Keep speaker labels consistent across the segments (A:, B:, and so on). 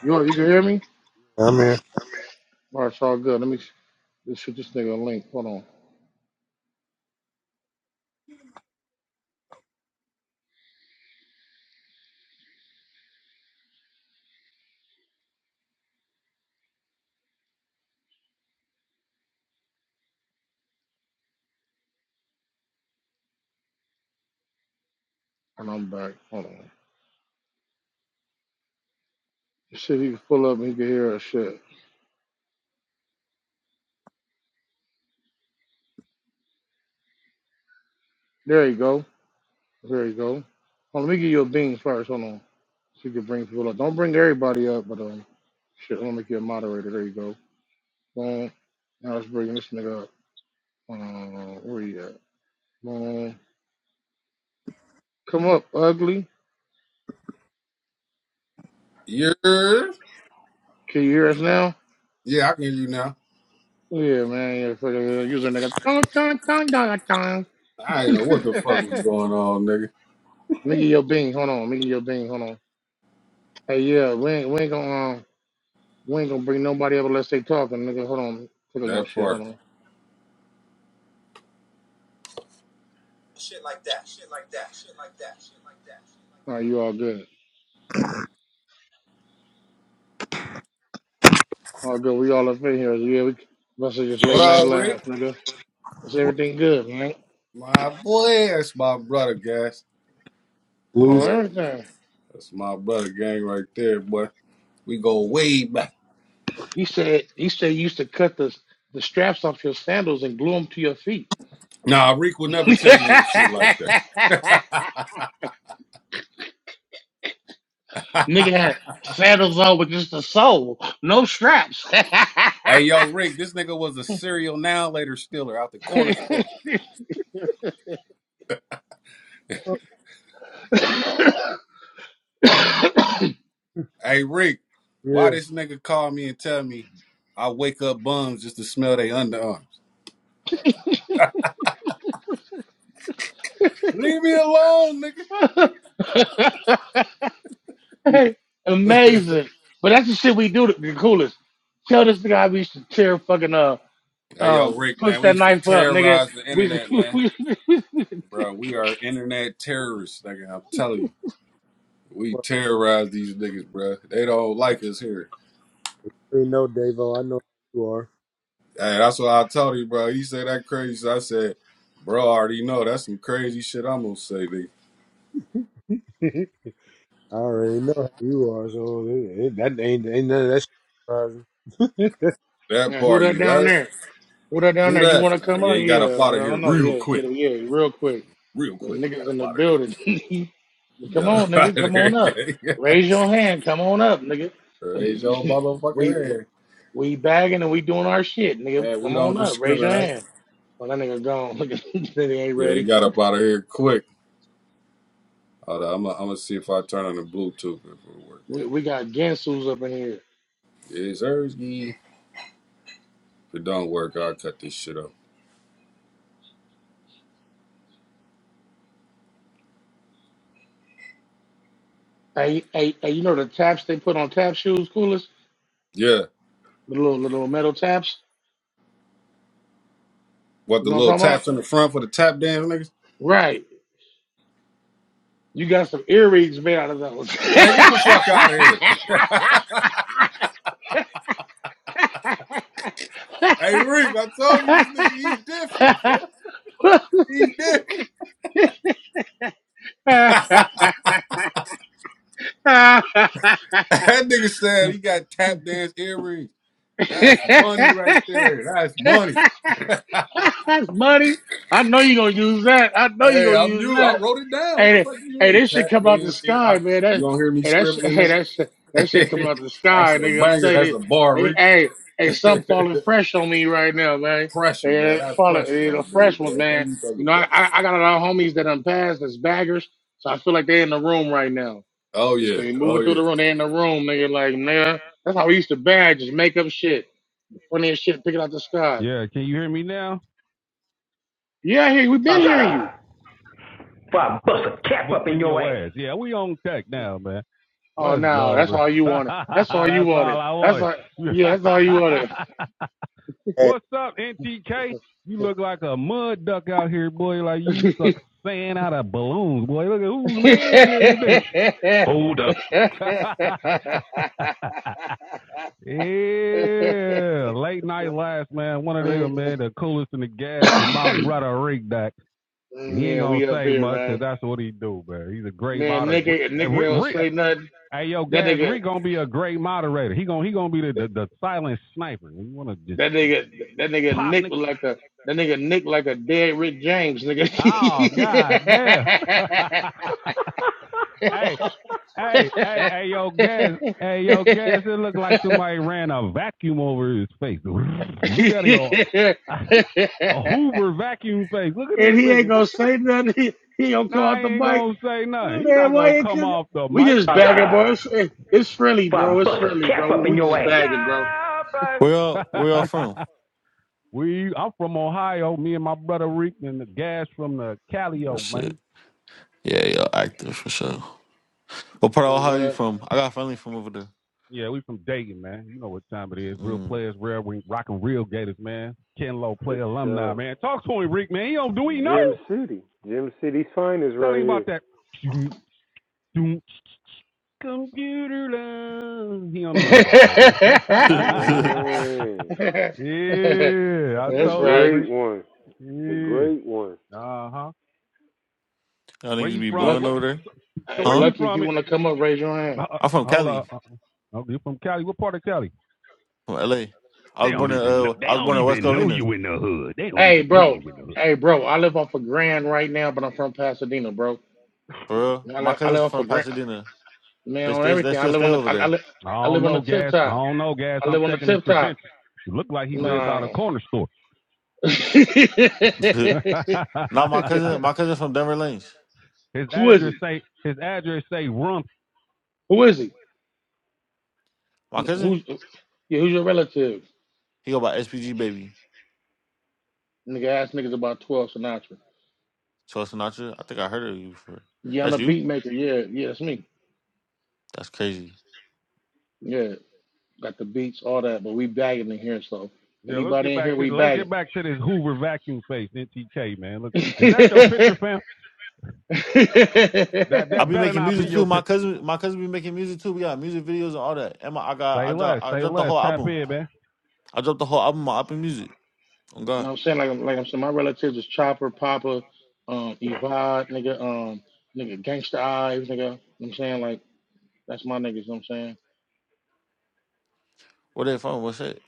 A: You know, you can hear me?
B: I'm here.
A: All right, it's all good. Let me s- let's shoot this nigga a link. Hold on. And I'm back. Hold on. Shit, he can pull up and he can hear us. Shit. There you go. There you go. Hold on, let me give you a bean first. Hold on. So you can bring people up. Don't bring everybody up, but um, shit, I'm gonna make you a moderator. There you go. Boom. Now let's bring this nigga up. Uh, where you at? Boom. Come up, ugly.
C: Yeah,
A: Can you hear us now?
C: yeah, I can hear you now.
A: Yeah, man. Yeah, for the user nigga. Dun, dun, dun, dun,
C: I ain't know what the fuck
A: dun.
C: was going on, nigga.
A: Let me get your bean. Hold on. Let me get your bean. Hold on. Hey, yeah, we ain't, we ain't gonna um, we ain't gonna bring nobody up unless they talking. Nigga, hold on. Put on your
C: That
A: shit. Hold
C: part.
A: on. All right, you all good. All good. We all up in here. Yeah, we must have just
C: What
A: late night
C: up, Rick?
A: laughs, nigga. Is everything good, man?
C: My boy, that's my brother, guys.
A: Oh,
B: Loose.
C: Yeah,
A: everything.
C: that's my brother gang right there, boy. We go way back.
A: He said. He said you used to cut the the straps off your sandals and glue them to your feet.
C: Nah, Rick will never tell you no shit like that.
A: nigga had sandals on with just the sole, no straps.
C: Hey, yo, Rick, this nigga was a serial now later stealer out the corner store. Hey, Rick, why
B: Yeah.
C: this nigga call me and tell me I wake up bums just to smell they underarms? Leave me alone, nigga.
B: I
A: Amazing. But that's the shit we do the, the coolest. Tell this nigga how we should tear fucking uh
C: Hey, yo,
A: um
C: Rick,
A: push
C: man, we
A: that
C: used to
A: knife up, nigga.
C: terrorize the
A: We,
C: internet, man.
A: we
C: Bro, we are internet terrorists, nigga. I'm telling you. We terrorize these niggas, bro. They don't like us here.
B: already know, Davo. I know who you are.
C: Hey, that's what I told you, bro. You say that crazy. So I said, bro, I already know. That's some crazy shit I'm going to say, nigga.
B: I already know who you are, so it, it, that ain't, ain't none of that shit surprising.
C: That
A: yeah, who
C: part,
A: that
C: you
A: down
C: heard?
A: there? Who that down
C: Who
A: there? You
C: that?
A: wanna
C: Uh,
A: come out?
C: yeah, you got
A: Yeah,
C: up out
A: I
C: of here
A: don't know,
C: real
A: yeah, get
C: quick.
A: him yeah, real quick.
C: Real
A: The
C: quick. You
A: niggas
C: got
A: in
C: up
A: the
C: out of there.
A: building.
C: You
A: come
C: got
A: on, nigga,
C: up out of
A: come
C: there,
A: on up.
C: gang.
A: Raise your hand, come on up, nigga.
C: Raise your motherfucking
A: we
C: head.
A: we bagging and we doing our shit, nigga.
C: And we
A: Come
C: don't
A: on up, raise your
C: discriminate.
A: hand. Well, that nigga gone. Look at that nigga ain't
C: Yeah, you
A: ready.
C: got up out of here quick. Hold on, I'm gonna see if I turn on the Bluetooth if it works.
A: We, we got Gensu's up in here.
C: It's Ersky. If it don't work, I'll cut this shit up.
A: Hey, hey, hey, you know the taps they put on tap shoes, coolest?
C: Yeah,
A: The little little metal taps.
C: what
A: You
C: the
A: know what
C: little
A: I'm talking about?
C: taps in the front for the tap dance niggas?
A: Right. You got some earrings made out of those.
C: Man, get the fuck out of here. Hey Rick, I told you this nigga he different, man. He different. that nigga said he got tap dance earrings. That's money right there. That's money.
A: That's money. I know you're gonna use that. I know you're
C: Hey,
A: gonna
C: I'm
A: use
C: you. I
A: that.
C: wrote it down. What
A: Hey,
C: the fuck do you
A: hey,
C: mean?
A: this shit
C: Tap
A: come out the
C: dance ear. I,
A: sky, man.
C: you
A: That,
C: don't hear me
A: hey, that's,
C: scribbling,
A: hey, that's, that shit coming
C: nigga?
A: out the
C: That's
A: sky,
C: a
A: nigga. I'm
C: banger.
A: telling
C: That's
A: you,
C: a bar,
A: they, they-
C: Rick.
A: hey, hey, something falling fresh on me right now, man.
C: Pressure, man.
A: Hey,
C: That's
A: falling,
C: pressure
A: hey,
C: right
A: the
C: there, man.
A: fresh ones,
C: What are
A: man.
C: you talking
A: You know, I,
C: about?
A: I I got a lot of homies that done passed as baggers, so I feel like they are in the room right now.
C: Oh
A: Just
C: yeah,
A: they
C: oh
A: moving through
C: yeah.
A: the room, they in the room, nigga. Like, nigga, that's how we used to bag, just make up shit, funniest shit, pick it out the sky.
C: Yeah, can you hear me now?
A: Yeah, hey, we've been
C: Shut
A: hearing you.
C: up! Before I bust a cap up in in your your ass. ass. Yeah, we on tech now, man.
A: Oh
C: Let's
A: no,
C: go,
A: that's
C: man.
A: all you wanted. That's all you
C: That's all
A: wanted.
C: I
A: That's
C: wanted.
A: all. Yeah, that's all you wanted.
B: Hey.
C: What's up, NTK? You look like a mud duck out here, boy. Like you
A: yeah,
C: suck sand out of balloons, boy. Look at whose man is this? Hold up. Yeah, late night last man, one of them man, the coolest in the gas is my brother Rick Dak. He ain't gonna
A: we up
C: say
A: here,
C: much 'cause
A: man.
C: that's what he do, man. He's a great
A: Man, Nick,
C: moderator.
A: ain't- Nick ain't
C: Rick,
A: gonna
C: Rick,
A: say nothing.
C: hey yo,
A: That
C: Gas
A: nigga,
C: Rick gonna be a great moderator. He gonna he gonna be the the, the silent sniper. You wanna just
A: that nigga, that nigga
C: pop
A: Nick
C: Nick?
A: was like a, that nigga Nick like a dead Rick James, nigga.
C: Oh god damn! hey, Hey, hey, hey, yo, Gaz. Hey, yo, Gaz. It looked like somebody ran a vacuum over his face. Look at him. A Hoover vacuum face. Look at this
A: and he
C: nigga.
A: ain't gonna say nothing. He, he gonna come
C: Nah, I
A: out the
C: ain't
A: mic.
C: gonna say nothing.
A: Oh,
C: He not
A: man,
C: gonna
A: why you
C: come
A: cook-
C: off the
A: We
C: mic.
A: just
C: Uh, Shut
A: bagging, bro.
C: up!
A: It's, it- it's friendly,
C: Before I
A: bro. It's
C: bust a
A: friendly,
C: cap
A: bro.
C: up in
A: We
C: your
A: just
C: ass.
A: bagging, bro.
D: Where y'all where
C: Yeah,
D: y'all from?
C: baby. we, I'm from Ohio. Me and my brother Rick and the Gaz from the
D: Oh
C: Calio, man.
D: shit. Yeah, y'all active for sure. What part of
A: You
D: Ohio you
A: know what
D: from? I got family from over there.
C: Yeah, we from Dayton, man. You know what time it is. Real
D: Mm.
C: players, real we rocking real Gators, man. Ken Low
B: For
C: play alumni,
B: sure.
C: man. Talk to him, Rick, man. He don't do he know?
B: Gym City. Gym City's finest
C: Tell
B: right
C: him about
B: here.
C: that. Computer love. He don't
A: I'm
C: know nothing about that, Rick.
D: y'all
B: Man.
A: saying?
C: yeah, I
B: The
A: That's
C: told you,
A: right.
B: great
C: Rick.
B: one. The great
C: Yeah.
B: one.
C: Uh huh. Where
D: niggas
C: you
D: be
C: from?
D: blowing
A: Lucky,
C: What?
D: over there?
C: So, so
A: hey,
C: where
D: Huh?
C: you
A: lucky if
C: from?
A: you
C: It.
A: want to come up, raise your hand.
C: uh,
D: I'm from
C: hold on.
D: Cali,
C: Uh, uh, oh, you from Cali? What part of Cali?
D: from LA. I
C: They
D: was born
C: don't
D: in
C: even know,
D: uh
C: they
D: I was
C: don't
D: born in West
C: even know
D: Covina.
C: you in the hood. They don't
A: Hey,
C: even know you
A: bro.
C: in the hood.
A: Hey, bro. I live off a Grand right now, but I'm from Pasadena, bro.
D: For real.
A: I
D: My
A: live, I
D: cousins
A: live off a
D: from
A: Grand,
D: Pasadena.
A: man.
D: They
A: On
D: stay they
A: everything. I
D: still
A: live
D: stay
A: on the.
D: over
A: I, I
D: there.
A: live.
C: I
A: I
C: don't
A: live on
C: know,
A: the tip
C: Gas. I
A: top.
C: don't know, Gas.
A: I
C: I'm
A: live on the
C: checking his
A: tip top.
C: credentials. It looked like he lived
D: Mm.
C: by the
A: No.
C: corner store.
D: no, my cousin my cousin from Denver Lanes.
C: his
A: Who is
C: address
A: it?
C: say his address say rump.
A: Who is he?
D: My cousin,
A: Who's yeah, who's your relative?
D: he go by SPG baby.
A: Nigga ask niggas about twelve Sinatra.
D: Troy Sinatra. I think I heard of you before.
A: Yeah, I'm
D: That's
A: a
D: you?
A: beat maker, yeah, yeah, that's me.
D: That's crazy.
A: Yeah. Got the beats, all that, but we bagging in here, so
C: Yeah, let's get
A: anybody in here
C: back to
A: we
C: the, let's get
A: bagging.
C: back to this Hoover vacuum face NTK man. Look,
A: you
C: is that your
A: know
C: picture, fam? That
D: I
C: that
D: be
C: better
D: making
C: not be
D: music
C: your
D: too.
C: picture.
D: My cousin, my cousin be making music too. We got music videos and all that. And my, I got, I
C: Say
D: dropped,
C: less,
D: I
C: say
D: dropped the
C: less.
D: whole
C: Tap
D: album.
C: in, man.
D: I dropped the whole album on Apple Music. Oh God,
A: what I'm saying? Like I'm like I'm saying my relatives is Chopper, Papa, um, Evad, nigga, um, nigga Gangsta Eyes, nigga. You know what I'm saying? Like that's my niggas, you know what I'm saying?
D: where they from? What's that?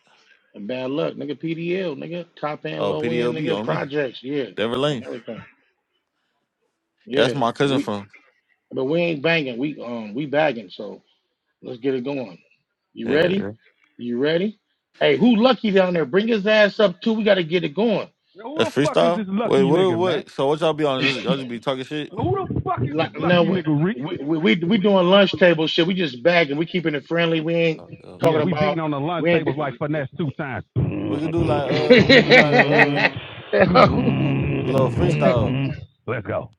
A: And bad luck, nigga PDL, nigga, top end,
D: Oh,
A: low end,
D: PDLB
A: nigga,
D: on me.
A: projects, yeah.
D: Denver
A: On
D: Lane.
A: everything.
D: Yeah, that's
A: Yeah,
D: my cousin
A: we
D: from.
A: But we ain't banging. We um we bagging. So let's get it going. You
D: Yeah, yeah.
A: ready? You ready? Hey, who lucky down there? Bring his ass up too. We got to get it going.
C: Now, who
D: That's
C: the fuck is this
D: freestyle. Wait,
C: lucky
D: what?
C: nigga, man?
D: What? So what y'all be on? Just, y'all just be talking shit.
C: Who the fuck is this
A: Like, now
C: lucky
A: we
C: nigga, Rick?
A: we, we we doing lunch table shit. We just bagging. We keeping it friendly. We ain't
D: Oh, God.
C: Yeah,
A: talking
C: we beating
A: about
C: on the lunch
A: we ain't.
C: tables like
A: do-
C: finesse two times.
D: We could do like, uh, we could do like, uh, a little freestyle.
C: Let's go.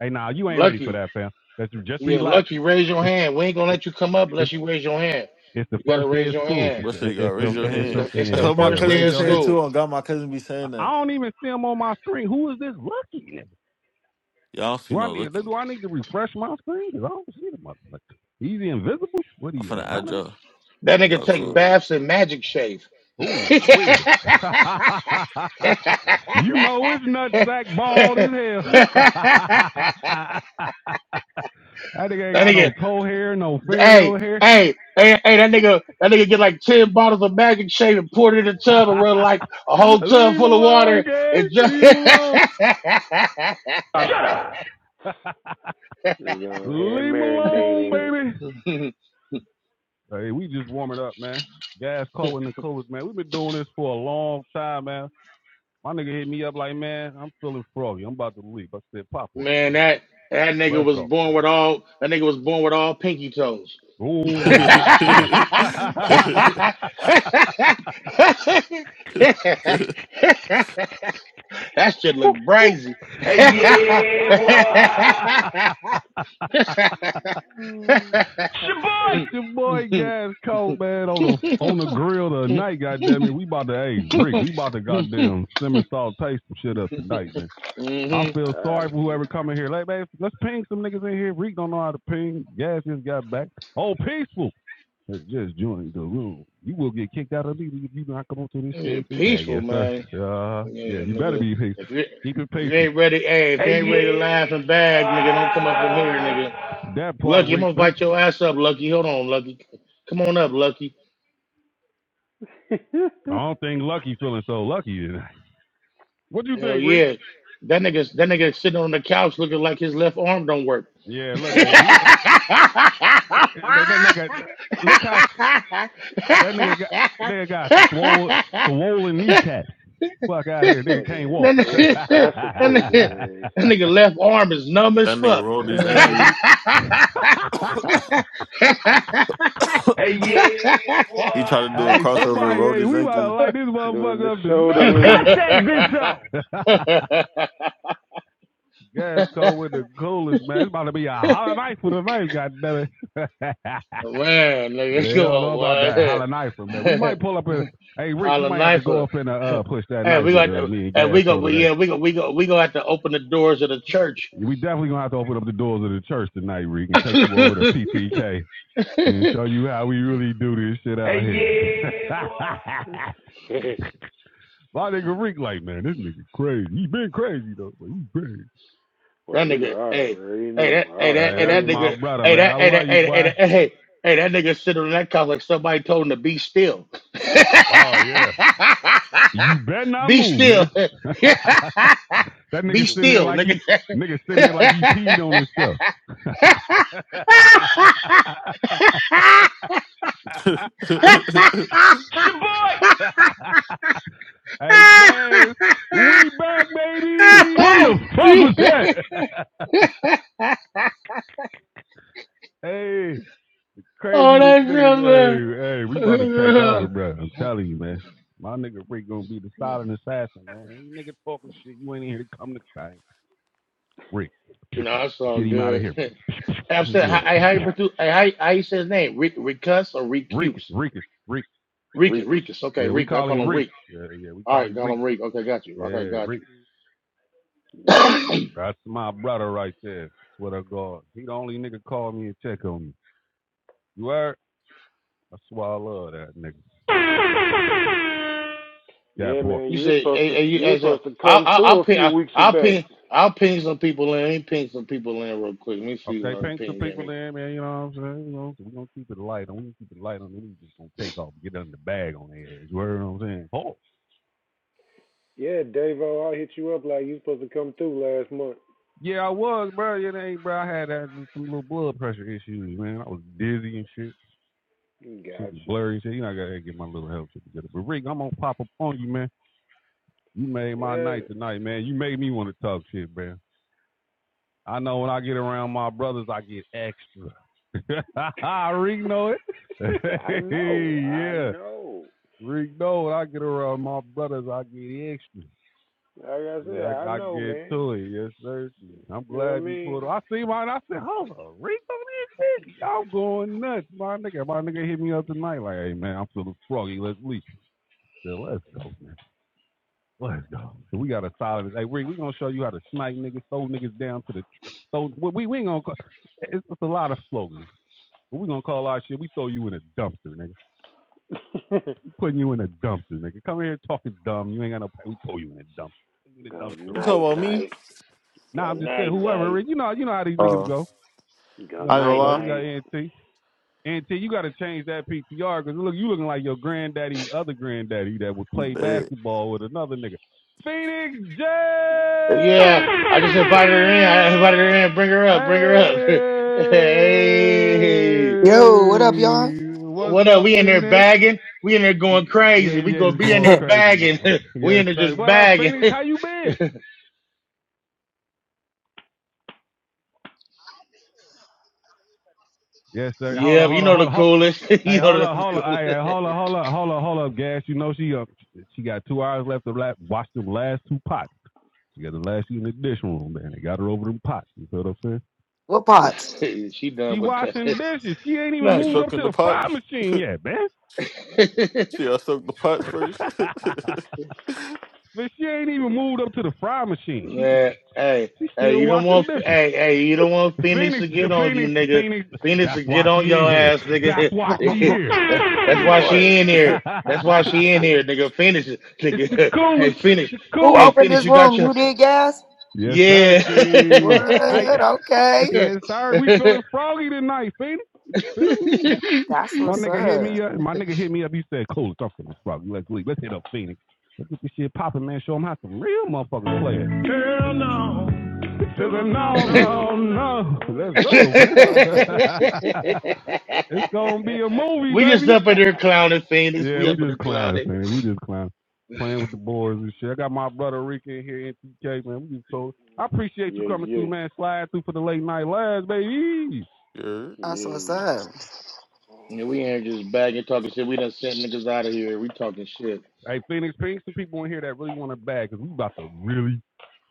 C: Hey, now nah, you ain't ready for
A: lucky,
C: that, fam. Let's just
A: yeah,
C: relax.
A: lucky. Raise your
C: It's,
A: hand. We ain't gonna
C: it-
A: let you come up
C: it's,
A: unless you raise your hand.
C: it's the
A: You gotta
C: first day
A: raise
C: of
A: your
C: school.
A: hand.
C: It's
D: What shit? You
C: a
D: got
C: it's
D: raise
C: a
D: your
C: it's
A: It's
D: hand.
C: the,
B: Yeah.
A: the it's
D: That's
A: the
D: what
C: yeah,
D: my
C: yeah,
A: first
D: cousin
A: day
C: raise
D: be
A: of
C: your
D: saying
C: hand.
A: school.
D: too. On God, my cousin be
C: I-
D: saying that.
C: I don't even see him on my screen. Who is this lucky nigga?
D: Y'all don't see
C: Do I
D: no
C: need,
D: lucky.
C: do I need to refresh my screen? Because I don't see the motherfucker. He's invisible? What are
D: I'm
C: you,
D: finna add
C: anonymous?
D: y'all.
A: That nigga
D: Y'all
A: take
D: cool.
B: Oh.
A: baths in magic shave.
C: Ooh,
A: that
C: wee. you know it's nutsack bald as hell. that nigga ain't got
A: nigga,
C: no toe hair, no
A: hey,
C: fingernail hair.
A: hey, hey, hey, that nigga, that nigga get like ten bottles of Magic Shade and pour it in a tub and run like a
C: Leave
A: whole tub
C: him
A: full of
C: alone,
A: water and
C: guys.
A: just.
C: Leave him alone. Shut up.
B: You gonna hand
C: Leave him
B: marinate
C: alone,
B: in it.
C: baby. Hey, we just warming up, man. Gas calling the coast, man. We've been doing this for a long time, man. My nigga hit me up like, man, I'm feeling froggy. I'm about to leave. I said, pop on it,
A: Man,
C: man.
A: that that nigga
C: Let's
A: was
C: go.
A: born with all that nigga was born with all pinky toes.
C: Oh wait,
D: that
C: goddamn.
A: That That shit look brazy.
C: Hey, yeah, boy.
B: Mm.
C: It's your boy. It's your boy
A: hmm
C: Gas Coat, man, on the on the grill tonight, goddamn it. We about to hey Rick, we about to goddamn simmer salt taste some shit up tonight, man. I feel
B: Uh,
C: sorry for whoever coming here. Like, man, let's ping some niggas in here. Rick don't know how to ping. Gas just got back. Oh, peaceful. Has just joined the room. You will get kicked out immediately if you do not come onto this
A: Yeah,
C: stage and bag,
A: peaceful,
C: yes, sir.
A: man.
C: Uh,
A: Yeah,
C: yeah, you better
A: nigga.
C: be peaceful.
A: If you
C: Keep it
A: if you
C: peaceful.
A: ain't ready, hey, if
C: Hey,
A: you ain't ready to laugh
C: yeah.
A: and bag, nigga, don't come up in here, nigga.
C: Wow. That part,
A: Lucky, I'm
C: Rick.
A: gonna
C: man.
A: bite your ass up, Lucky. Hold on, Lucky. Come on up, Lucky.
C: I don't think Lucky feeling so lucky tonight. What you
A: Hell
C: think, Rick?
A: yeah. That nigga, that nigga sitting on the couch looking like his left arm don't work.
C: Yeah, look at he.
A: that,
C: That nigga, look how that nigga got. That nigga got swollen, swollen kneecaps. Fuck out of here, nigga can't
B: fucking
C: walk. All
A: nigga, that, nigga,
B: incapacitated
A: that nigga left arm is numb as
D: nigga
A: fuck.
D: rolled his
C: right,
A: man,
D: ankle.
C: nigga. Hey, yeah, boy.
D: He tried to do a
C: Hey,
D: crossover,
C: somebody,
D: rolled
C: hey,
D: his
C: we about to
D: ankle.
C: light this
B: Doing the
C: motherfucker up
B: shoulder
C: tonight. Cut
B: lean.
C: that bitch out. Gas cold with the coolest, man. It's about to be a holler knife for the knife, goddammit. they
A: nigga, come
C: don't know about
A: on,
C: that holler knife, man. We
A: man.
C: might pull up in. Hey, Rick, you
A: Island
C: might have to go
A: Lifer.
C: up and uh,
A: hey,
C: uh, push that knife
A: we
C: with
A: got
C: uh, me and
A: hey,
C: Gas
A: we
C: cold
A: go
C: today.
A: yeah, we go we go we gonna have to open the doors of the church.
C: We definitely gonna have to open up the doors of the church tonight, Rick, and
A: that
C: take you over to PTK and show you how we really do this shit out Hey, here. yeah, my nigga Rick, like, man, this nigga crazy. He been crazy though, but he crazy.
B: well, you know,
A: nigga,
B: I
A: hey,
B: already
A: hey that
B: know. I
A: hey that
C: Hey,
A: hey
C: that's
B: already
A: that
C: my
B: know.
A: nigga
C: brother,
A: hey
C: man. I
A: that hey
C: love
A: that
C: you,
A: hey that, hey,
C: boy.
A: that, hey, hey that nigga sitting on that couch like somebody told him to be still.
C: Oh yeah. You better not
A: be
C: move,
A: still.
C: nigga. that
A: be
C: nigga sitting there
A: still,
C: like
A: nigga.
C: he nigga sitting there like he peed on himself. It's
D: you talking
C: your boy. hey guys,
A: oh,
C: we back, baby. What the fuck was that? hey, craziest
A: that's
C: niggas.
A: so good.
C: Hey, hey, we about to take over,
A: no,
C: bro. I'm telling you, man. My nigga Rick gonna be the silent assassin, man. Ain't nigga talking shit. You ain't here to come to fight. Rick,
A: that's all
C: get him out of
A: good.
C: here.
A: I'm saying, how,
C: yeah.
B: snap,
A: hey, how, you
B: snap.
A: pronounce- hey, how, you- how you say his name? Re, Recus or
C: Reek,
A: Recuse?
C: Reek, Reek.
A: Recus,
B: Rikus.
A: Recus. Okay,
C: Yeah, we
A: Recus. I
C: call him
A: call him
C: Reek.
A: Reek.
C: Yeah, yeah, we
A: All
C: call
A: right,
C: him
A: call
C: Reek.
A: him Reek. Okay, got you. Okay,
C: Yeah,
A: got
C: Reek.
A: you.
B: Yeah.
C: That's my brother right there. Swear to God, he the only nigga call me and check on me. You heard? I swear I love that nigga. Yeah,
B: Yeah,
C: boy.
B: man,
A: you
B: you was
A: said,
B: supposed
A: hey,
B: to
A: hey, you
B: you was
A: as a,
B: supposed to
A: I'll,
B: come
A: I'll, I'll
B: through a
A: ping,
B: few
A: I'll,
B: weeks
A: I'll
B: back.
A: ping, I'll ping some people in. Let me ping some people in real quick. Let me see
C: Okay,
A: what I can
C: paint some
A: ping in.
C: people there, man. You know what I'm saying? You know, so we're gonna keep it light, and we gonna keep it light on. We just gonna take off, get under the bag on their ass. You heard what I'm saying? Oh,
B: Yeah, Davo, I hit you up like you was supposed to come through last month.
C: yeah, I was, bro. Yeah, ain't, bro. I had that, some little blood pressure issues, man. I was dizzy and shit. Shit
B: Got
C: was
B: you.
C: blurry. Shit, you know, I gotta get my little help shit together. But Rick, I'm gonna pop up on you, man. You made my night
B: Yeah.
C: tonight, man. You made me want to talk shit, man. I know when I get around my brothers, I get extra. Rick know it.
B: I know. I
C: yeah,
B: know.
C: Rick know when I get around my brothers, I get extra.
B: Like I
C: Yeah,
B: said, I
C: I, I
B: know,
C: get
B: man.
C: to it. Yes, sir. I'm
B: You know what
C: glad you pulled up. I
B: I
C: see mine. I said, hold on, Rick on this bitch. I'm going nuts. My nigga, my nigga hit me up tonight like, hey, man, I'm feeling froggy. Let's leave. Man, let's go, man. Let's go. So we got a solid. Hey, Rick, we gonna show you how to smack niggas, throw niggas down to the. So we we ain't gonna. Call, it's, it's a lot of slogans. But we gonna call our shit. We throw you in a dumpster, nigga.
B: mean?
C: We putting you in a dumpster, nigga. Come here talking dumb. You ain't got no. pay. We throw you in a dumpster. In a
B: go
C: dumpster, Rick.
B: night
D: about me?
B: night.
C: Nah,
B: Go
C: I'm just saying.
B: night
C: Whoever,
B: night.
C: Rick. You know, you know how these niggas
D: Uh,
C: go.
B: Go
C: You know
D: I
C: how
D: ain't
C: they
D: gonna
B: night
C: go.
D: lie.
C: We got
B: night.
C: Ant. And T, you got to change that PTR because look, you looking like your granddaddy's other granddaddy that would play
D: Bad.
C: basketball with another nigga. Phoenix J.
A: Yeah, I just invited her in. I invited her in. Bring her
C: Hey,
A: up. Bring her up. hey,
E: Yo, what up, y'all?
C: what's
A: what up?
C: up,
A: We in there
C: Phoenix?
A: bagging. We in there going
C: Yeah,
A: crazy. We
C: yeah,
A: gonna
C: just
A: be in
C: going
A: there
C: crazy.
A: bagging.
C: man.
A: we
C: Yes,
A: in there
C: sir.
A: just
C: What up,
A: bagging.
C: Phoenix? How you been? Yes, sir. Hold
A: yeah,
C: on,
A: but you
C: hold on,
A: know
C: hold
A: the
C: on. Hold on.
A: coolest.
C: Hey,
A: you
C: hold
A: know
C: up, hold up, hey, hey,
A: the
C: hold up, hold up, hold up, hold up, gas. You know she up. She got two hours left to la- watch them last two pots. She got the last she in the dish room, man. They got her over them pots. You feel what I'm saying?
E: What pots?
A: coolest. she
C: She
A: done with
C: washing
A: that.
C: dishes. She ain't even
D: She
A: No.
C: moved up
D: soaking
C: to
D: the
C: the fry
D: pots.
C: machine yet, man.
D: She I soaked the pots first. I'm
C: but she ain't even moved up to the fry machine. She just,
A: Man, hey,
C: she
A: hey,
C: still
A: you don't
C: washing
A: want,
C: dishes.
A: hey, hey, you don't want Phoenix to
C: Phoenix,
A: get on you,
C: Phoenix,
A: nigga.
C: Phoenix.
A: Phoenix to
C: That's
A: get
C: why she
A: on
C: in
A: your
C: here.
A: ass,
C: That's
A: nigga.
C: why she
E: Who
C: here.
A: That-
D: gonna
A: That's
D: be
A: why she
D: quiet.
A: in here. That's why
B: You
A: she in
B: stay.
A: here, nigga. Phoenix,
C: It's the
A: nigga. Hey,
C: coolest. It's
A: Phoenix.
C: the
A: Hey,
C: coolest.
E: opened
A: Phoenix,
E: this
A: you got
E: room?
A: your,
E: You did, gas?
C: Yes, sir,
A: yeah.
C: Ski.
A: we
C: I
E: What? Okay.
C: yes, sir. We feeling froggy tonight, Phoenix. Feel
E: That's
C: My
E: what's
C: nigga hit me
E: up.
C: up. My nigga hit me up. You said, "Cool, am feeling froggy. Let's leave. Let's hit up Phoenix. Let's get this shit popping, man. Show them how some real motherfuckers play it." Hell no. no, no, no.
B: Oh.
C: Let's go, man.
B: yeah,
E: That's
C: it's gonna be a movie,
A: just
C: baby.
A: up in here clowning Phoenix.
C: Yeah,
A: We
C: we
A: up in
C: just
A: here
C: clowning,
A: clowning.
C: man. We just clowning. Playing with the boys and shit. I got my brother Rick in here, NTK, man. We just told I appreciate you
B: yeah,
C: coming through, man. Slide through for the late night lives, baby.
D: yeah.
E: what's
B: yeah.
E: up.
A: Yeah, we ain't just bagging talking shit. We done sent niggas out of here. We talking shit.
C: Hey, Phoenix, bring some people in here that really want to bag because we about to really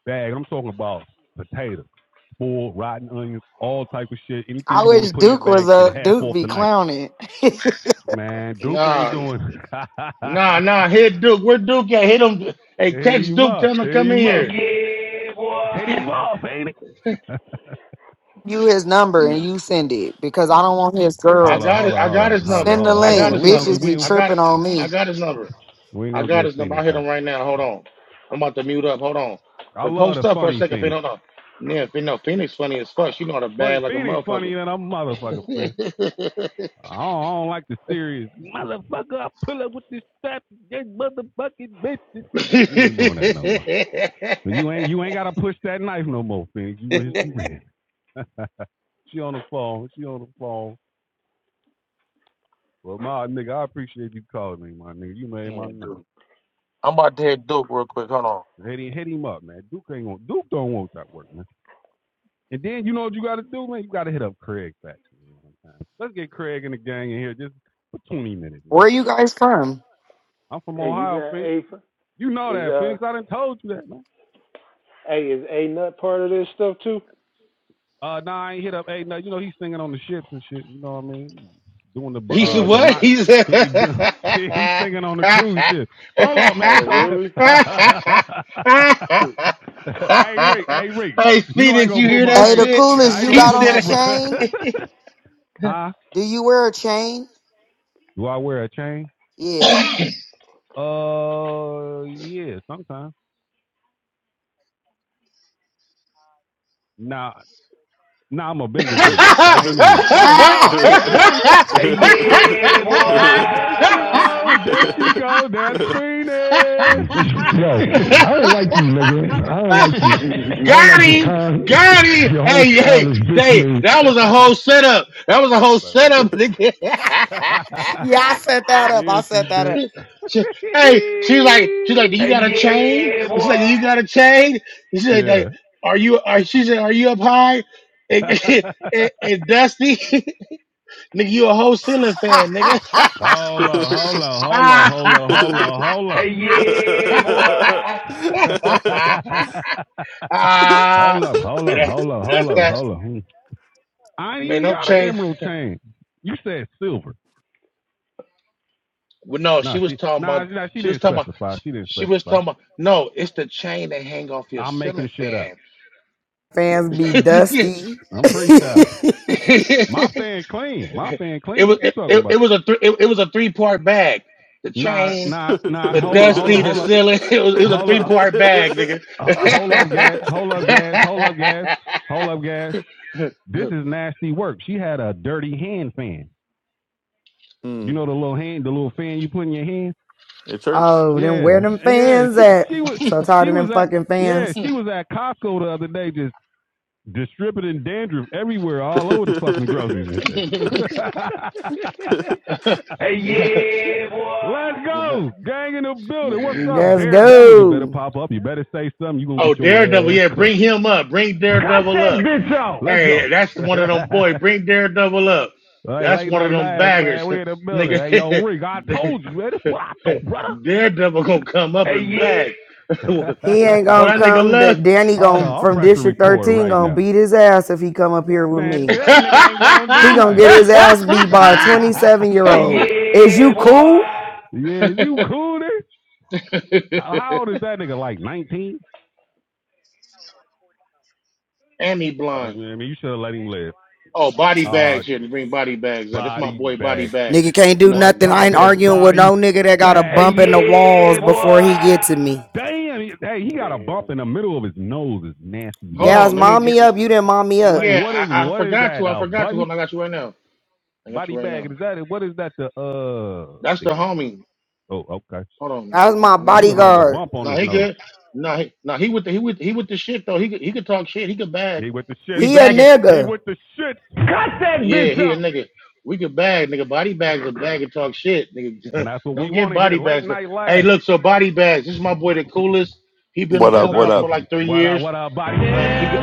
C: bag. I'm talking about potatoes, spoiled, rotten onions, all type of shit. Anything
E: I
C: you want to
E: wish
C: put in the
E: Duke
C: bag,
E: was
C: get a
E: up.
C: half
E: Duke
C: off
E: be
C: tonight.
E: clowning.
C: Man, Duke ain't
A: Nah,
C: doing. it.
A: nah, nah. Hit Duke. Where Duke at? Hit him. Hey,
C: Hit
A: text
C: him
A: Duke. Tell
C: up.
A: him to
C: Hit
A: come in
C: him up. Hey,
A: here.
C: yeah, boy. Hit him up, ain't
E: you his number and
A: No.
E: you send it because I don't want his
A: I
C: Hold
E: girls.
C: on,
A: got
C: hold
A: it.
C: on,
A: I
C: hold
A: got
C: on,
A: his
C: hold on,
A: number.
E: Send
C: hold
E: the
C: on,
A: I
C: hold on, hold
A: got
C: on.
E: link.
A: his
C: We ain't gonna
A: number.
C: get
E: Bitches
C: we
E: be
C: ain't,
A: I got.
E: tripping on me.
A: I got his number.
C: we ain't
A: I
C: gonna
A: got
C: get
A: his number. I
C: Phoenix
A: hit him
C: hype.
A: right now. Hold on. I'm about to mute up. Hold on.
C: I
A: But
C: love
A: post
C: the
A: up for a
C: funny
A: second if they
C: Phoenix.
A: don't know. Yeah, if you know Phoenix funny as fuck. She know how to
C: Funny
A: bag like a
C: Phoenix funny
A: motherfucker.
C: than a motherfucker friend. I don't, I don't like the serious motherfucker. I pull up with this fat this motherfucking bitches. We ain't doing that no more. And you ain't you ain't gotta push that knife no more, Phoenix. You with some
B: Mm.
C: red. She on the phone. She on the phone. Well, my nigga, I appreciate you calling me, my nigga. You made my
A: Man,
C: night.
A: Duke. I'm about to hit Duke real quick. Hold on.
C: Hit him, hit him up, man. Duke ain't going to Duke don't want that work, man. And then you know what you got to do, man? You got to hit up Craig Batson. Let's get Craig and the gang in here just for 20 minutes, man.
E: Where you guys from?
C: I'm from
B: Hey, you
C: Ohio,
B: got
C: Phoenix.
B: A
C: You know
B: is
C: that,
B: uh
C: Phoenix. I done told you that, man.
B: hey is A nut part of this stuff too?
C: Uh, nah, I ain't hit up. Hey, no, you know he's singing on the ships and shit. You know what I mean? Doing the
A: He's the
C: uh
B: Singing
C: the
B: on
A: what?
B: it.
C: mock.
A: He's the...
C: He, he do, he's singing on the cruise ship. Hold up, man.
B: Oh really?
C: hey Rick, hey Rick.
A: Hey
C: You know I ain't
A: Phoenix,
C: gonna
A: you
C: put
A: hear
C: my
A: that
C: I
E: Hey,
C: ain't,
E: the
A: shit?
E: coolest
C: I ain't
E: you
C: gonna
A: He
E: got
C: put
E: on a
A: said
C: my bro.
A: it.
E: chain?
C: huh?
E: Do you wear a chain?
C: Do I wear a chain?
E: Yeah.
C: Uh, yeah, sometimes. Nah, nah, I'm a Bengals fan. That ain't it. Hey, oh,
E: ah,
C: hey, hey. Hey, yeah, boy. There she go. There she go. That's Phoenix.
A: Got him! Got him! Hey, hey, hey, that was a whole setup. That was a
C: my
A: whole
C: bad, my
A: setup, nigga.
C: bad.
E: yeah, I set that up.
C: yeah,
E: I
C: she
E: set that up.
C: did.
A: She, hey, she's like, she's like, do you
C: Hey,
A: got a chain?
C: yeah, boy.
A: And she's like, do you got a chain? And she's like,
C: yeah.
A: like, are you? Are, she said, are you up high? And, and, and Dusty, nigga, you a whole ceiling fan, nigga.
C: Hold on, hold on, hold on,
A: ah,
C: hold on, hold on, hold on. Hey, yeah, boy. hold up, hold
A: and
C: up,
A: that,
C: hold up, hold
A: that's
C: up,
A: that.
C: hold up. Hmm. I ain't
A: Man,
C: even
A: no
C: got an
A: chain.
C: emerald chain. You said silver.
A: Well, no, she
C: Nah,
A: was
C: she
A: talking
C: nah,
A: about.
C: nah, she
A: She was
C: didn't
A: talking about.
C: specify. She didn't
A: She was
C: specify.
A: talking about. No, it's the chain that hang off your
C: I'm making
A: ceiling
C: shit up.
A: fan.
E: fans be dusty.
C: I'm freestyling. My fan clean. My fan clean.
A: It was
C: What you
A: it,
C: talking
A: it, it
C: about?
A: was a three it, it was a three part bag. The
C: Nah,
A: chain,
C: nah, nah.
A: the
C: Hold up, hold up,
A: dusty, the
C: hold up,
A: ceiling. It was it was a
C: hold
A: three
C: up,
A: part bag, nigga.
C: uh, hold up, gas. Hold up, gas. Hold up, gas. Hold up, gas. This is nasty work. She had a dirty hand fan. You
D: mm,
C: know the little hand, the little fan you put in your hand.
D: your church?
E: oh, then where
C: Yeah,
E: them
C: yeah.
E: fans
C: She
E: at?
C: she was
E: So tired
C: she
E: of them
C: was at
E: fucking
C: yeah
E: fans.
C: she was at Costco the other day just distributing dandruff everywhere, all over the fucking groceries and shit. Hey, yeah, boy. Let's go, gang in the building. What's up,
E: Let's
C: daredevil? You better
E: go.
C: pop up. You better say something. You gonna
A: oh,
C: get your
A: Daredevil,
C: ass
A: yeah,
C: cooked.
A: bring him up. Bring
C: Cut
A: Daredevil
C: that
A: up.
C: bitch out. Let's go.
A: Hey, that's one of them boy. Bring Daredevil up.
C: Hey,
A: That's
C: late
A: one of
C: night
A: them
C: nash,
A: baggers,
C: man. We in the building.
A: nigga.
C: Hey, yo, Rick, I told you, man. That's what I thought, brother.
A: Daredevil gonna come up and
C: Hey,
A: bag.
C: yeah.
A: oh, that
E: He ain't gonna
A: nigga
E: come. Da-
A: left.
E: Danny
C: Hold
E: going
C: on, I'm
E: from
C: pressing
E: District
C: record
E: 13
C: right
E: gonna
C: now.
E: beat his ass if he come up here with
C: Man,
E: me.
C: that nigga ain't gonna do
E: He gonna
C: nothing.
E: get his ass beat by a 27 year
C: Hey,
E: old. Is
C: yeah,
E: you
C: boy.
E: cool?
C: yeah, is you cool there? How how old is that nigga? Like 19?
A: and he
C: I
A: blind.
C: mean, you should have let him live.
A: Oh, body
C: Uh,
A: bags here. They bring body bags up. This my
C: body
A: boy, body
C: bag
A: bags.
E: Nigga can't do
A: No,
C: What's
A: this
E: nothing.
A: is
E: I
A: my
E: ain't
A: boy.
C: poppin',
E: arguing with
C: body
E: no nigga that got a
C: bag? Hey,
E: bump in the walls
C: yeah, boy.
E: before he get to me.
C: Damn, hey, he got a
B: Damn.
C: bump in the middle of his nose. It's nasty
A: Hold
C: work.
E: Gas,
A: on, let
C: That's-
A: me.
E: mom
A: Get,
E: me up. You didn't mom me up.
C: like,
A: Yeah,
C: what is
A: I, I
C: what is
A: forgot
C: that?
A: to. I
C: A
A: forgot to.
C: button
A: Hold on, I got you right now. I got
C: body
A: you right now.
C: bag? Is that what is that? The uh,
A: That's
C: the
A: the homie.
C: oh, okay.
A: Hold on, man.
E: That was
A: Hold
E: my
A: on,
C: I'm
A: that's the
C: looking at the
A: homie.
E: bodyguard.
C: bump on
A: No,
C: his
A: he
C: nose.
A: good. No, he, no, he with the he with he with the shit though. He could, he could talk shit. He could bag.
C: He with the shit.
A: We
E: He a
A: bagging.
C: He
E: nigga.
C: with the shit. Cut that
A: Yeah,
C: bitch up.
A: here, nigga. We can bag, nigga. Body bags are bag and talk shit,
C: And
A: nigga.
C: that's what we
A: Don't
C: want
A: get
C: to hear.
A: body
C: Late
A: bags. bro.
C: night
A: Hey,
C: laugh.
A: look, so body bags. This is my boy, the coolest. He been on
F: What up?
C: Yes,
F: What
A: Clubhouse
F: up?
C: Ersky.
A: for like three
C: What up?
A: years.
C: What up, body?
A: Uh,
C: Yeah.
A: he got,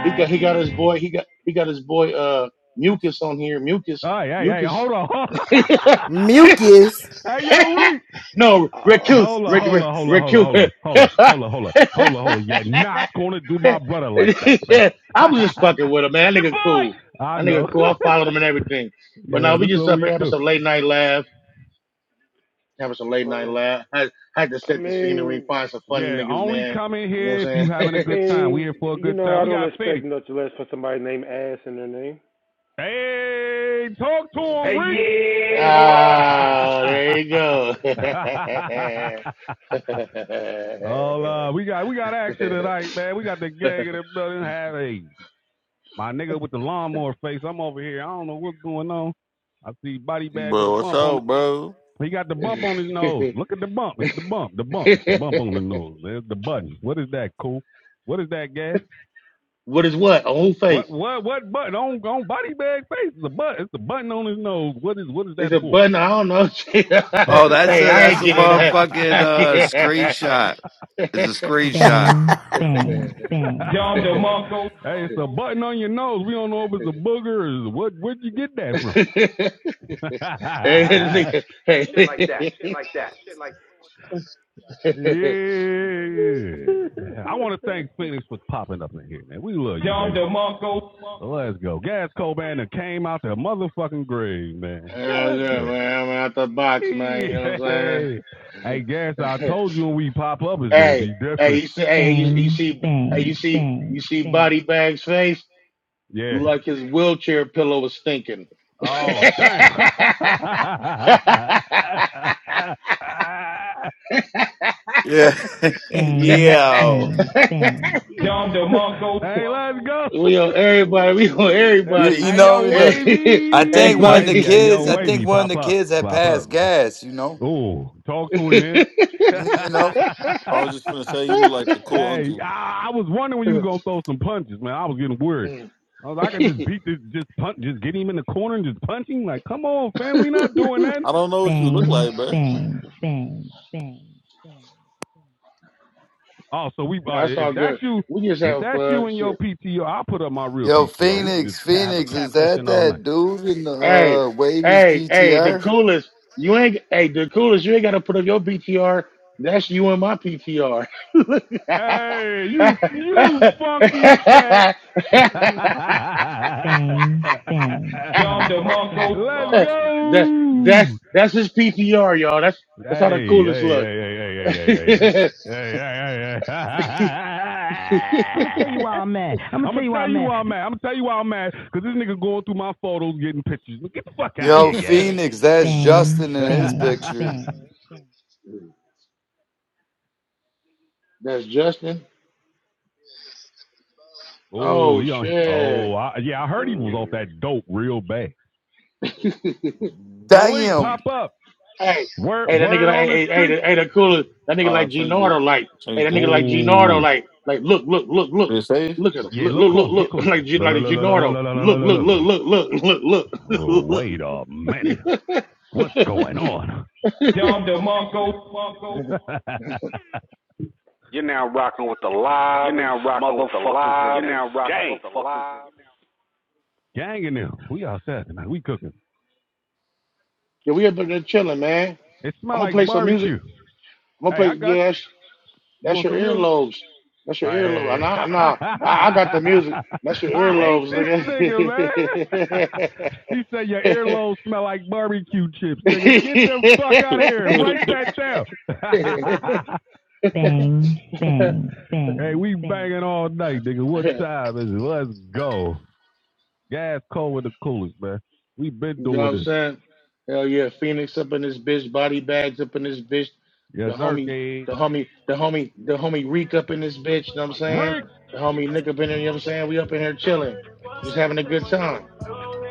A: he got, he got his boy. He got, he got his boy, uh, Mucus on here. Mucus,
C: Hey, hey, hey!
A: Mucus.
C: Hold on.
E: Mucus.
C: hey, yo, Reek.
A: no,
B: Uh,
A: Raccoon,
C: Hold up,
A: Rick,
C: hold
A: Rick,
C: up, hold up, hold up,
A: Raccoon.
C: hold up, hold up, hold up, hold up, hold up, hold up. You're not gonna do my brother like that, fam.
A: yeah, I was just fucking with him,
C: It's
A: man. That
C: your
A: nigga
C: boy.
A: cool.
C: I
A: That nigga
C: know.
A: cool. I followed him and everything. But now
C: yeah,
A: we
C: that's
A: just
C: what
A: up
C: we
A: here having
C: do.
A: some late night laugh. having some late night
B: well,
A: laugh. Had, had to
B: I
A: set the scenery,
B: mean,
A: find some funny
C: Yeah,
A: niggas,
C: only
A: man.
C: come in
A: You know
C: here
A: what
C: if you
A: I'm
C: having a
B: I
A: saying?
C: good time. We here
B: mean,
C: for a
B: you
C: good
B: know,
C: time.
B: I
C: We
B: don't
C: got
B: expect
C: Phoenix.
B: much less for somebody named Ass in their name.
C: Hey, talk to him, Reese. yeah, boy.
A: Ah, there you go.
C: oh, uh, we got we got action tonight, man. We got the gang in the building. Have a My nigga with the lawnmower face, I'm over here. I don't know what's going on. I see body bag with
D: bro,
C: a
D: what's
C: bump on it.
D: up, bro?
C: He got the bump on his nose. Look at the bump. It's the bump. The bump. It's the bump on the nose. There's the button. What is that, cool? What is that, gas?
A: what is what? A whole
C: What
A: face.
C: what what button on on body bag face? It's a button. It's the button on his nose. What is what is
A: It's
C: that
A: a
C: for?
A: button. I don't know.
F: Oh, that's
A: hey,
F: a
A: I
F: that's
A: ain't
F: a
A: getting
F: motherfucking uh,
A: that.
F: screenshot. It's
A: hey,
F: a screenshot.
E: hey,
C: Bang,
A: this
C: bang, bang. John DeMarco. hey, it's a button on your nose. We don't know if it's a booger or what. Where'd you get that from? yeah. I
A: nigga. Hey.
C: want to thank Phoenix for popping up in here, man. We love you. John DeMarco. Let's go. Gas Cobain that came out the motherfucking grave, man.
A: Hell
C: God
A: yeah,
C: damn.
A: man. I'm out the box, man. You know what I'm
C: Hey, hey, Gas, I
A: saying?
C: told you when we pop up, it's going to be
A: hey, hey,
C: different.
A: you see, hey, you, you
C: Bang,
A: see, hey, you
C: bang,
A: see, you
C: bang,
A: see,
C: bang.
A: body bag's face
C: Yeah.
A: Look like his wheelchair pillow was stinking.
C: Oh, damn.
F: Yeah,
C: Bang,
F: yeah.
C: bang,
A: hey,
C: bang. Dom DeMarco. Hey, let's
A: We
C: go.
A: on everybody. We on
F: You
B: Ooh.
C: hey,
A: everybody.
F: you
C: hey,
F: know
C: yo,
F: you know.
A: Hey,
F: I think
C: wavy,
F: one of the
C: wavy.
A: Everybody.
C: Hey, yo,
F: kids. I think
C: wavy.
F: one of
C: Pop
F: the
C: up,
F: kids had
C: pop
F: passed
C: up.
F: gas. You know.
C: Ooh, talk to him, man. hey,
F: You know.
D: I was just finna say you look like the cool uncle.
C: I, I was wondering when you was gonna throw some punches, man. I was getting worried. I was, like, I could just beat this, just punch, just get him in the corner and just punch him. Like, come on, fam, we not doing that.
D: I don't know what you look
C: Bang,
D: like, bro.
C: bang, bang, bang, bang. Oh, so we uh,
A: That's
C: if
A: all
C: that's
A: good.
C: you,
A: We just
C: if
A: having
C: that's you
A: fun.
C: and your
A: Shit.
C: PTR, I'll put up my real
F: Yo,
C: PTR. We can
F: Phoenix,
C: just have a
F: Phoenix, is
C: cap
F: that
C: session all night.
F: that dude in the
A: Hey,
F: uh, Wavy's
A: hey, hey. The
F: PTR?
A: coolest. You ain't. Hey, the coolest. You ain't got to put up your PTR. That's you and my PTR.
C: Hey, you you funky fat. Bang, bang. Dom
D: Uh,
C: DeMarco. Let's
D: how I change?
A: that, that's
C: go.
A: that's his PTR, y'all. That's that's how the
C: Hey,
A: coolest
C: hey,
A: look.
C: hey, hey, hey, hey, hey, hey, hey. Hey, hey, hey, I'm gonna tell you why I'm mad. I'm gonna, I'm gonna tell you why I'm mad. I'm mad. I'm gonna tell you why I'm mad. Cause this nigga going through my photos, getting pictures. Get the fuck out of
F: Yo,
C: here, guys.
F: Phoenix, that's
C: Bang,
F: Justin in his
C: bang,
F: picture.
C: bang.
A: That's Justin.
C: Oh,
A: Oh
C: yeah! oh,
A: shit.
C: I, yeah, I heard he was off
B: Mm.
C: that dope real bad. Elite,
F: Damn.
C: pop up.
A: Hey, hey,
C: Word,
A: that nigga
C: word
A: like,
C: on
A: hey,
C: the
A: hey, hey,
C: street.
A: the, hey, the cooler. That nigga
D: Ah, I
A: like G
D: changed
A: Nardo,
D: it.
A: like,
D: I
A: hey,
D: changed
A: that
D: it,
A: nigga
D: bro.
A: like G Nardo,
C: Oh,
A: like, like, look, look, look, look,
D: Did it say?
A: look at him,
C: yeah,
A: look,
C: look
A: look,
C: close, look
A: look, look,
C: close.
A: like G,
C: Look, look,
A: like
C: look,
A: G
C: look, look,
A: Nardo,
C: look, look,
A: look,
C: look,
A: look,
C: look,
A: look,
C: look.
A: look, look, look,
C: Oh,
A: look, look.
C: wait a minute. What's
A: yeah,
C: going on? Dom DeMarco. Marco. Wow. Now, rock. Dang. Gang in there! We outside tonight. We cooking.
A: we up in there chilling, man.
C: It
A: I'm
C: smell
A: gonna
C: like
A: play some music.
C: barbecue.
A: I'm gonna
C: Hey,
A: play.
C: I got
A: Yeah,
C: you.
A: that's,
C: You
A: that's
C: want
A: your
C: some music?
A: earlobes. That's your earlobe.
C: Hey.
A: And I, nah, I, I got the music. That's your
C: I hate
A: earlobes,
C: this nigga, man. he said your earlobes smell like barbecue chips, nigga. Get the fuck out of here.
A: nigga.
C: Write that down.
A: you
C: Bang,
A: know
C: bang, bang. hey, we bang. banging all night, nigga. What time is it? Let's go. Gas cold with the coolest, man. We been
A: what
C: doing
A: I'm
C: this.
A: saying? Hell yeah, Phoenix up in this bitch, body bags up in this bitch, the
C: Yes, sir,
A: homie,
C: Skate.
A: the homie, the homie, the homie Reek up in this bitch, you know what I'm saying?
C: Rick.
A: The homie Nick up in there, you know what I'm saying? We up in here chilling, just having a good time.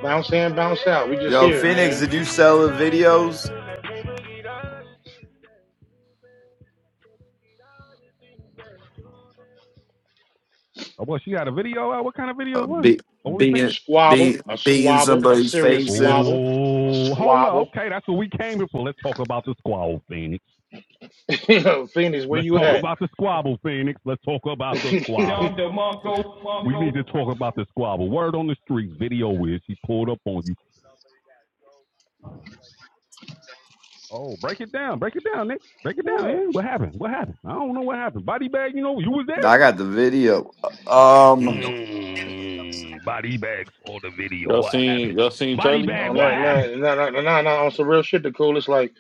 A: Bounce in, bounce out. We just
F: Yo,
A: here,
F: Phoenix,
A: man.
F: did you sell the videos?
C: Oh, well, she got a video out. What kind of video
F: uh,
C: was it?
F: be,
C: OnlyFans?
F: being
A: Squabble,
F: be,
A: a
F: beating
A: squabble, a
F: somebody's
A: serious
F: face in.
A: squabble, a
C: Oh, hold up.
A: squabble.
C: Okay, that's what we came here for. Let's talk about the squabble, Phoenix.
A: You know, Phoenix, where
C: Let's
A: you
C: talk
B: Hmm?
A: at?
C: about the squabble, Phoenix. Let's talk
A: oh,
C: about the squabble. Dom DeMarco, We need to talk about the squabble. Word on the street, video is he pulled up on you. Oh, break it down, break it down, Nick. Break it down,
B: What?
C: man. What happened? What happened? I don't know what happened. Body bag, you know, you was
F: I
C: there?
F: got the video. Uh, Um,
C: Mm, body bags on the video.
D: y'all
C: What happened?
D: seen y'all seen
C: Body
D: Charlie?
C: bag, what
A: no, no,
C: happened?
A: no, no, no, no, on some real shit, the coolest, like,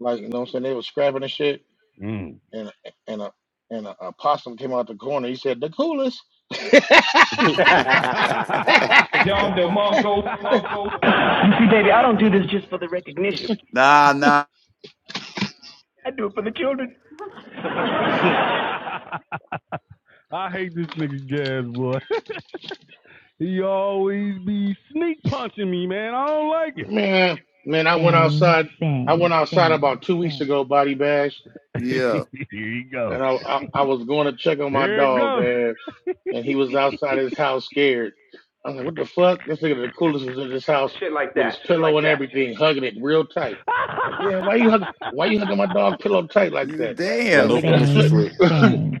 A: like, you know what I'm saying? They was scrapping and shit.
C: Mm.
A: and and a and a, a possum came out the corner. He said, "The coolest."
C: Dom DeMarco, You
F: nah, nah,
C: I hate this nigga Gas boy. he always be sneak punching me, man. I don't like it.
A: man, man, I went
C: Bang,
A: outside. I
C: bang,
A: went outside
C: bang,
A: about two weeks
C: bang.
A: ago, body bash,
F: yeah.
C: Here you go.
A: and I, I I was going to check on my
C: Here it
A: dog,
C: go.
A: man, and he was outside his house scared. I'm like, what the fuck? This nigga, the coolest, was in his house with his pillow and everything, hugging it real tight. Like, damn, why you hugging? Why you hugging my dog pillow tight like that?
D: With
A: Like,
F: Damn,
D: no
A: nigga,
D: permission
C: Bang,
D: slip.
C: bang,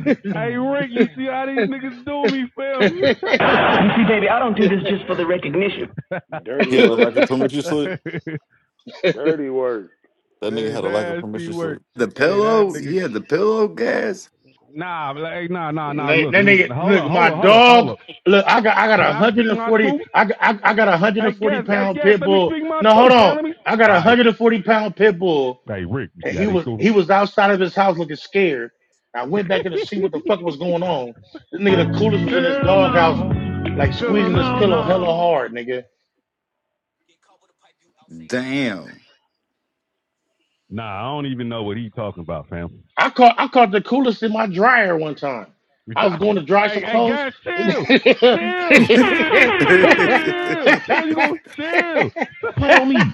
C: bang. Hey Rick, you see how these niggas do me, fam?
A: that
C: You see, baby, I don't do this just for the recognition.
B: Dirty
D: He had a
B: work.
D: lack of permission slip.
B: Dirty work.
D: That nigga
C: hey,
D: had a lack of
C: nasty
D: permission
C: work.
D: slip.
F: the
C: Hey, that
F: pillow.
C: nigga
F: He had the pillow gas.
C: Nah, like, hey, nah, nah, nah. Look, it was.
A: nigga,
C: Hold up,
A: look,
C: hold
A: my
C: up, hold up, hold
A: dog.
C: up.
A: Look, I got, I got
C: Can
A: a
C: I
A: hundred
C: speak
A: and
C: my
A: forty.
C: truth?
A: I, got- I, I got a hundred
C: Hey,
A: and forty
C: guess, hey,
A: pound
C: guess.
A: pit
C: Let me
A: bull.
C: speak my
A: No, hold
C: truth, fam.
A: on.
C: Let me.
A: I got
C: All
A: a
C: right.
A: hundred and forty pound pit bull,
C: Hey, Rick, you
A: and
C: see how
A: he
C: they
A: was,
C: do it?
A: he was outside of his house looking scared. I went back in to see what the fuck was going on. This nigga, the coolest was in his
C: Hell
A: doghouse,
C: no.
A: like
C: To
A: squeezing his
C: no,
A: pillow hella
C: no.
A: hard, nigga.
F: Damn.
C: Nah, I don't even know what he talking about, fam.
A: I caught I caught the coolest in my dryer one time.
C: hey,
A: I was going to dry some
C: hey,
A: clothes.
C: guys, chill,
A: that
C: chill, chill, chill. You gonna chill? Stop playing on me.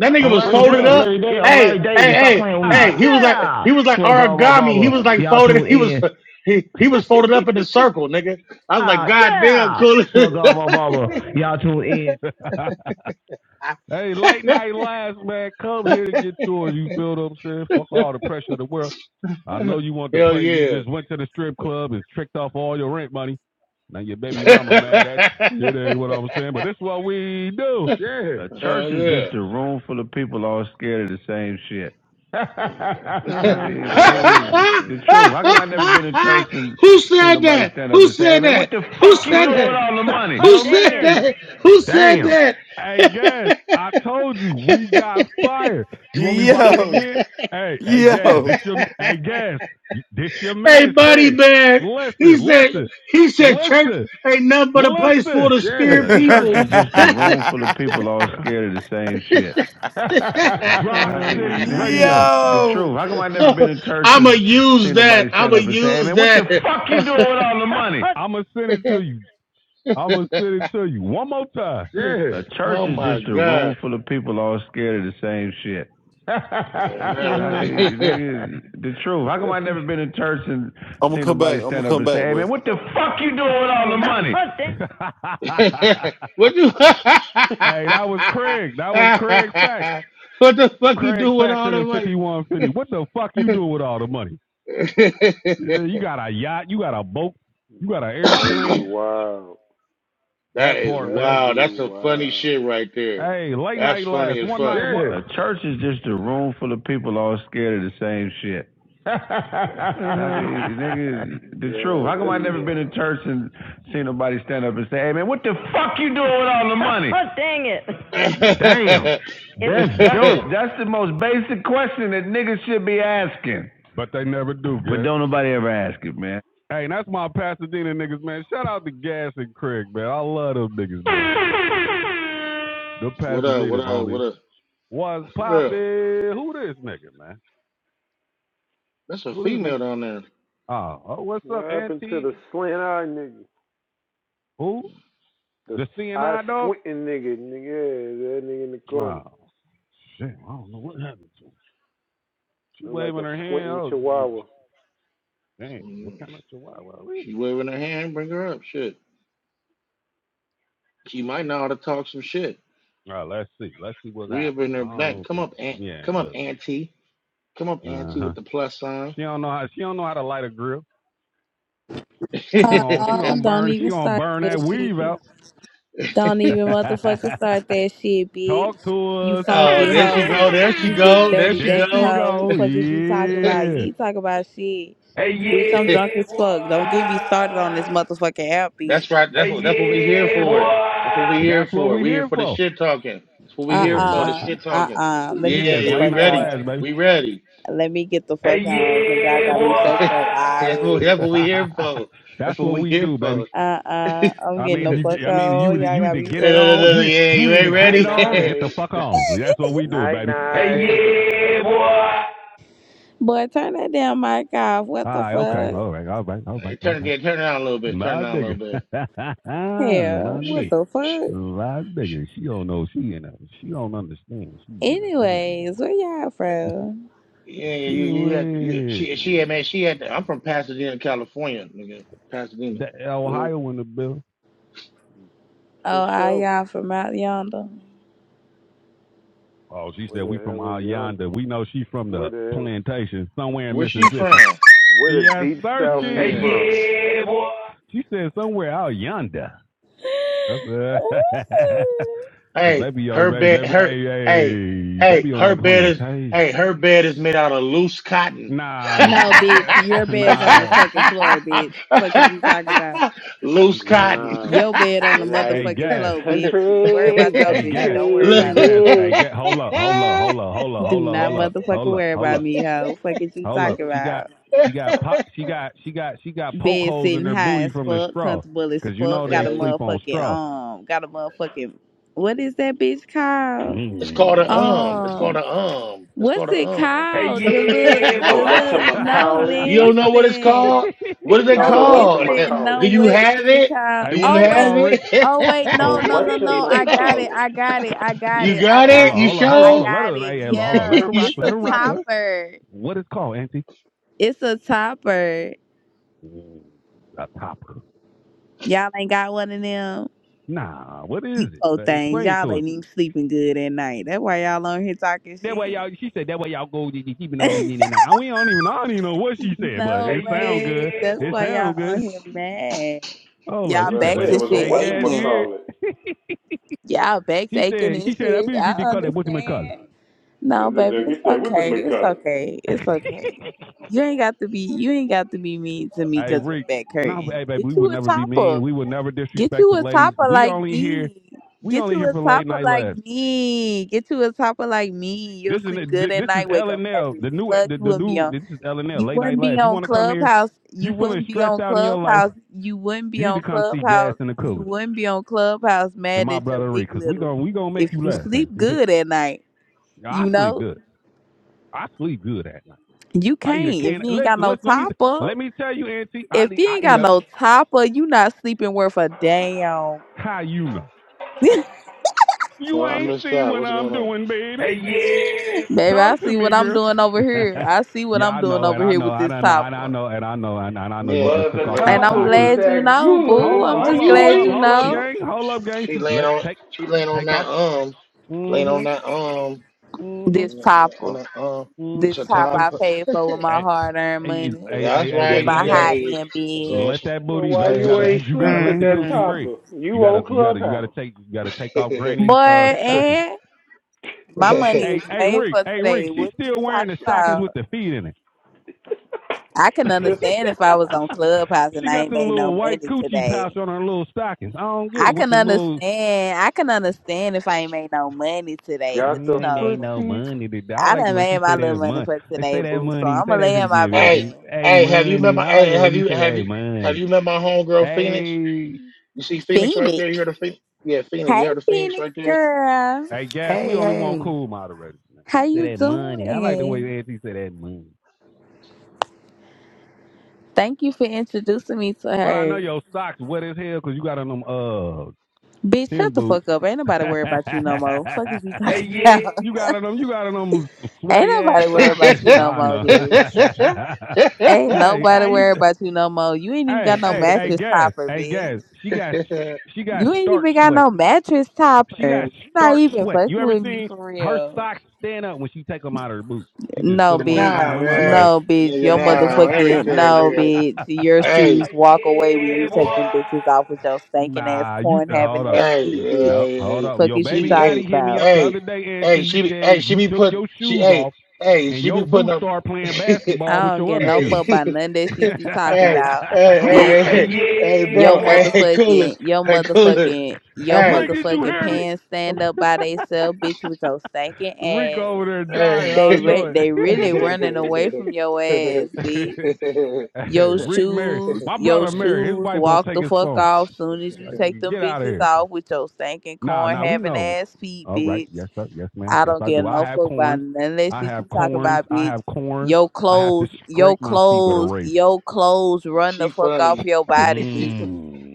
A: nigga was folded up. Hey, hey, hey, hey. He was like he was like origami. He was like folded. He was he, he was folded up in a circle, nigga. I was like, God damn, cool.
C: hey, late night last man, come here to get yours. You feel what I'm saying? Fuck all the pressure of the world. I know you want to
A: Hell
C: play. You
A: yeah.
C: just went to the strip club and tricked off all your rent money. Now your baby mama mad at you. It ain't what I was saying, but that's what we do. Yeah. That's
A: Hell yeah.
C: a room full of people all scared of the same shit.
A: Who
C: I mean, nigga, the
B: Man,
C: truth. How come I never been in church and seen
A: said
C: nobody
A: that?
C: stand up
A: Who
C: and say,
A: said
C: "Hey man, what
A: that?
C: the
A: Who
C: fuck you
A: said
C: doing with
A: that?
C: all the money?"
A: Who
C: Yo
A: said
C: man,
A: that? Who said
C: Damn.
A: that?
C: Hey, Gas, I told you we got fired. You want me to rock it
F: yo,
C: again? Hey, hey, Gas,
F: yo,
C: this your, hey, Gas, this your
A: Hey,
C: man,
A: buddy
C: Craig.
A: man. He
C: Listen,
A: said
C: listen,
A: he said church
C: listen,
A: ain't nothing but a place for
C: listen.
A: the
C: Yeah.
A: scared
C: The church
A: people.
C: is just a room full of people all scared of the same shit. Rock City Radio. The
F: yo.
C: truth. How come I never been in church
A: I'ma
C: and
A: use
C: seen nobody
A: that.
C: stand
A: I'ma
C: up and say, "Hey
A: use
C: man, what the
A: that.
C: fuck you doing with all the money?" I'ma send it to you. I'm gonna send it to you one more time. Yeah. A church
A: oh
C: is
A: my
C: just a
A: God.
C: room full of people all scared of the same shit.
A: On
C: I
A: everything.
C: mean, nigga, the truth. How come I never been in church and
D: I'm gonna
C: seen
D: come back.
C: nobody
D: I'm gonna
C: stand up
D: come
C: and say,
D: back,
C: "Hey
D: bro.
C: man, what the fuck you doing with all the money?"
A: what you
C: hey, that was Craig. That was Craig Facts.
A: What the fuck you
C: Craig
A: do with
C: Facts
A: all
C: in
A: the
C: the
A: money?
C: 5150. What the fuck you doing with all the money? Yeah, You got a yacht. You got a boat. You got an
B: that'd be
C: airplane.
B: wild.
A: that
C: That
A: is
C: part, man.
B: That'd
A: wow.
B: be
A: That's some funny
B: wild.
A: shit right there.
C: Hey, late
A: That's
C: night
A: funny
C: last
A: as
C: one night
A: fuck.
C: Yeah, wonder. a church is just a room full of people all scared of the same shit. I mean, nigga, the truth. How
B: That'd
C: come I
B: be
C: never been in
B: wild.
C: church and seen nobody stand up and say, "Hey man, what the fuck you doing with all the money?" Oh, dang it. That's That's, dope. that's the most basic question that niggas should be asking. But they never do. But Jack. don't nobody ever ask it, man. Hey, that's my Pasadena niggas, man. Shout out to Gas and Craig, man. I love them niggas, man. The
A: what up, what
C: Pasadena,
A: up,
C: homie.
A: what up?
C: What's
A: Well,
C: poppin'? Who this nigga, man?
A: that's a
C: Who this nigga?
A: female down there.
C: Oh, oh what's
B: What
C: up,
B: happened to
C: Auntie?
B: the slant eye nigga?
C: Who?
B: The
C: The
B: eye
C: CNI dog?
B: squinting nigga, nigga, yeah, that nigga in the corner.
C: Oh, shit. I don't know what happened to him. She
B: Look like
C: waving
B: a
C: her hand.
B: squinting
C: Oh, she-
B: chihuahua.
C: damn. What
A: Mm,
C: kind of chihuahua is
A: She
C: it?
A: waving her hand, bring her up. Shit. She might know how to talk some shit.
C: All right, let's see. Let's see what's
A: We
C: hot.
A: up in
C: I
A: her back.
C: don't
A: Come
C: think.
A: up, aunt.
C: Yeah,
A: Come up,
C: look.
A: auntie. Come up,
C: Uh
A: auntie,
C: huh.
A: with the plus sign.
C: She don't know how. She don't know how to light a grill. She gon' she
G: Uh,
C: gonna
G: don't
C: burn. She
G: even
C: gonna
G: start
C: burn that
G: that
C: weave
G: shit.
C: out.
G: Don't even motherfucking start that shit, bitch.
C: Talk to
G: You
C: us.
A: Oh,
G: funky
A: there she
G: hoe.
A: go, there she
G: You big
A: go, there
G: dirty
A: she
C: There
G: back
C: she
A: go.
G: hoe.
C: go.
G: Fuck is you talking about?
C: Yeah.
G: You talk about shit.
C: Hey,
G: Bitch, I'm drunk
C: yeah,
G: as
C: boy.
G: fuck. Don't get me started on this motherfucking app, bitch.
A: that's right.
C: Hey,
A: That's what that's what we here
C: yeah,
A: for. That's what we
C: boy.
A: here
C: That's what
A: for.
C: we
A: We here
C: here
A: for the
C: for.
A: shit talking. That's what we here
C: Yeah, you
A: for. The
C: like
G: Uh-uh.
A: shit talking.
G: Uh-uh. Let me
A: Yeah,
C: yeah,
G: get
C: it's
G: the
A: yeah, we
C: late
G: fuck
C: night
B: Mm.
A: ready.
C: lives,
G: out.
C: baby.
A: We ready.
G: Let me get the
C: Hey,
G: fuck on, cause y'all
C: yeah,
G: got me
A: that's,
G: fucked up
A: what,
G: already.
A: that's
C: boy.
A: what we here for. That's
C: That's
A: what
C: what
A: we
C: we
A: here
C: do, baby.
A: for. yeah,
G: Uh-uh. I'm
C: I
G: getting
C: mean,
G: the
C: you,
G: fuck
C: I mean, you,
G: on.
C: either-
G: Y'all
C: you
G: got
C: either
G: me
C: get it
G: fucked
C: on,
A: yeah,
C: you,
G: up.
A: yeah,
C: you
A: you
C: either
A: ain't
C: get
B: Night
C: it on or
A: ready.
C: get the
B: night.
C: fuck on. That's what we do,
B: Night
C: baby. Hey,
B: night.
C: yeah, boy. All
G: Boy, turn that damn mic off. What the
C: right, okay,
G: fuck?
C: all right, all right, all right,
A: Hey,
C: all
A: turn
C: right.
A: it, turn it on a little bit. Turn
C: My
A: it on a little
C: nigga,
A: bit.
C: my
G: Yeah,
C: nigga.
G: what
A: Shit.
G: the fuck?
C: A Lot bigger. She don't know she in a she don't understand. She's in a danger. zone.
G: Anyways, where y'all from?
A: Yeah, yeah,
C: She
A: you you had you, she she had
C: went.
A: man she had I'm from Pasadena, California, nigga. Pasadena.
C: the
A: Well,
C: Ohio in the bill.
B: For
G: Oh, I
B: sure.
G: y'all from out yonder.
C: Oh, she
B: Where
C: said
B: the
C: we from
B: hell
C: out
B: is yonder?
C: yonder. We know she from
B: Where
C: the
B: the hell?
C: plantation somewhere in
A: where's she
C: Mississippi.
A: from?
B: Where the
C: Yes,
B: deep
C: Sirski.
B: south
A: Oh,
B: you
C: Hey,
A: yeah.
B: from?
C: yeah, boy. She said somewhere out yonder. That's uh,
A: Hey,
C: baby, yo,
A: her
C: baby,
A: bed
C: baby,
A: her
C: hey,
A: hey
C: hey,
A: hey
C: baby on
A: her
C: that
A: bed is
C: plantation.
A: hey her bed is made out of loose cotton.
C: Nah,
G: No, bitch, your
C: uh,
G: bed's on the
C: nah.
G: fucking floor, bitch. Fuck is you talking about?
A: loose cotton.
B: Nah.
G: Your bed on the
B: And like
C: Hey,
G: motherfucking
C: gas.
G: floor, bitch. Worry
B: country
G: about your
B: got
C: Hey,
B: you
G: shit.
C: Gad.
G: Don't worry
A: Look.
C: Hey,
G: about me.
C: Gaz. Hey,
B: crazy.
C: Gad. Hold up. Hold up. Hold up. Hold up. Hold
G: Do
C: up.
G: not
C: Hold up.
G: motherfucking
C: Hold up.
G: worry
C: Hold
G: about
C: up.
G: me, hoe. Fuck is you
C: Hold up.
G: talking
C: She got.
G: about?
C: She got pop. She got. She got. She got poke
G: Bed
C: holes in
G: sitting
C: her
G: high
C: booty
G: as
C: from the
G: fuck,
C: straw,
G: comfortable as
C: cause you know
G: fuck. Got a
C: they
A: yeah, yeah.
C: sleep on
G: motherfucking
C: straw.
G: um, got a motherfucking what is that bitch called?
A: It's called a um.
C: Mm.
A: It's
G: Um,
A: called a um. It's called
G: What's
A: a
G: it
A: um.
C: Hey,
G: called? The little,
C: yeah,
B: A
G: the little. No,
B: whatchamacallit.
A: you
C: boy.
A: don't know what it's called?
G: listen.
A: What is
B: It's
A: it
B: called
G: No,
B: a
A: called?
G: listen. No,
A: Do
B: whatchamacallit.
A: you
G: what
A: have
G: is it
A: it?
G: called?
C: hey,
A: Do
C: what
A: you
C: is
G: Oh
C: it
B: It's
A: have
G: wait.
C: called,
A: it?
C: Rick?
G: Oh wait.
B: a
G: No, no, no, no. I got it.
B: whatchamacallit.
G: I got it. I got
A: you
G: it. I
A: got
B: Oh,
C: hold
A: it?
G: got
C: on,
A: You
C: hold
G: it.
C: on, hold on,
G: I
C: hold
A: show?
C: on. Let
G: got
C: her,
G: it.
C: hey, hey, hold on. Let
G: Yeah,
C: her
A: You
C: rock,
G: it's
A: show?
C: let
G: a
C: her rock. Let her,
G: topper.
C: what is it called, Auntie?
G: It's a topper.
C: Mm, A topper.
G: Y'all ain't got one of them.
C: Nah, what is
G: You
C: it?
G: po
C: Like,
G: things.
C: Explain it to
G: Y'all
C: us.
G: ain't even sleeping good at night. That's why y'all on here talking
C: That way y'all,
G: shit.
C: she said that way y'all go to keeping on leaning that night. I we don't even, I don't even know what she said, but it
G: no,
C: hey, sound yeah,
G: babe.
C: good.
G: That's
C: Boy. It
G: why y'all
C: sound
G: on
C: good.
G: here mad.
C: Oh,
B: as
C: up,
G: Y'all
C: she
B: I
C: said, but
G: backs
B: say,
C: it,
B: it
G: and
B: was
G: shit
C: hey,
B: a
C: guys, you
G: aching.
C: hear?
B: whatchamacallit.
G: Y'all backs
C: She
G: aching
C: said, she
G: and
C: said, I
G: shit.
C: believe
G: I
C: you didn't call that what's in my color.
G: understand. No, baby,
B: They
G: it's
B: get there with the
G: okay. It's
B: McCullough.
G: okay. It's okay.
C: hey,
G: You ain't got to be. You ain't got to be mean to me because of
C: Rick,
G: back
C: no,
G: hurting.
C: hey, baby, we
G: Get you
C: would
G: a
C: never be
G: topper.
C: mean. We would never
G: Get
C: disrespect the
G: you a
C: ladies.
G: topper
C: We
G: like
C: only here,
G: me.
C: we
G: Get
C: only
G: you
C: here
G: a
C: for late
G: topper
C: night
G: like
C: laughs.
G: me. Get you a topper like me.
C: This
G: You'll
C: is
G: sleep good at
C: this is
G: night. Wake
C: L
G: up
C: and L,
G: happy as
C: the new,
G: fuck.
C: the,
G: You
C: the
G: wouldn't be
C: new.
G: on
C: This is L and L,
G: you
C: late night
G: wouldn't be
C: laughs. You
G: on
C: want to come here?
G: Clubhouse.
C: You
G: You
C: feeling
G: wouldn't be
C: stressed
G: on
C: out in your life?
G: Clubhouse. You wouldn't
C: You
G: be
C: need to
G: on
C: come see Gas
G: Clubhouse.
C: in the
G: You
C: Cooler.
G: wouldn't be on Clubhouse
C: and
G: mad
C: my
G: at your
C: brother Reed,
G: dick
C: because we gonna
G: little.
C: we gonna make
G: If
C: you
G: you
C: laugh. Man.
G: sleep
C: You think
G: good at night,
C: I
G: you
C: sleep
G: know,
C: good. I sleep good at night.
G: you
C: I eat
G: can't.
C: a
G: If
C: can.
G: you ain't got
C: Listen,
G: no
C: listen. Let me
G: topper,
C: let me tell you, Auntie. I
G: if you
C: I
G: ain't
C: eat
G: got
C: a.
G: no topper, you not sleeping worth a damn.
C: How you know? You
A: Well, I
C: ain't
A: missed
C: seen
A: out.
C: what
A: What's
C: I'm
A: going on?
C: doing, baby. Hey, you-
G: Baby, I
C: Talk to
G: see
C: me,
G: what I'm
C: girl.
G: doing over here. I see what
C: yeah,
G: I'm
C: I
G: doing
C: know, and
G: over
C: I
G: here
C: know,
G: with
C: and
G: this
C: I know, and I
G: topper.
C: know, and I know, and, and I know. You
A: Yeah,
B: Well,
C: just
B: if
C: took
B: the
C: off
A: let,
C: them
G: And I'm
B: topper
C: stockings.
B: was
G: glad you
B: that
G: know, boo.
C: Hold
B: good,
C: up,
G: I'm
B: why
C: hold
G: just
C: up,
A: she
B: you
C: hold
G: glad
C: up,
A: she
B: ain't
G: you
C: hold up,
A: she
B: sleep?
G: know
C: gang, hold up, gang.
A: she
C: She
A: laying
C: let
A: on
C: take
A: she laying on
C: take
A: that
C: off.
A: um laying on
C: mm
A: that um
C: Mhm, mhm,
G: this
A: on
G: topper.
A: that um.
C: mhm.
A: It's
G: This
A: a
C: Take
G: top
A: top.
C: them.
G: I
C: st-
G: paid for with my
C: Hey,
G: hard earned
C: hey,
G: money,
C: hey, hey,
A: That's
C: hey,
G: with
A: right,
C: baby,
A: you
G: my
C: hey, baby.
G: high
A: guys. You know
G: end
A: what
G: bed.
A: I'm
C: Let
A: saying?
C: that
B: Well,
C: booty.
A: It's
B: why
A: how
C: Let
A: you
C: you
B: you
C: gotta you,
B: ain't
C: you gotta
B: sleep
C: let
B: with
C: the
B: that
C: coochie
G: Mm-hmm.
C: breathe.
B: topper? You
C: You gotta
B: on
C: you gotta you gotta
B: Clubhouse.
C: take you gotta take off
A: know
C: Granny's uh
G: But
A: what I'm
C: stockings.
G: and my
A: saying?
G: money
C: Hey
G: is
C: hey
G: made
C: Rick
G: for
C: hey Rick
G: today.
C: She's
G: What did you
C: still wearing
G: talk
C: the stockings with
G: about?
C: the feet in it.
G: I can
B: Still
G: understand if I was on Clubhouse
C: she
G: and I
C: got
G: ain't
C: the
G: made no
C: little white
G: money
C: coochie pouch
G: today.
C: on her little stockings. I don't get
G: I
C: it with
G: can
C: the little.
G: understand. I can understand if I ain't made no money today. But
B: Got
C: We
B: the
G: you
C: ain't made
G: know,
C: no
B: footsies
C: money today. I
G: I
C: like the
G: done
C: way she
G: made
C: say
G: my little
C: that
G: money
C: money.
G: for
C: They
G: today,
C: Say that
G: boo. So
C: money. Say
G: I'ma
C: that
G: lay
C: shit
G: in my
C: again,
A: Hey,
C: baby.
G: bed.
C: Hey
A: hey, have you met
C: money.
A: my?
C: I like
A: Hey,
C: the way
A: have
C: she
A: you
C: say
A: have
C: that
A: you have
C: money.
A: you met my homegirl Phoenix?
C: Hey.
A: You see Phoenix right
G: Phoenix.
A: there. You heard of Phoenix? Yeah, Phoenix. You
G: Hey
A: heard of Phoenix
G: Phoenix
A: right there?
G: girl.
C: Hey, Gas, we only want
E: hey.
C: cool moderators.
G: How
C: She said
G: you
C: that money. I like the
G: doing?
C: way Auntie said that money.
G: Thank you for introducing me to
C: But I know
G: her.
C: your socks wet as hell because you got on them uh
G: Bitch,
C: tin
G: shut the
C: boots.
G: fuck up. Ain't nobody worried about you no more. Fuck is you
C: Hey,
G: talking
C: yeah.
G: about?
C: you got on them. You got on them
G: Ain't
C: sweaty ass
G: nobody worried
C: socks.
G: about
C: And,
G: you no
C: I
G: more,
C: know.
G: bitch. Ain't
C: hey, hey,
G: nobody
C: you,
G: worried about you no more. You ain't even
C: hey,
G: got no
C: hey, hey,
G: mattress
C: Gas,
G: topper,
C: hey, Gas.
G: bitch.
C: She got she got
G: You ain't
C: starch
G: even got
C: sweat.
G: no mattress
C: She got
G: topper. You not
C: starch
G: even
C: sweat.
G: fucking
C: You ever
G: with me
C: seen
G: for
C: her
G: real.
C: socks stand up when she take them out of her boots? She just sit
G: No,
C: them on the
G: bitch.
A: nah,
C: ground. Them motherfuckers.
A: man,
G: No, bitch.
A: nigga,
G: Your
A: nah, on
G: motherfucking
A: everything,
G: no,
A: nigga.
G: bitch. Your
A: Hey,
G: shoes walk away when you take them bitches off with your stinking ass
C: nah, you
G: corn
C: nah, hold
G: having
C: up.
G: ass
A: hey,
G: feet, bitch.
C: No,
A: hey,
C: hold
A: hey,
C: up.
G: Fuck
C: Your
G: is
A: she,
G: you
C: baby
A: be-
C: daddy
A: hey,
G: talking
C: hit me
G: about?
C: up the
A: hey,
C: other day,
A: hey,
C: Auntie. He
A: she, be-
C: said
A: hey, she
C: you
A: be
C: took
A: put,
C: your
A: she,
C: shoes
A: hey,
C: off
A: hey,
C: and
A: she
C: your
A: be putting
C: boots
A: up.
C: start playing basketball
G: I
C: with
G: don't
C: your
G: get
C: other
G: no
A: hey,
C: shoes.
G: fuck by none
A: hey,
G: of that
A: hey,
G: shit you talking
A: hey,
G: about, bitch.
A: hey,
C: hey,
A: hey, hey,
C: yeah,
G: Your
A: bro, hey,
C: boy.
A: hey,
G: motherfucking,
A: coolest,
G: your
A: hey, coolest,
G: motherfucking, your
A: hey,
C: Rick, did you
G: motherfucking
C: hear me?
G: pants stand
A: hey.
G: up by themselves, bitch, with your stinking
C: Rick
G: ass.
C: over there dying. I
G: They re-
C: know it.
G: they really running away from your ass, bitch. Your
C: Rick Mary,
G: shoes,
C: my
G: your
C: brother Mary, his
G: shoes,
C: wife gonna
G: walk
C: take
G: the
C: his
G: fuck
C: phone.
G: off soon as you
C: Like,
G: take them
C: Get out of
G: bitches
C: here.
G: off with your stinking
C: Nah,
G: corn
C: nah, we
G: having
C: know.
G: ass feet,
C: All right.
G: bitch.
C: Yes, sir. Yes, ma'am.
G: I
C: Yes,
G: don't
C: I do.
G: give
C: I
G: no
C: have
G: fuck about
C: corns.
G: none of that
C: I
G: shit
C: have
G: you talking
C: corns.
G: about,
C: I
G: bitch.
C: have corns.
G: Your
C: I have to
G: clothes, your
C: scrape my feet with a
G: clothes,
C: razor.
G: your clothes run the
A: she
G: fuck off
A: funny.
G: your body, bitch.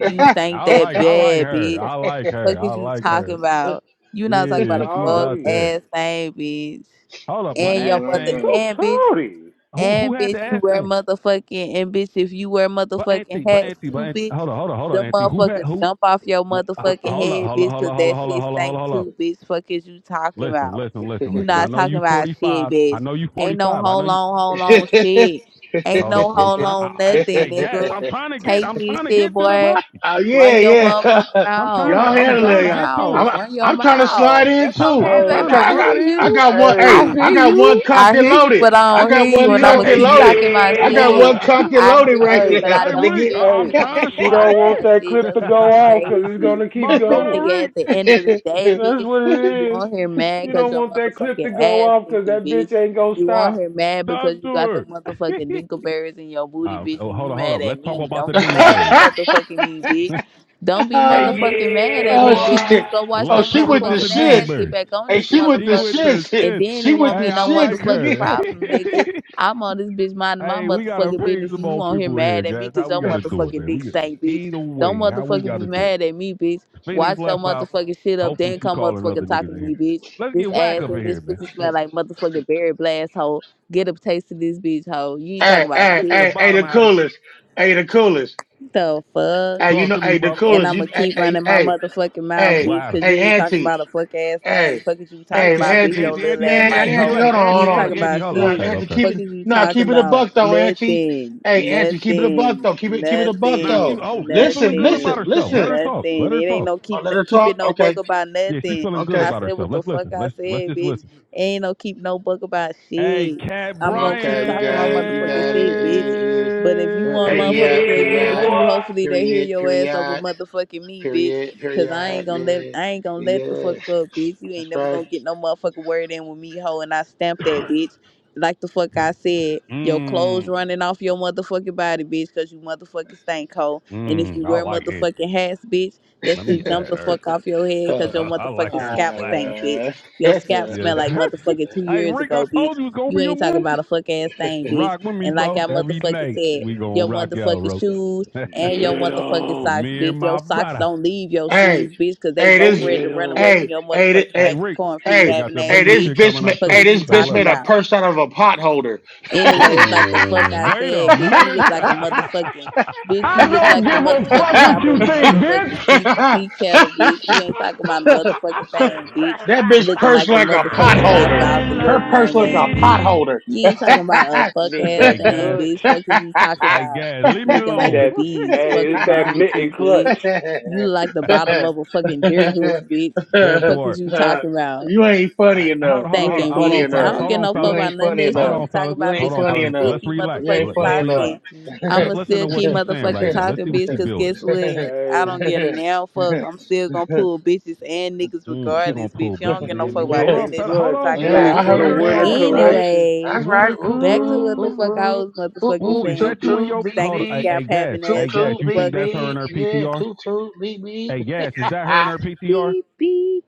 G: You stink
C: I
G: that
C: like I like
G: bad,
C: her.
G: bitch.
C: I like
G: Fuck
C: her. I
G: is you
C: like
G: talking
C: her.
G: about? You not talking
C: Yeah,
G: about a
C: she's
G: fuck
C: out
B: Sorry.
C: there.
G: ass thing, bitch
C: Hold up, but
G: and your
C: ass
A: no, I'm
G: mother
C: things.
B: So
G: and bitch.
B: sorry.
C: Who who
G: And
C: had the
G: bitch, you
C: ass
G: wear
C: thing?
G: motherfucking and bitch, if you wear
C: But
G: motherfucking
C: auntie, but
G: hats
C: auntie, but
G: too,
C: auntie.
G: bitch,
C: Hold on, hold on, hold on,
G: the
C: auntie. Who had
G: motherfuckers
C: who?
G: jump off your
C: wh- uh,
G: motherfucking
C: Hold up,
G: head,
C: hold up,
G: bitch,
C: hold
G: cause
C: up, hold up,
G: that
C: hold up,
G: shit
C: hold up, hold up,
G: stink
C: hold up.
G: too, bitch. Fuck is you talking
C: Listen,
G: about?
C: listen, listen,
G: You
A: going
C: listen. I
G: not
C: know
G: talking
C: you
G: about shit,
C: 45. I
G: bitch.
C: know you
G: Ain't no
C: 45. I know
G: hold
C: you.
G: on, hold on shit. Ain't
C: Hold up.
G: no
C: I'm
G: hold
C: trying I,
G: on
C: I I
G: nothing,
C: guess
G: nigga.
C: I'm trying to get
G: Take
C: I'm
G: this
C: trying to get
G: shit,
C: to the
G: boy.
C: button.
A: Uh, yeah,
G: Run your
A: yeah.
G: motherfucking
C: I'm trying
G: mouth.
C: to
A: y'all
G: Run
C: I'm
A: handle
G: your
C: trying
A: it.
C: to
A: Y'all.
C: get to it.
G: mouth.
A: I'm
G: Run your
A: I'm trying to
B: I,
A: slide
G: mouth.
A: in
G: That's
A: too.
G: okay,
C: I'm
A: I'm
B: I,
G: baby.
C: trying to
A: trying.
G: I
A: I
G: hear
C: slide
A: got I
C: in.
G: you.
A: got one.
G: I
A: Hey,
B: I,
G: hear
A: I got one
G: you.
A: cocked
G: I
A: and
G: hear you,
A: loaded.
G: but I
A: I
G: don't
A: got
G: hear you,
A: one
B: she
G: and I'm gonna
A: cocked
B: don't,
C: Hey,
A: and
G: keep
A: loaded.
G: talking my
C: yeah,
A: I got
C: boy.
G: shit.
A: one
B: she
A: cocked
B: don't,
A: and
G: I
A: loaded
G: hear
A: right
G: you,
A: now,
B: hey,
G: but I
C: hey
G: don't
C: Reek,
A: nigga.
G: hear
C: I-
G: you,
C: am
B: hey,
G: and I'm gonna
C: trying to
G: keep
B: she
C: slide
B: don't
G: talking
B: want
G: my
B: that
G: shit.
C: in.
B: clip
G: That's
B: to
G: what's
B: go off 'cause it's
G: crazy.
B: gonna keep
C: My
G: But
C: brother
B: going.
G: nigga,
C: Reek,
G: at the end of the day,
B: That's
G: bitch,
B: what
G: you
B: it is.
G: on here
B: She
G: mad because
B: don't
G: your
B: want that clip to
G: motherfucking
B: go
G: ass
B: off 'cause
G: thinking,
B: that bitch
G: bitch.
B: ain't gonna
G: You on
B: stop.
G: here mad
C: talk
G: because you
C: to
G: got the
C: her.
G: motherfucking dinkleberries in your booty,
C: oh,
G: bitch,
C: oh,
G: and
C: hold
G: you
C: up, hold
G: mad
C: up. Let's
G: at
C: talk
G: me.
C: about the
G: Don't be mad
C: dingleberries.
G: at motherfucking me, bitch. Don't be
C: Hey,
G: motherfucking mad
C: yeah,
G: at
A: oh
G: me, bitch. Just
A: shit!
G: go
C: boy.
G: wash
A: Oh,
C: Let's
G: your
A: she
C: talk
A: with the
C: about the
G: motherfucking ass.
A: shits.
G: Get
C: dingleberries.
G: back on
A: Hey,
G: this
A: she with the
C: She
G: motherfucker.
C: went to
A: shits.
G: And
C: shit.
G: then
A: She
G: it
A: with
G: won't
A: the
C: Hey,
G: be
C: I
G: no
A: shits,
C: like
G: motherfucking
C: her.
A: nigga.
G: problem, nigga. I'm on this bitch minding my
C: Hey, we gotta
G: motherfucking
C: ping
G: business,
C: some
G: and you
C: more
G: on here
C: people here,
G: mad at me
C: guys. How
G: because
C: we
G: your
C: gotta do it,
G: motherfucking
C: man?
G: dick
C: We
G: stank, bitch.
C: either
G: Don't
C: way, how we
G: motherfucking be
C: gotta do
G: mad at me, bitch.
C: it. Phoenix
G: Watch your
C: left out.
G: motherfucking shit up,
C: Hopefully,
G: then
C: she
G: come
C: calling other
G: motherfucking
C: niggas
G: talking to
C: in here.
G: me, bitch.
C: Let's
G: This
C: get whack
G: ass
C: up in
G: and
C: here,
G: this
C: man.
G: pussy smell like motherfucking berry blast, hoe. Get a taste of this bitch, hoe. You ain't talking
A: Hey,
G: about
C: Let's
A: hey,
C: get to the
G: shit.
A: hey, hey,
C: bottom.
A: the
C: How you
A: coolest. Hey, the coolest.
G: The fuck?
A: Hey, you
C: talk
A: know,
C: to me,
A: hey, the
C: bro?
G: And
A: coolest.
G: I'm
A: You,
G: gonna
A: hey,
G: keep
A: hey,
G: running my
A: hey,
G: motherfucking mouth,
A: hey,
C: What
G: bitch,
C: happened?
G: because you
A: hey,
G: ain't talking
A: Auntie,
G: about a fuck ass thing.
A: hey,
G: Fuck is you talking
A: hey,
C: Auntie,
G: about,
C: auntie,
G: bitch,
A: Auntie,
G: your
C: auntie,
G: little
C: auntie,
G: ass
C: auntie,
A: man,
G: mic
C: auntie.
A: hey, Auntie,
G: hoe.
C: Relax,
A: hold
G: You
A: on,
C: auntie,
G: ain't
A: hold on,
G: talking
C: auntie,
A: Ke-
C: auntie.
G: about
C: Hold on.
A: no,
C: Okay,
G: shit.
A: Auntie,
C: okay.
A: keep
G: Fuck
A: it,
G: is you
A: no,
G: talking
A: keep it a
G: about?
A: buck though, Auntie,
G: Nothing.
A: hey, Auntie, keep it a buck
G: Nothing.
A: though, keep it, keep it a buck
C: Nah, she.
A: though.
G: Nothing.
C: Oh, she feeling
A: Listen,
C: good about
A: listen,
G: Nothing.
C: herself.
G: And
C: Let
A: listen.
C: her talk. Let
G: nothing. It
C: her
G: ain't
C: talk.
G: no
A: Oh,
G: keep
A: let her
G: keeping
A: talk.
G: no book
A: Okay,
G: about
C: Yeah, she
G: nothing.
C: feeling good
A: okay,
G: I
C: about
G: said
C: herself.
G: what the
C: Let's listen.
G: fuck I
C: Let's let's
G: said,
C: just listen.
G: bitch. Ain't no keep no book about
C: Hey,
G: shit.
C: Cat
G: I'm gonna
C: Brian.
G: keep
A: okay. You
G: talking
A: got
G: my
A: it. You
G: motherfucking
A: got
G: shit, bitch.
A: it.
G: But if you
A: Eh, eh, eh,
G: want
C: Hey,
G: motherfuckers
A: Period.
G: to agree
C: yeah,
G: with
A: Period.
G: you,
C: boy.
G: hopefully they hear
A: Period.
G: your ass over
A: Period.
G: motherfucking me, bitch.
A: Period.
G: Cause I ain't
A: Period.
G: gonna let
A: Yeah.
G: I ain't gonna let the
A: Yeah.
G: fuck up, bitch. You
A: That's
G: ain't never gonna get no motherfucking word in with me, hoe, and I stamp that bitch. Like the fuck I said, your
C: Hmm
G: clothes running off your motherfucking body, bitch, cause you motherfucking stink, hoe. And if
C: hmm,
G: you
C: I
G: wear
C: like it.
G: motherfucking hats, bitch, that
C: Let me
G: shit
C: add
G: jump the
A: right.
C: her.
G: fuck off your head,
A: Uh,
G: cause your
C: I like
G: motherfucking
C: her
G: scalp
A: all
C: swagger.
G: stink, bitch.
A: right.
G: Your scalp
C: Yes.
G: smell like motherfucking two
C: hey,
G: years
C: Rick, I
G: ago,
C: told
G: bitch.
C: you it's going to
G: You
C: be a
G: ain't talking
C: movie.
G: about a fuck ass thing, bitch.
C: Rock with me,
G: And like I
C: bro. Every
G: motherfucking
C: night
G: said,
C: we going
G: your
C: to rock y'all,
G: motherfucking
C: bro.
G: shoes and your
B: Get
G: motherfucking
B: on,
G: socks,
C: me and
G: bitch.
C: my
G: Your socks
C: brother.
G: don't leave your
A: hey,
G: shoes, bitch, because they
A: hey,
G: both
A: this,
G: ready
B: get
G: to run away
B: on.
G: from
A: hey,
G: your
A: hey, thi-
G: motherfucking
C: Hey,
A: hey,
G: stinking
C: Rick,
G: corn feet
C: we
A: hey,
C: got
G: having
C: the
G: ass,
A: hey,
C: bingo
A: this
C: shit
G: bitch.
A: bitch,
C: coming
A: ma-
C: up,
G: Fuck
A: hey,
C: too.
G: is
A: this
G: you
C: Say
A: bitch
C: less.
G: talking
A: made a
G: about?
A: purse out of a pot holder. that
G: Anyways, like the fuck
C: Ooh,
G: I
C: wait a
G: said, bitch, you
C: minute.
G: look like a motherfucking bitch. You look like the motherfucking top of a motherfucking tea, tea kettle, bitch. You ain't talking about a motherfucking thing, bitch.
A: bitch
G: Looking
A: purse
G: like the
A: like a pot
G: motherfucking lobster
A: holder.
G: off the Little
A: Her purse like a
G: Mermaid,
A: pot
G: bitch.
A: holder.
G: You ain't talking about a fuck
B: Need
G: ass
C: hey,
B: that
G: thing,
C: guys.
B: clutch.
G: bitch. Fuck is you talking
C: Hey
G: about?
C: guys, leave me
G: Looking like
C: alone.
G: the
B: That
G: bees.
B: hey,
G: Fuck is
B: it's that
G: wrong with
B: mitten
G: you,
B: clutch.
G: bitch? You look like the bottom of a fucking deer hoof, bitch.
C: that
G: Fuck
C: part.
G: is you talking about?
A: you ain't
C: I-
A: funny
C: Hold
A: enough.
C: on, hold on,
A: You
C: hold on,
A: ain't
G: thinking,
C: hold
A: funny
C: on,
G: bitch. I
C: fellas.
A: enough.
G: don't
B: Hey.
C: Hold
G: get
C: on,
G: no
A: You
G: fuck
C: fellas.
G: about
A: ain't
G: none of
A: funny
G: that
C: Hold
G: shit
A: enough.
G: you
C: on,
G: talk
C: fellas.
A: You
G: about,
C: Hold
A: ain't
G: bitch,
C: on,
G: and
A: funny
G: I'ma
C: fellas.
G: still
A: enough.
C: Let's
G: keep
C: relax.
A: You ain't
G: motherfucking
C: Let- us
A: funny
C: relax.
A: enough.
G: talking.
B: Mm.
C: Let's
G: I'ma
C: listen to
G: still
C: what
G: keep
C: she's saying right
G: motherfucking
C: now. Let's
G: talking,
C: see what
G: bitch,
C: she
G: cause
C: building.
G: guess what? I
B: Hey,
G: don't get a now fuck. I'm still gonna pull bitches and niggas
C: Mm, she gonna
G: regardless,
C: pull
G: bitch. You don't
C: bitches
G: get no
B: the
C: in,
G: fuck
C: niggas.
G: about
C: Hold
G: none
C: on,
G: of
B: mitten
G: that
C: fella.
G: shit
C: Hold
G: you
B: clutch
C: on,
G: talking
C: guys.
A: yeah,
B: new
G: about.
A: I
C: Let
B: for the
C: let
A: heard
C: her
A: that.
B: winter
C: cook.
A: That's right.
B: collection.
G: Anyways,
A: That's
C: Let
A: right.
C: her
A: Ooh
G: back to
A: ooh
G: what the
A: ooh
G: fuck
C: cook.
G: I
A: ooh
G: was
A: ooh
G: motherfucking
C: Ooh,
A: ooh.
C: is
G: saying,
C: that
A: Toot
C: you
G: bitch.
C: in
G: You
A: toot
C: your
A: beep
C: hold?
G: stinking
C: on. Hey,
A: beep.
C: hey,
G: scalp
C: gas.
G: having
A: Toot
C: Hey,
G: ass
C: gas.
A: toot
C: You think
A: beep
C: that's
G: motherfucker.
C: her in
A: beep.
C: her
A: Yeah,
C: PTR?
A: toot toot beep beep.
C: Hey, gas. Is that her in
A: I
C: her PTR?
G: Beep beep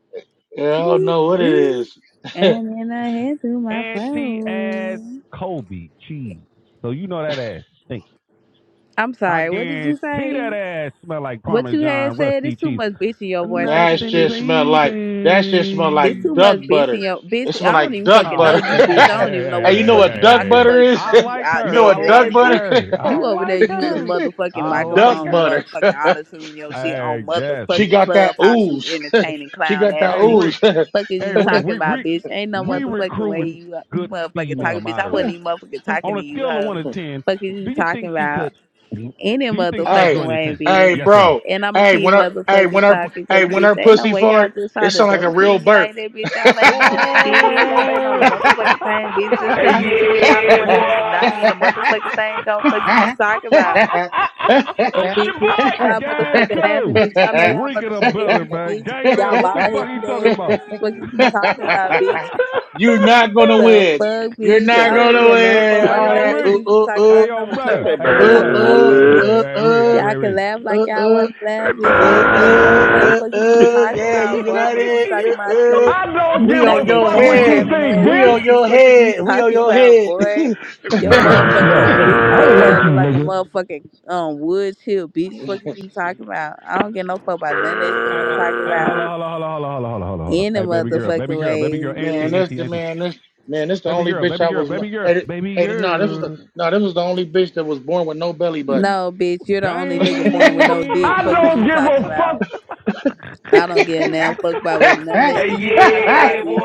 A: don't
G: toot,
A: know what it
G: toot.
A: is.
G: And then I hand through my
C: Auntie ass
G: phone.
C: Kobe cheese. So you know that ass stink.
G: I'm
C: I
G: sorry. What did you
C: guarantee
G: say?
C: that ass smell like
G: What you had
C: Parmesan
G: said?
C: rusty
G: It's too
C: cheese.
G: much bitch in your voice. I
A: Now it
G: can't
C: Nothing,
G: hear you.
A: just smell like that shit smell
G: It's
C: baby.
A: like
G: too
A: duck
G: much bitch
A: butter.
G: in your
A: It
G: bitch.
A: smell
G: I don't
A: like
G: even
A: duck
G: fucking
C: Oh,
G: know
A: butter.
G: you,
C: see,
G: bitch.
C: hey, hey,
G: I
C: hey,
G: don't
C: hey,
G: even
C: hey,
G: know
A: hey,
G: what
A: you
G: the
A: know
C: hey,
G: fuck
C: hey,
A: what
G: you
A: duck
G: talking
C: hey, hey.
G: for.
A: butter is?
G: You
C: I
G: you
C: like
A: you
C: her.
A: know
C: I
A: what
G: outdated
A: duck
G: ass
C: like
G: bitch.
C: her. I
A: butter?
G: You over there
C: like
G: using the
C: her.
G: motherfucking
C: I
A: duck
C: like
G: microphone, the
C: her.
A: butter.
G: motherfucking auto tune your shit
C: Hey,
G: on
C: yes,
A: she
C: we.
G: motherfucking
A: got that
G: clubhouse. You
A: ooze.
G: entertaining
A: she
G: clown
A: got
G: ass
A: that
C: Hey,
G: nigga.
C: Rick.
A: ooze.
G: Fuck is
C: Hey,
G: you
C: Rick.
G: talking
C: We
G: about,
C: we
G: bitch? Ain't no
C: we
G: motherfucking way
C: recruiting
G: you you
C: good
G: motherfucking
C: female
G: talking, bitch. I wasn't
C: moderators.
G: even motherfucking
C: On
G: talking to
C: a
G: you,
C: scale of one
G: hoe.
C: to ten,
G: Fuck is
C: do
G: you
C: you
G: talking
C: think she
G: about?
C: could?
G: any
C: Do you think she could
A: hey,
G: motherfucking
C: join the
G: way,
C: team?
A: hey,
G: bitch.
C: Yes or no?
A: bro.
G: And I'ma
A: Hey,
G: keep
A: when her, hey, when
G: motherfucking
A: her,
G: talking,
A: hey,
G: cause
A: when her
G: bitch, ain't no
A: pussy
G: way y'all
A: fart,
G: just
A: it
G: try to
A: sound like a
G: double
A: real
G: team me
A: burp.
G: like that, bitch. Y'all ain't on the shit. Y'all ain't on
C: Oh,
G: the motherfucking thing, bitch. Just
C: Hey,
G: cause it's two of y'all that
C: yeah,
G: wanted me do
C: boy.
G: not mean the motherfucking thing go fuck is you
A: You're
G: talking about. And
C: it's
G: bitch,
C: your
G: just cause
C: boy,
G: y'all
C: guys.
G: motherfucking
C: Cool,
G: laughing, bitch. Y'all know y'all
C: Reek in the
G: motherfucking hear
C: building,
G: me,
C: man.
G: bitch.
C: Gang in
G: Y'all
C: What the
G: bald
C: fuck are
G: headed
C: you talking
G: ass
C: about?
G: bitches. Fuck is you talking about, bitch.
A: not gonna
G: The
A: win.
G: fuck,
A: You're
G: bitch.
B: Say
A: not
G: I don't
A: gonna
G: get no
B: bird.
G: fuck
A: win.
C: Hey,
G: about
A: All
C: yo,
G: none of
A: that
G: that
C: Reek.
A: ooh
G: shit you
A: ooh
G: talk
C: Hey,
A: ooh
G: about.
C: yo,
G: I'ma keep
C: brother.
B: Say
C: Hey, yo,
G: motherfucking
A: ooh
G: talking
C: brother.
G: about
A: ooh
C: Hey,
G: shit,
C: hey,
B: bird.
G: bitch.
A: ooh
C: hey, Reek.
A: ooh
C: Hey,
G: Y'all
C: Reek,
G: can
C: Reek.
G: laugh like
A: ooh
G: y'all
A: ooh.
G: wanna
B: Say
G: laugh, bitch. I
A: Uh,
G: don't get no
A: uh,
G: fuck
B: bird.
A: uh,
G: fuck is you
A: uh,
G: talking
A: yeah, you
G: about, boy.
A: got
G: I'ma keep
A: it.
G: talking
A: Uh,
G: my
A: uh.
G: shit. You
A: We on
G: stinking
A: your
G: corn
A: head.
G: having ass
A: We on
G: bitches.
A: your
G: Fuck is you
A: head. We on
G: talking
A: your
G: about,
A: head.
G: boy?
B: Say
G: Your motherfucking big toenail look
B: Bird.
G: like a motherfucking um wood chip, bitch. Fuck is you talking about? I don't get no fuck about none of that shit
C: Hey,
G: you
C: uh,
G: talking
C: hey,
G: about.
C: hold on, hold on, hold on, hold on, hold on, hold on, hold on, hold on.
G: Any
C: Hey, baby girl, baby
G: motherfucking
C: girl, baby
G: ways,
C: girl,
A: Man,
C: auntie,
G: bitch.
A: this
C: auntie,
A: the
C: auntie.
A: man, this man, this the
C: Baby
A: only
C: girl,
A: bitch
C: baby
A: I
C: girl,
A: was. No,
C: baby girl.
A: hey, th- hey, th- nah, this was the no, this was the only bitch that was born with no belly button.
G: No, bitch, you're the only nigga born with no
C: Dang.
G: dick. Fuck is you talking about? I don't give a damn fuck about what none of
C: Hey,
G: this shit you talking about,
C: yeah,
G: bitch.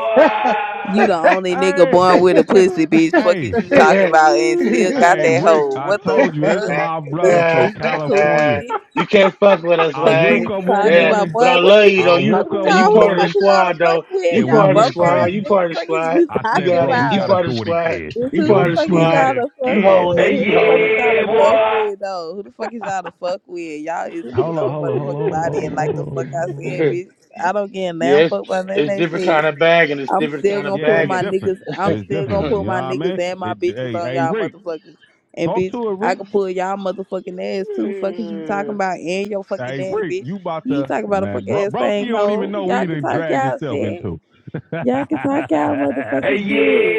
G: You the only nigga
C: Hey,
G: born with a pussy, bitch. Fuck
C: hey,
G: is you
B: man.
G: talking about and still got
C: Hey,
G: that
C: Rick,
G: hoe.
C: I
G: What the
C: told you this is my
G: fuck?
C: brother
G: Bitch,
C: from
G: is you cool,
C: California.
G: bitch?
A: you can't fuck with us,
C: I
G: Fuck is
A: man.
C: woke
G: you
C: up one
G: talking
A: Yeah,
G: about,
C: morning,
A: but
G: boy?
A: I
G: What
A: love
G: you
A: you
G: mean
C: I
A: though. You
G: fuck
C: woke
G: with
C: up
A: and
G: y'all?
A: you
C: one
G: Who the
A: part of the
G: fuck
C: morning,
G: is y'all to
A: squad
G: fuck
A: though.
G: with?
A: You
C: and we
G: Y'all
A: part of the
C: went
G: broke
A: squad.
G: ass
A: You
C: crazy.
A: part
G: niggas.
A: of the
G: Fuck is
A: squad.
G: you
C: I
A: You
C: said,
G: talking
A: got
C: bro,
A: it.
C: we
A: You
C: got
G: about?
C: to
A: part of the
C: do it
A: squad.
C: again.
G: Bitch,
A: You
G: who
C: And
G: the
A: part of
C: we
A: the
G: fuck is
C: doing it
A: squad.
G: y'all to
A: You
G: fuck
C: again.
A: holding
G: with?
A: it.
G: Who
C: Hey,
A: You
G: the fuck is
A: holding
G: y'all to fuck
C: boy.
G: with though? Who the fuck is y'all to fuck with? Y'all is
A: it.
C: Hold on,
G: no
C: hold on, hold on, hold on, hold
G: motherfucking
C: on,
G: body
C: hold
G: and like the
C: on, hold
G: fuck I
C: on,
G: said, bitch. I don't get damn
A: Yes, it's
G: fuck by none of that
A: different kind
G: shit.
A: of bagging. It's
G: I'm
A: different
G: still
A: kind
G: gonna
A: of
C: Yeah,
G: pull
C: it's
G: my
A: bagging.
C: different.
G: niggas I'm
C: It's
G: still gonna
C: different. You
G: pull
C: know what
G: my
C: I mean?
G: niggas and my
C: It,
G: bitches
C: hey,
G: on
C: hey,
G: y'all
C: Rick,
G: motherfuckers. And
C: talk
G: bitch,
C: to it,
G: I
C: Rick.
G: can pull y'all motherfucking ass too. Fuck is you talking about and your fucking
C: Hey,
G: daddy,
C: Rick,
G: bitch.
C: you about
G: You ain't
C: to
G: talking about a
C: man,
G: fuck
C: bro,
G: ass
C: Broski
G: thing,
C: don't even
G: hoe.
C: know
G: Y'all
C: we
G: can
C: done
G: talk
C: dragged
G: y'all
C: himself
G: shit.
C: into.
G: Y'all can talk y'all
C: hey,
G: motherfucking shit,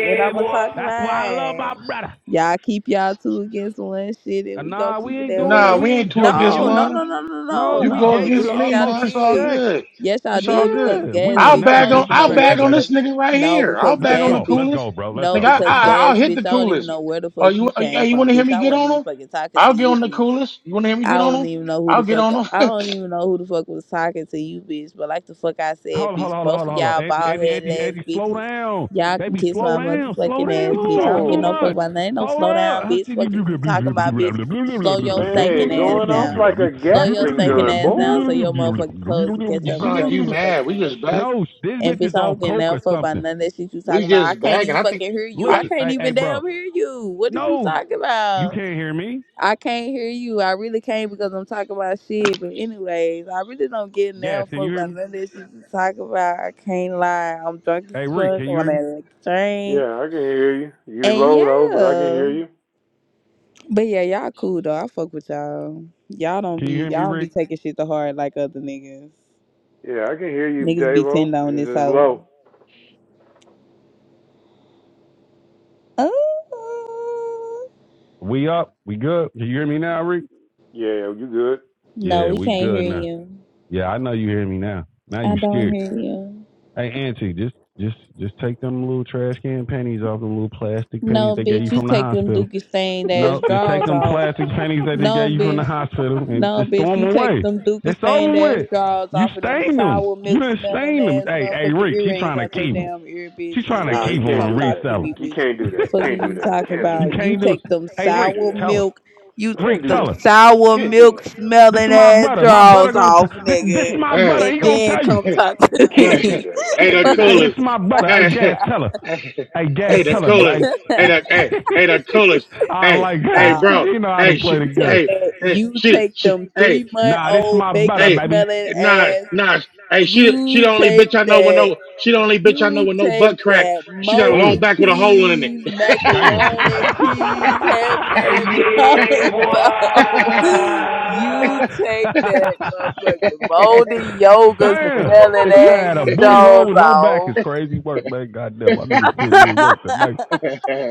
G: and I'ma talk
C: That's why I love my
G: mine.
C: brother.
G: Y'all keep y'all two against one shit,
C: Uh,
G: and we gonna
C: Nah, we
G: keep it
C: ain't
G: that
C: doing that.
A: nah,
G: way.
C: We
A: we
C: ain't
A: ain't two
C: jumping
A: against
G: No,
C: you.
G: no,
A: one.
G: no, no, no, no,
C: No,
A: You
C: we
A: go
C: gave
G: no.
C: you the
A: against
G: Yes,
A: me.
G: y'all
C: utmost
A: Nah, it's all
G: did.
C: respect.
A: good.
G: Yes, y'all
A: It's all
G: did because
A: good.
C: Yeah, we
G: gas
C: will
A: I'll
G: bitch. I
C: never
A: bag
G: don't
A: on.
G: even know
A: I'll
C: disrespect
G: where
C: you,
A: bag
G: the
A: on
C: baby.
G: fuck.
A: this nigga right
G: No,
A: here. I'll
G: because
C: Let's
A: bag on
G: gas
A: the
C: go.
G: bitch.
C: Let's
A: coolest.
C: go, bro. Let's
G: No,
A: Nigga,
C: go.
A: I,
C: What the
G: because
A: I
C: fuck?
G: gas
A: I'll hit
G: bitch.
A: the
G: I don't even
A: coolest.
G: know where the
A: Oh,
G: fuck
A: you
G: you
A: uh, yeah,
G: came
A: you
G: from,
A: want to hear
G: bitch.
A: me
G: I
A: get
G: wasn't
A: on
G: even
A: him?
G: fucking talking to
A: I'll get
G: you,
A: on the
G: bitch.
A: coolest. You want to hear me
G: I
A: get on
G: don't
A: him?
G: even know who
A: I'll
G: the
A: get
G: fuck
A: on him.
G: I don't even know who the fuck was talking to you, bitch. But like the fuck I said,
C: Hold on, hold
G: bitch,
C: on, hold on,
G: both
C: hold
G: of
C: on, hold
G: y'all
C: on. Angie,
G: bald
C: Angie,
G: head
C: Angie,
G: ass
C: Angie, slow
G: bitches.
C: down.
G: Y'all can
C: Baby,
G: kiss my
C: slow down. Slow
G: motherfucking
B: Come
C: down. You
G: ass, bitch. I
C: talking
G: don't get
C: too
G: no
B: on.
G: fuck
C: much.
G: about nothing. Ain't no
C: Hold
G: slow down,
C: up.
G: bitch. Fuck is you talking about, bitch? Slow your stinking
B: Man,
G: ass
B: going off
G: down.
B: like a
G: Slow your
B: Gatling
G: stinking
B: gun,
G: ass down
B: boy.
G: so your motherfucking clothes can catch
A: you
G: up
A: sound
G: with
A: like
G: your
A: you mad. We
G: motherfucking ass,
A: just
G: bitch.
A: back.
C: No, this
G: And
C: bitch
G: bitch,
C: is
G: I
C: off
G: don't get
C: coke
G: no
C: or
G: fuck
C: something.
G: about none of that shit you talking
A: We
G: about. I
A: just
G: can't
A: bagging.
G: even
A: I think
G: fucking hear you. I
A: I
C: Listen,
G: can't
C: hey, hey,
G: even
C: bro.
G: damn hear you. What is you
C: No,
G: talking
C: you
G: about?
C: can't hear me.
G: I can't hear you. I really can't because I'm talking about shit. But anyways, I really don't get now
C: Yes, can you
G: fucked
C: hear
G: by
C: me?
G: none of this shit to talk about. I can't lie. I'm drunk as
C: Hey, Rick, can
G: fuck
C: you
G: on
C: hear
G: that
C: me?
G: electric train.
B: Yeah, I can hear you. You
G: And
B: low though, but I can
G: yeah.
B: hear you.
G: But yeah, y'all cool though. I fuck with y'all. Y'all don't
C: Can you
G: be
C: hear me,
G: y'all don't
C: Rick?
G: be taking shit to heart like other niggas.
B: Yeah, I can hear you,
G: Niggas be
B: Davo.
G: tender on
B: It's
G: this
B: just
G: hoe.
B: low.
G: Oh
C: We up? We good? Can you hear me now, Rick?
B: Yeah, you good.
G: no,
C: Yeah,
G: we
C: we
G: can't
C: good
G: hear
C: now.
G: you.
C: Yeah, I know you hear me now. Now
G: I
C: you
G: don't
C: scared.
G: hear you.
C: Hey, Auntie, just just just take them little trash can panties off the little plastic panties
G: No,
C: they gave you
G: bitch, you
C: from the
G: take them
C: hospital.
G: dookie stained ass
C: No, just take
G: drawers
C: them
G: off.
C: plastic panties that they
G: No,
C: gave you from the
G: bitch.
C: hospital and
G: No,
C: just
G: bitch,
C: throw them
G: you take
C: away.
G: them dookie
C: It's
G: stained
C: over
G: ass
C: with.
G: drawers
C: You
G: off and them
C: stained them.
G: sour
C: You
G: milk
C: done
G: smelling
C: stained them.
G: ass
C: Hey, hey,
G: motherfucking
C: Rick, she
G: earrings
C: trying to
G: out your
C: keep them.
G: damn ear, bitch,
C: She's
G: and
C: trying to
B: Nah, you
C: keep
G: then you
C: them
B: can't
G: come
C: and
B: do
G: talk
B: that.
G: to
C: resell
G: me,
B: You
G: bitch.
B: can't do
C: them.
B: that.
G: Fuck is
B: Can't do
G: you
B: that.
G: talking
B: Can't do
C: you
G: about?
B: that.
G: You
C: can't do it.
G: take them
C: Hey,
B: Can't
C: Rick,
B: do
G: sour
B: that.
C: tell her.
G: milk, you
B: Can't
C: Rick,
G: take
B: do
G: them
C: tell
B: that.
C: her.
G: sour
B: Can't do
G: milk
B: that.
C: This is
G: smelling
C: my
G: ass
C: brother. My brother
G: drawers
C: gonna t-
G: off,
C: this. This
G: nigga,
C: is
B: Can't
C: my
B: do that.
C: brother.
G: and
C: He
A: hey.
C: gonna
G: then
C: tell you.
G: come talk to
B: Can't do
A: Hey,
G: me.
B: that.
A: hey,
B: Can't
A: the
B: do
G: Fuck
C: Hey,
B: that.
G: is
C: this is
A: coolest.
C: my
G: you
C: brother. Hey,
G: talking
A: Hey,
C: Gas,
A: hey,
C: tell her. Hey, Gas,
A: hey, the
C: tell her.
A: coolest.
C: Hey.
A: Hey,
G: about?
A: the hey, hey, the coolest.
C: I
A: Hey,
C: like
A: hey,
C: her.
G: no.
A: bro.
C: She know how to
A: Hey,
C: play
A: she,
G: You
C: the
G: take
A: hey,
G: that,
A: hey,
G: you
A: she,
C: game.
G: take
A: she,
G: them
A: hey,
G: three month
C: Nah, this is
G: old
C: my brother,
G: bacon
A: hey,
C: baby.
G: smelling
A: nah,
G: ass
A: nah. Hey, she, she
G: You
A: the only
G: take
A: bitch I know with
G: that.
A: no, she the only bitch I know
G: You
A: with no
G: take
A: butt crack.
G: that
A: She got a
C: Oh,
A: long
G: molded
A: back with a hole in it.
G: cheese,
C: damn.
G: macaroni cheese, having that job. so You
C: yeah,
G: take that
C: boy.
G: motherfucking moldy yogurt
C: Damn,
G: smelling
C: she had a
G: and
C: booty hole
G: Jones
C: with no back. It's
G: off.
C: crazy work, man. Goddamn, my niggas putting in work tonight.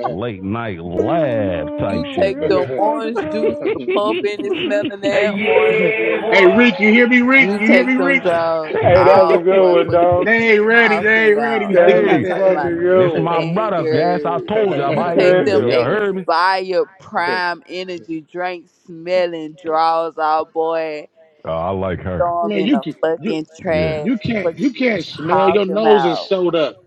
C: Late night
B: Hell
C: live type
G: You
B: no,
C: shit,
G: take
C: man.
B: that's
G: them
B: fucked
G: orange juice
B: up.
G: with pump in it smelling
C: Hey,
G: that orange
C: yeah,
G: juice.
C: boy.
A: hey, Rick, you hear me, Rick?
G: You
A: You hear
G: take
A: me,
G: them
A: Rick?
G: drugs
B: Hey, that was a
G: off,
B: good
G: boy.
B: one,
G: Fuck you
B: dog.
A: They ain't ready.
G: talking
A: They
G: about? You
B: That was
A: ain't
C: hey,
G: not
B: a
G: talking
A: ready.
G: about
B: fucking
C: this
B: good
C: is
B: one.
C: my
G: Nathan.
C: brother. Yes, I
G: you
C: told y'all,
G: you
B: God
A: Man,
C: I hate this.
G: take them
B: damn.
C: Y'all heard me?
G: expired prime energy drink smelling draws out, boy.
C: Oh, I
G: You
C: like her.
G: throw them in
A: you
G: the
A: can you
G: fucking
C: Yeah.
G: trash.
A: you can't
G: Fuck
A: you
G: you
A: can't smell your
G: talking
A: nose is
G: about?
A: sewed up.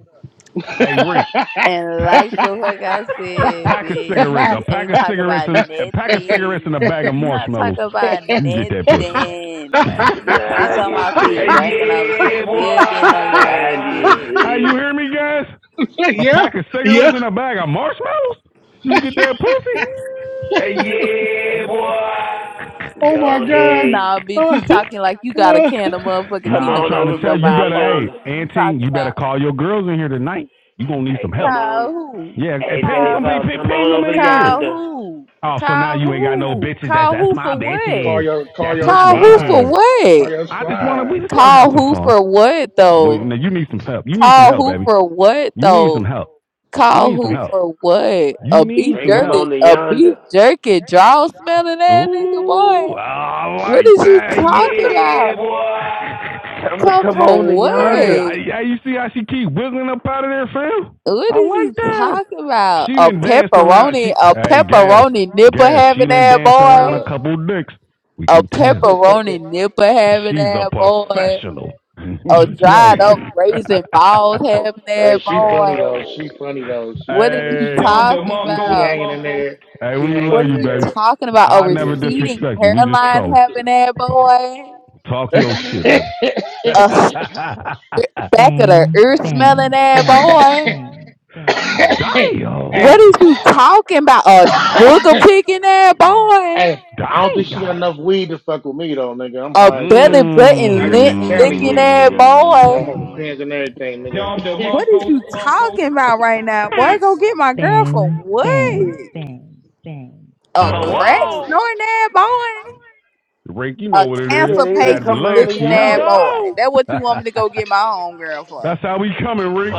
C: Hey, Rick,
G: And
C: pack
G: like the fuck I said,
C: pack of
G: bitch,
C: cigarettes, a
G: you
C: pack
G: ain't
C: of
G: talk
C: cigarettes,
G: about
C: and a pack of cigarettes
G: nothing.
C: and a bag of
G: You not
C: marshmallows.
G: talk about
C: You can get
G: nothing.
C: that pussy.
B: She be like,
G: Bitch,
B: I'll get
G: I'm out there
B: to
C: Hey,
B: you.
G: drinking. I'm
C: yeah,
G: still getting on your
B: I'll
G: ass,
B: get
G: bitch.
C: boy.
B: to
C: hey, you hear me, guys? A
B: you.
A: yeah,
C: pack of
A: yeah.
C: cigarettes and a bag of marshmallows. You can get that pussy. Hey, yeah, boy.
A: Oh my
B: Go
A: god.
B: ahead.
G: Nah, bitch, you talking like you got a can of motherfucking
B: Come
C: Nah, I'm
G: peanut
B: on
C: trying
G: butter
C: to
B: over
G: in
C: tell
G: your
B: from
C: you, you
G: mouth,
B: down
C: better,
G: hole.
C: hey,
B: yonder.
G: What is you
C: Auntie,
G: talking
C: you better
G: about?
C: call your girls in here tonight. You gonna need
B: Hey,
C: some help.
B: come
G: Call
B: on.
G: who?
C: Yeah, hey,
B: Hey,
C: ping
G: Call
B: Dave,
C: some
G: who?
B: uh,
C: people,
B: come
C: ping
B: on
C: them
B: over
C: in
G: Call
C: here.
B: yonder.
G: who?
C: Oh, so now
G: Call
C: you ain't got no
G: who?
C: bitches. That's
G: Call
C: that's
G: who
C: my
G: for what?
A: call
C: bitches.
A: your call
C: That's
A: your
C: my
G: Call who
A: squad.
G: for
C: bitches.
A: Call
G: what?
A: your
C: I just wanna we
A: squad.
C: just wanna have
G: Call
C: some
G: who
C: fun.
G: for what though?
C: Now you need some help. You need some
G: Call
C: help, baby.
G: who for what
C: Some
G: though?
C: You
G: Call
C: need some
G: who
B: Bring,
C: help.
G: for what? A
C: You
G: beef
C: need
B: bring
C: some
B: him
C: help.
B: on
G: jerky,
B: to
G: a beef
B: yonder.
G: jerky draw smelling that nigga
C: Ooh,
G: boy.
C: I
G: What
C: like
G: is you
C: that.
G: talking
C: Yeah,
G: about?
C: boy.
B: Tell him to
G: Come
B: come on to
G: for
C: hey,
B: yonder.
G: what?
C: I, I, you see how she keep wiggling up out of there, fam?
G: What
C: I
G: is
C: like
G: you
C: that.
G: talking about?
C: She
G: A
C: done danced around.
G: pepperoni,
C: She
G: a
C: hey, gas.
G: pepperoni nipple having
C: Done
G: that
C: danced
A: See what
C: around a
G: boy.
C: couple dicks. We
G: A
C: can tell.
A: up.
G: pepperoni nipple having
C: She's a
G: that boy.
C: professional.
G: A
C: Yo,
G: dried up raisin
B: to The
G: balls having
A: Hey,
G: that
A: she
G: boy.
A: funny though. She funny
B: professional.
A: though. She
G: What is
A: funny.
G: you
C: hey,
A: She
C: John
A: just
G: talking
A: she she
C: DeMarco.
G: about?
A: hanging in there.
C: hey,
A: She
C: we
A: hanging
G: What
C: love
G: are
A: in
C: you,
G: you
C: baby.
A: there.
G: talking about? A
C: I never
A: Yeah,
G: receding
A: she-
C: disrespect you. We just
G: hairline having that boy?
C: talk your shit,
A: hey,
C: baby.
G: A s- back of the
C: Bang.
G: ear smelling that boy? What
C: Damn.
A: hey,
G: is you talking about? A booger picking that boy?
A: hey, I don't think she got
C: Damn.
A: enough weed to fuck with me though, nigga. I'm
G: A
A: high as shit,
G: belly
A: nigga.
C: Mm.
G: button
A: I got
G: lint
A: that Cali
G: licking
A: weed,
G: that
A: nigga. Man, I'm
G: boy?
A: over pins and everything,
C: John
A: nigga.
G: What is
C: DeMarco.
G: you
C: Marco.
G: talking about right now? Boy, go get my girl for
C: Bang.
G: what?
C: Bang. Bang.
G: A
C: Bang.
G: crack snorting that boy?
C: Rick, you know
G: A
C: what it is.
B: Yeah,
G: cancer
B: they need to
G: patient
B: come out to
G: looking
C: Lansky,
G: that
B: yonder.
C: hello.
G: boy? That what you want me to go get my own girl for?
C: That's how we coming, Rick.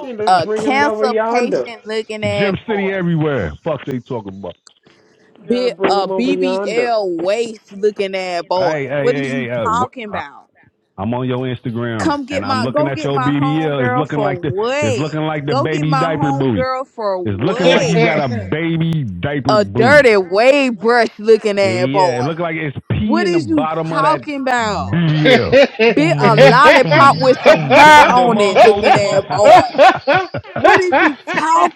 B: They need to
G: a
B: bring them over
G: cancer
B: yonder.
G: patient looking at
C: Gym City
G: boy.
C: everywhere. Fuck they.
B: You gotta
G: Be
B: bring
G: a
B: them over yonder.
G: BBL waist looking at boy.
C: Hey,
G: What is
C: hey,
G: you
C: hey. Uh,
G: talking about?
C: I'm on your Instagram
G: Come
C: and
G: get
C: I'm
G: my
C: looking
G: go
C: at
G: get my home
C: BBL. It's
G: girl
C: looking
G: for
C: like the. It's
G: what?
C: looking like the
G: Go get
C: baby
G: my
C: diaper
G: home
C: booty.
G: girl for
C: It's looking like
G: what?
C: you got a baby diaper
G: A
C: booty.
G: dirty wave brush looking at
C: Yeah, it
G: boy.
C: look like it's pee
G: What
C: in the
G: is you
C: bottom of that
G: talking about?
A: you,
C: BBL.
G: Bit a
C: Bang,
G: lollipop
C: bang,
G: with some
C: bang.
G: hair
C: Dom
G: on it
C: DeMarco.
G: looking at boy. What is you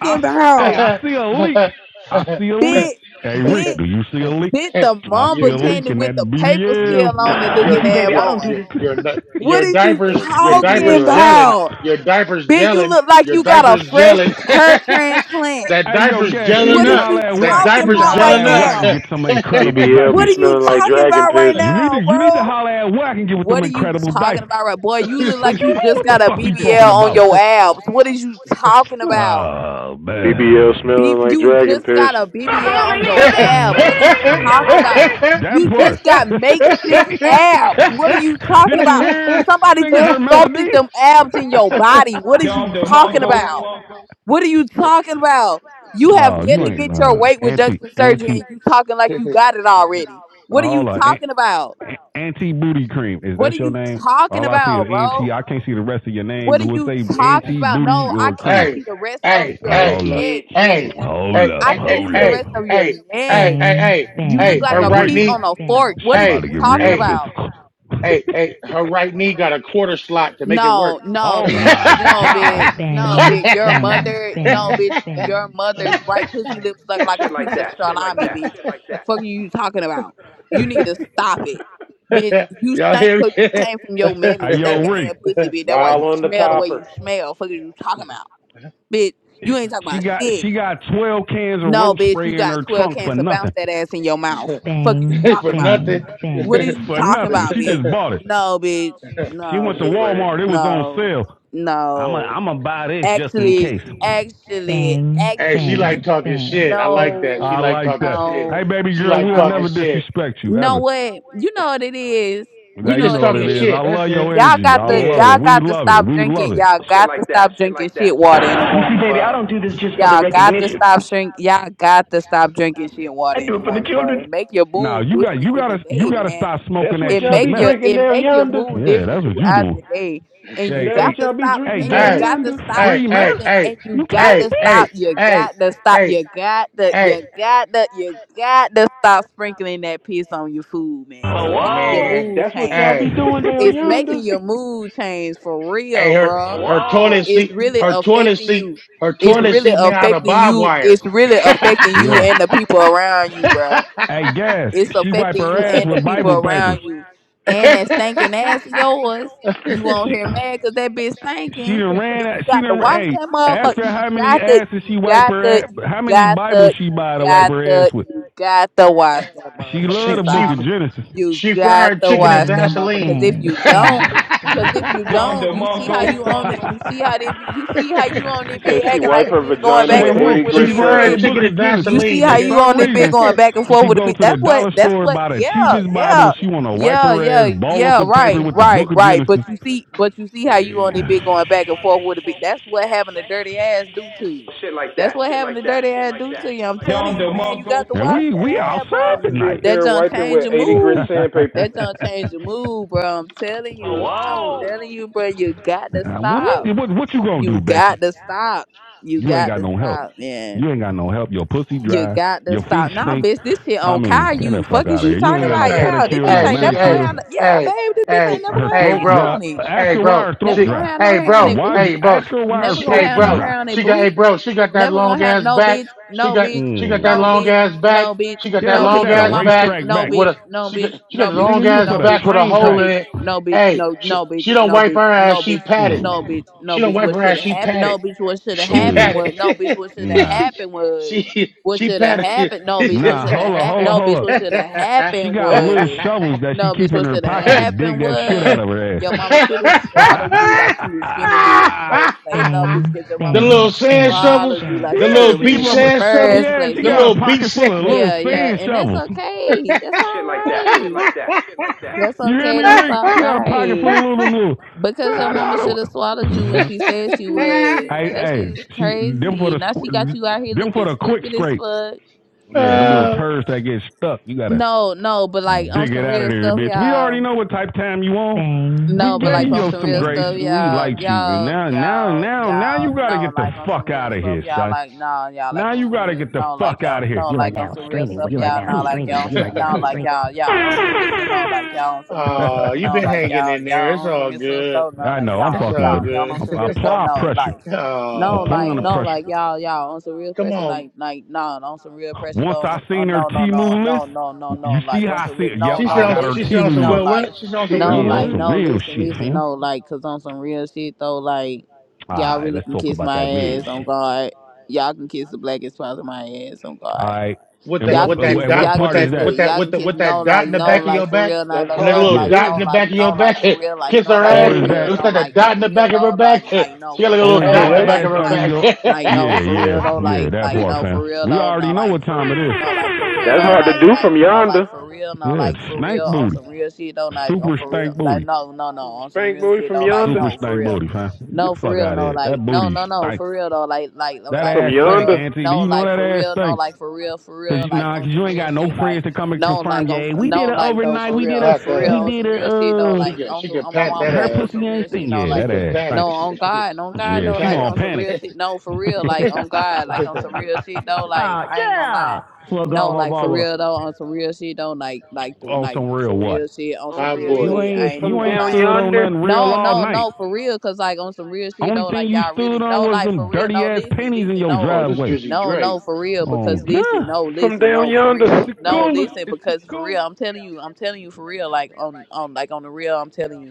C: I hey,
G: about?
C: I see a leak. I see a leak.
G: Bit
C: Hey Rick,
G: Bit.
C: do you see a leak?
G: bit the
C: I see
G: mamba
C: a
A: you,
C: leak
B: Uh,
G: candy
C: in
G: with
C: that
G: the paper
A: you,
G: still
A: you,
G: on it
C: BBL.
B: uh,
C: You
A: your,
G: looking
C: see,
G: at
C: baby,
A: your,
C: I don't do
A: your,
C: this.
G: boy.
A: your, nut-
G: What
A: your
G: is you
A: diapers, your
G: talking
A: diapers
B: BBL.
A: gelling,
G: about?
A: your diapers
G: Bitch, you
A: gelling,
G: look like
A: your
G: you got a
A: diapers
G: fresh
A: gelling.
G: hair transplant.
A: that
C: hey yo,
A: diaper's
C: gas, she
B: Say
A: gelling
C: need
G: What
C: to
B: the
G: is
A: up.
C: holler
G: you
C: at
A: That
C: Wack.
G: talking
C: She need to
A: diaper's
G: about
C: holler
G: right
A: gelling
C: at Wack and
G: now?
C: get some
A: up.
C: incredible
B: BBL be
G: What
C: diapers.
G: are you
B: smelling like
G: talking
B: dragon
G: about right
B: piss.
C: You Need to,
G: now,
C: you need to
G: bro?
C: holler at Wack and get with them
G: What are you
C: incredible
G: talking
C: diapers.
G: about right boy? You look like you just
C: what the
G: got a
C: fuck are you
G: BBL
C: talking about?
G: on your abs. What is you talking about?
C: Oh
B: BBL
C: man.
G: B-
B: smelling like
G: you
B: dragon
G: just
B: piss.
G: got a BBL on
A: hey,
G: your
A: hey, hey,
G: abs.
A: hey,
G: What
A: hey,
G: are
A: hey,
G: you talking
A: hey, hey,
G: about?
A: hey,
C: That
G: You
C: part.
G: just got makeshift abs. What are you talking
C: Did you
G: about?
C: hear
G: Somebody
C: singing
G: just
C: her
G: sculpted
C: melody?
G: them abs in your body. What are you
C: John
G: talking about?
C: DeMarco.
G: What are you talking about? You have
C: oh,
G: yet
C: you
G: to
C: ain't
G: get your
C: uh,
G: weight
C: anti.
G: reduction surgery and you talking like you got it already. What are you
C: All uh, an-
G: talking about?
C: anti booty cream is
G: What
C: that
G: are
C: your
G: you
C: name?
G: talking
C: All I see is
G: about,
C: anti.
G: bro?
C: I can't see the rest of your name.
G: What are
C: Do it
G: you
C: say
B: Yeah,
G: talking
C: anti?
G: about? No, I can't see the rest of your
B: anti
G: neck, nigga.
C: Hold up,
G: I can't
C: hold
G: see the
C: up.
G: rest of your
A: hey, hey,
G: neck.
C: Bang,
A: hey,
G: You
A: hey,
G: look
C: bang,
G: like
A: her
C: Hey,
G: a
A: right
G: pea
A: knee,
G: on
C: Rick.
G: a fork. What are you
A: hey,
C: You
G: talking
A: hey,
C: Rick
G: about?
C: Fist.
A: hey, hey, her right knee got a quarter slot to make it
G: No,
A: work.
G: no,
C: oh
G: bitch.
C: my
G: No, bitch.
C: God.
G: No,
C: bang,
G: bitch. Your
C: bang.
G: mother, no, bitch. Your mother's right pussy lips look like a piece of salami, bitch. Fuck are you talking about? You need to
C: hey,
G: stop it. Bitch, you
A: Y'all
G: stink
A: hear
G: because you came from your mammy
C: yo,
G: stinking
C: Rick.
G: ass pussy,
A: me?
G: bitch. That's why
B: while
G: you
B: on the
G: smell the way you
B: topper.
G: smell. Fuck are you talking about? Bitch, you ain't talking
C: She
G: about
C: got she
G: shit.
C: got twelve cans of
G: No,
C: roach
G: bitch, you
C: spray in
G: got
C: her
G: 12
C: trunk for
G: cans to bounce
C: nothing.
G: that ass in your mouth. Fuck is you
C: Bang,
A: for
G: talking about?
C: bang,
A: nothing.
G: What
C: bang.
G: is
A: hey,
G: you
C: For
G: talking
C: nothing.
G: about,
C: She
G: bitch?
C: just bought it.
G: No, bitch.
C: She
B: Be
C: went
G: No,
C: to
G: bitch.
B: spraying.
C: Walmart. It was on
G: No.
C: sale. I'm a,
G: No.
C: I'm gonna buy this just in.
G: Actually, actually,
C: Bang,
A: she
C: bang,
G: actually,
A: like talking
C: bang,
A: shit. I
C: bang.
A: like that. She
C: I
G: no,
A: like
C: like
A: talking
C: that.
A: shit.
C: Hey,
G: no,
C: baby
A: She
C: girl,
A: like
C: we'll
A: talking
C: never
G: no.
A: shit.
C: disrespect you
G: No
C: ever.
G: what? You know what it is.
A: We
C: That
G: You
C: you
G: know
A: just
G: what
C: know what
G: it
C: it
A: talking
C: is.
G: is.
C: I
A: shit. That's
C: love
A: it.
C: your
G: Y'all
C: energy.
G: got
C: I
G: to
C: love it.
A: Yeah.
G: y'all
C: We
G: got to
C: love it.
G: stop
C: We love
G: drinking.
C: it.
G: Y'all got to stop drinking shit water in the
C: You
G: morning, bro.
C: do this just for the
G: Y'all got to
C: recognition.
G: stop drink. Y'all got to stop drinking shit and water in
C: do
G: the
C: it for the
G: morning, bro. It
C: children.
G: make your
C: Now
G: mood
C: you got
G: different
C: you
G: in the
C: gotta you
G: day,
C: gotta stop
G: man.
C: smoking
B: That's
C: that
B: what
G: It
B: y'all
C: cheap
G: make
B: be
C: meth.
G: your
B: drinking
G: it
B: down
G: make your
B: yonder.
G: mood
C: Yeah,
G: different
C: that's what you
G: throughout
C: do.
G: the day, and you
C: Hey,
B: That
C: hey,
B: what
G: got to
B: y'all be
G: stop.
B: drinking
G: And you
B: down
A: Hey,
G: got to
B: yonder.
G: stop
A: hey,
C: free
A: hey,
C: man,
G: sprinkling.
A: hey,
G: And you
C: can't
G: got
A: hey,
G: to
C: beat
A: hey,
G: stop.
C: it.
G: You
A: hey,
G: got to stop.
A: hey,
G: You got to.
A: hey,
G: You got to. You got to stop sprinkling that piss on your food, man. It's making your
A: man.
G: mood
B: That's what
G: change.
B: y'all be
A: Hey,
B: doing down
G: It's
B: yonder.
G: making your mood change for
A: hey,
G: real,
A: her
G: bro
A: her toilet
G: it's
A: seat,
G: really
A: her toilet
G: affecting
A: seat,
G: you.
A: her
G: It's
A: toilet
G: really
A: seat made out of
G: affecting
A: barbed
G: you.
A: wire.
G: It's really affecting you and the people around you, bro.
C: Hey, gas.
G: It's
C: She wipe
G: affecting you
C: her ass
G: and the
C: with
G: people
C: Bible papers.
G: around you. And that stinking ass of yours, you won't hear mad because that bitch stinking.
C: She done ran.
G: Then
C: out-
G: you
C: She
G: got to
C: done.
G: wash
C: Hey,
G: that
C: ask
G: motherfucker.
C: her
G: You
C: how many
G: got to,
C: asses
G: you
C: she wipe
G: got to,
C: her. Ass,
G: you
C: how many
G: got
C: Bibles
G: to,
C: she
G: you
C: buy to wipe
G: got
C: her ass
G: to, you got to wash that
C: She
G: motherfucker.
C: love the
A: she
G: That's
C: Book
A: she
C: of
G: all I'm saying.
C: Genesis.
G: You
A: She
G: got
A: fried
G: to
A: chicken and
G: wash that motherfucker.
A: Vaseline.
G: Because if you don't, Cause if you
C: Dom
G: don't, you see how
C: DeMarco.
G: you own it. You see how they be. You see how you on it,
B: She said
G: bitch,
B: she
G: acting like
B: wipe
G: a
B: her
G: bitch, going
B: vagina
A: she
G: back
C: hey,
G: and
B: with
A: fr-
G: forth
C: Rick.
B: 80
G: with a
C: She
A: she
B: grit
G: bitch,
C: love the
A: fried
G: bitch.
B: sandpaper.
C: Book
A: chicken
C: of
A: and
G: You
C: Genesis.
G: see
A: Vaseline,
G: how
C: For
A: nigga.
G: you
C: some
G: on that bit
C: reason,
G: going back and forth
C: She
G: with the
C: go
G: beat.
C: to the
G: That's what
C: dollar
G: that's
C: store,
G: what
C: buy the
G: yeah,
C: cheapest
G: yeah.
C: Bible. She want to wipe
G: Yeah,
C: her ass,
G: yeah,
C: ball up
G: yeah,
C: the paper
G: right,
A: she,
C: with the
G: right, right. But you see but you see how you on that bit going back and forth with the beat. That's what having a dirty ass do to you.
C: Shit like
G: That's
C: that.
G: what
C: Shit like
G: having a dirty ass do to you.
C: Shit
G: I'm
C: like
G: telling
C: Dom
G: you,
C: Del
G: man, you
C: Monco.
G: got to
C: and
G: watch
C: we
G: that
C: we
G: ass,
B: How
C: outside
G: bro.
B: would you be up
C: tonight.
G: That
B: there
G: don't
B: wiping
G: change
B: with
G: your
B: 80 grit
G: mood.
B: sandpaper?
G: That don't change your mood, bro. I'm telling you. I'm telling you, bro, you got to
C: Uh, what
G: stop.
C: what what you gonna
G: You
C: do, Becky?
G: got to stop. You
C: You ain't
G: got
C: got
G: to
C: no help.
G: stop, man.
C: You ain't got no help. Your pussy
G: You
C: dry.
G: got to
C: Your feet
G: stop now,
C: stink.
G: bitch. This shit
C: I
G: on
C: mean, get the
G: Caillou.
C: fuck
G: Fuck is
C: out of
G: you
C: here. You ain't
G: talking
C: got
A: hey,
C: no
G: about?
A: hey,
G: Yeah, this
C: pedicure, no
G: bitch
A: hey,
G: ain't
A: she,
G: never gonna
A: hey,
G: have.
C: manicure.
G: No, yeah,
A: hey,
G: babe, this bitch
A: hey,
G: ain't never gonna have
A: hey,
G: no
C: Throat
G: hair
A: bro,
C: dry.
G: on it.
C: Ask
A: hey,
C: her why
A: bro,
C: her
G: Never
C: throat
A: she,
G: gonna
C: dry.
G: have no
A: hey,
G: hair on
A: bro,
G: it,
C: Why
G: boo.
C: you,
A: hey, bro,
C: ask her why her
G: Never
A: she,
C: throat
G: gonna
A: hey,
G: have no
A: bro,
C: dry.
G: hair on it,
A: she got,
G: boo.
A: hey, bro, she got that
G: Never
A: long
G: gonna have
A: ass
G: no
A: back.
G: bitch,
A: She
G: no
A: got,
G: bitch,
A: she got that
G: no
C: Mm.
A: long
G: bitch,
A: ass back.
G: no
A: She
G: bitch,
A: got
C: Yeah,
A: that
G: no
C: look at
A: long
G: bitch.
C: that
G: Your
A: ass
G: mama
A: back
G: should
C: racetrack.
G: no
A: with
G: bitch,
A: a,
G: no
A: she got,
G: bitch,
A: she got
G: no
A: the
G: bitch,
C: Nigga,
A: long ass
G: no
A: back
G: bitch,
A: with a
G: no
C: track.
A: hole in
G: bitch,
A: it.
G: no bitch,
A: Hey,
G: no
A: she,
G: no
A: she
G: bitch,
A: don't
G: no
A: wipe
G: bitch,
A: her ass.
G: no
A: She
G: bitch,
A: patted.
G: no bitch, no
A: She don't
G: bitch.
A: wipe
G: What
A: her
G: should
A: ass.
G: have
A: She
G: happened? No
A: patted.
G: bitch. What should have
A: She
G: happened
C: Oh,
G: was no bitch.
A: patted.
G: What should have
C: nah.
G: happened was
A: she
G: what
A: she
G: should have
A: patted.
G: happened? No bitch. What
C: Nah,
G: should
C: hold
G: have
C: up,
G: happened?
C: hold up,
G: No bitch.
C: hold up.
G: What should have
C: She
G: happened
C: got little
G: was
C: shovels that she
G: no
C: keep
G: bitch.
C: in
G: What
C: her
G: should have
C: pocket to
A: the
C: dig
G: happened
C: that shit out
G: was
C: of her
G: your mama should have
C: ass.
G: swallowed you like she was finna do in the first place. No,
C: Bang,
G: bitch, 'cause your mama should have
C: bang,
A: little sand
C: bang,
G: Lala
A: shovels,
G: do
C: bang.
G: like
A: the
G: she should
C: yeah,
G: have
A: little
C: she
G: went
C: keep
G: in
A: beach
C: up.
G: the
A: sand
G: first
A: shovels,
C: Yeah,
G: place.
C: she
A: the
C: got
G: Yeah,
C: a
A: little beach
C: pocket full
A: sand.
C: of little
G: yeah, yeah,
C: sand
G: and that's
C: shovels.
G: okay. That's all right. That's
C: You hear me,
G: okay. That's
C: Rick?
G: all
C: She got a pocket full
G: right.
C: of little little.
G: Because your
C: I, don't. I
G: mama should have swallowed
C: don't.
G: you when she said she was.
C: Hey,
G: That
C: hey,
G: she's
C: she them for
G: crazy.
C: the
G: Now she got you out here
C: them for
G: looking
C: the quick
G: stupid as
C: scrape.
G: fuck.
C: Yeah, them little
A: uh,
C: turds that get stuck. You gotta
G: No, no, but like on
C: dig it
G: some
C: out of
G: real
C: there,
G: stuff,
C: bitch. We
G: y'all.
C: already know what type time you on. We
G: No,
C: gave
G: but like on
C: you
G: some
C: some
G: real
C: grace.
G: stuff,
C: We
G: y'all,
C: liked you, and
G: y'all,
C: now, now,
G: y'all,
C: now, now you
G: y'all,
C: gotta
G: no,
C: get the
G: like on some
C: fuck
G: real
C: out of
G: stuff,
C: here,
G: y'all,
C: son.
G: like no, y'all, like
C: Now
G: on
C: you
G: some
C: gotta
G: real,
C: get the
G: no,
C: fuck
G: like
C: out
G: y'all,
C: of here.
G: no,
C: You are
G: like on
C: now
G: some real
C: streaming.
G: stuff,
C: You are
G: y'all,
C: now
G: no, like
C: streaming.
G: y'all on
C: You are
G: some,
C: now
G: no, like
C: streaming.
G: y'all, y'all on some real stuff, no, like y'all on some real
A: oh,
G: stuff,
A: you have
G: no,
A: been
G: like
A: hanging
G: y'all,
A: in there.
G: y'all
A: It's
G: on some
A: all
G: real stuff,
A: good.
G: so no,
C: I
G: like
C: know. I'm
A: It's
G: y'all,
C: fucking
A: all
C: with her.
G: y'all, y'all
A: good.
G: on some real stuff,
C: Apply
G: no,
C: pressure.
G: like, no,
C: Applying
G: like,
C: the
G: no,
A: Uh,
C: pressure.
G: like y'all, y'all on some real
A: come
G: pressure,
A: on.
G: like, like, no, on some real pressure,
C: Once
G: though, on,
C: I
G: the-
C: seen
G: on,
C: her
G: no, no, no,
C: Timu
G: no, no, no,
C: list,
G: no,
C: you see
G: like on
C: how I
G: some
C: see
G: real,
C: it?
G: no,
C: Yep,
A: She
C: I
G: no,
A: sounds
C: got her
A: she
G: listen, easy,
A: sounds some
C: Timu
G: no,
C: list.
A: real
G: like.
A: what? She sounds some
B: T
G: No,
A: real
C: Yeah, on
A: what?
G: like,
B: moves.
C: some
G: no,
C: real
G: listen,
C: shit,
G: listen,
C: fam.
G: no, like, cause on some real shit though, like,
C: All
G: y'all
C: right,
G: really
C: let's
G: can
C: talk
G: kiss
C: about
G: my
C: that real
G: ass on
C: shit.
G: God. Y'all can kiss the blackest part of my ass on
C: All
G: God.
C: right,
A: With
C: and
A: that
G: Y'all
C: what
A: with
G: can
C: uh,
G: kiss.
A: that
C: and
A: dot
C: what
G: Y'all can
A: with
C: part
G: kiss
C: is
A: that
C: that?
G: the.
A: with that
G: Y'all
A: with
G: can
A: that
G: kiss.
A: with
G: No,
A: that dot
G: like
A: in the
G: no,
B: That's
A: back of
G: like
A: your
G: for
A: back
G: real. Not
B: that's
G: like
A: and that
G: no,
B: hard
A: little
B: to
C: Yeah,
G: like
A: dot
G: no,
A: in
B: do.
A: the
G: like
A: back of
G: no,
A: your
G: like
A: back
G: for real. Like
A: kiss
G: no,
A: her
G: like for
C: or
B: Hey,
A: ass.
C: is
G: real.
A: It
C: that
A: looks
G: No,
A: like a
G: like for
A: dot in the
G: real.
A: back of her
G: No, like
A: back.
G: like no,
A: She got
G: for
A: like a
G: real.
C: or
A: little
C: is
G: No,
B: hey,
A: dot
C: your
A: in
G: no,
A: the
B: that's
A: back
C: ass
A: of
G: like
A: her
C: under
G: like
A: back.
C: your?
G: like
C: Yeah,
G: no, for real. though.
C: yeah, yeah,
G: like
C: that
G: like
C: part,
G: no,
C: fam.
G: for real.
C: We
G: though.
C: already
G: no,
C: know
G: like
C: what
G: for
C: time it
G: real. No,
C: is.
G: like for real.
B: that's
G: though.
B: hard to
G: like
B: do
G: like
B: from
G: no, like
B: yonder.
G: for real. No,
C: Yeah,
G: like for
C: stank
G: real. On
C: booty,
G: some real shit though. Like on
C: super
G: for real.
C: stank
G: Like
C: booty,
G: no, no, no. On some
B: Spank
G: real
B: booty
G: shit
B: from
G: though. Like
B: yonder.
C: super
G: no, for
C: stank
G: real.
C: booty, fam. Get
G: No,
C: the
G: for
C: fuck
G: real,
C: out of
G: no,
C: here.
G: like
C: That
G: no,
C: booty,
G: no,
C: stank.
G: no, for real though, like, like, like,
C: that
B: From
G: like,
C: ass
G: for
C: stank,
B: yonder.
G: real,
C: Auntie. Do
G: no,
C: you know
G: like
C: that
G: for
C: ass
G: real, no,
C: stank?
G: like for real, for
C: Cause
G: real,
C: you
G: like
C: nah, cause
G: on some
C: you ain't
G: real
C: got no
G: shit,
C: friends
G: like
C: to come and
G: no,
C: confirm.
G: like on
C: Yeah, we
G: no,
C: did it
G: like though,
C: overnight.
G: for
A: she
C: We
A: can
C: did
G: real,
C: a,
A: pat
G: for real,
C: we
A: that
G: on
A: ass.
C: did
G: some
C: a,
G: real shit though,
C: uh,
A: She
G: like
A: can
G: on
A: she
G: some
A: can
G: on my
A: pat
G: mama,
A: that
C: her
G: like on
A: ass.
G: some
C: pussy ain't
G: real shit,
C: stink.
G: no,
C: Yeah,
A: She
G: like
C: that
A: can
C: ass
A: pat
C: stink.
G: no, on
A: it.
G: God, on
A: she
G: God
A: can
C: Yeah,
G: though,
C: she
G: like
A: pat
C: gonna
G: on some
C: panic.
G: real shit, no, for real, like on God, like on some
A: it.
G: real shit though, like
C: Ah,
G: I
C: yes,
G: ain't gonna lie,
C: little
G: no,
C: my
G: like for
C: Bobo.
G: real though, on some real shit though, like, like, th-
C: on
G: like
C: some real
G: for
C: what?
G: real shit, on
B: On
G: some
B: some
A: Hot
G: real
C: You
B: real
A: boy.
G: shit, I
C: ain't,
B: shit
G: ain't even
C: you
B: from
G: gonna
C: ain't
B: down
G: lie.
C: stood on
B: yonder.
C: nothing real
G: No,
C: all
G: no,
C: night.
G: no, for real. Cause like on some real shit
C: Only
G: though,
C: thing
G: like
C: you
G: y'all
C: stood
G: really
C: on
G: no,
C: was
G: like for
C: them
G: real,
C: dirty
G: no,
C: ass
G: listen,
C: pennies in
G: listen,
C: your
G: no.
A: Oh,
C: driveway.
A: this Drizzy
G: No, no,
A: Drake.
G: for real. Because listen, no,
B: From
G: listen,
B: down
G: no, for
B: yonder.
G: real. No, listen, because for real, I'm telling you, I'm telling you for real, like on on like on the real, I'm telling you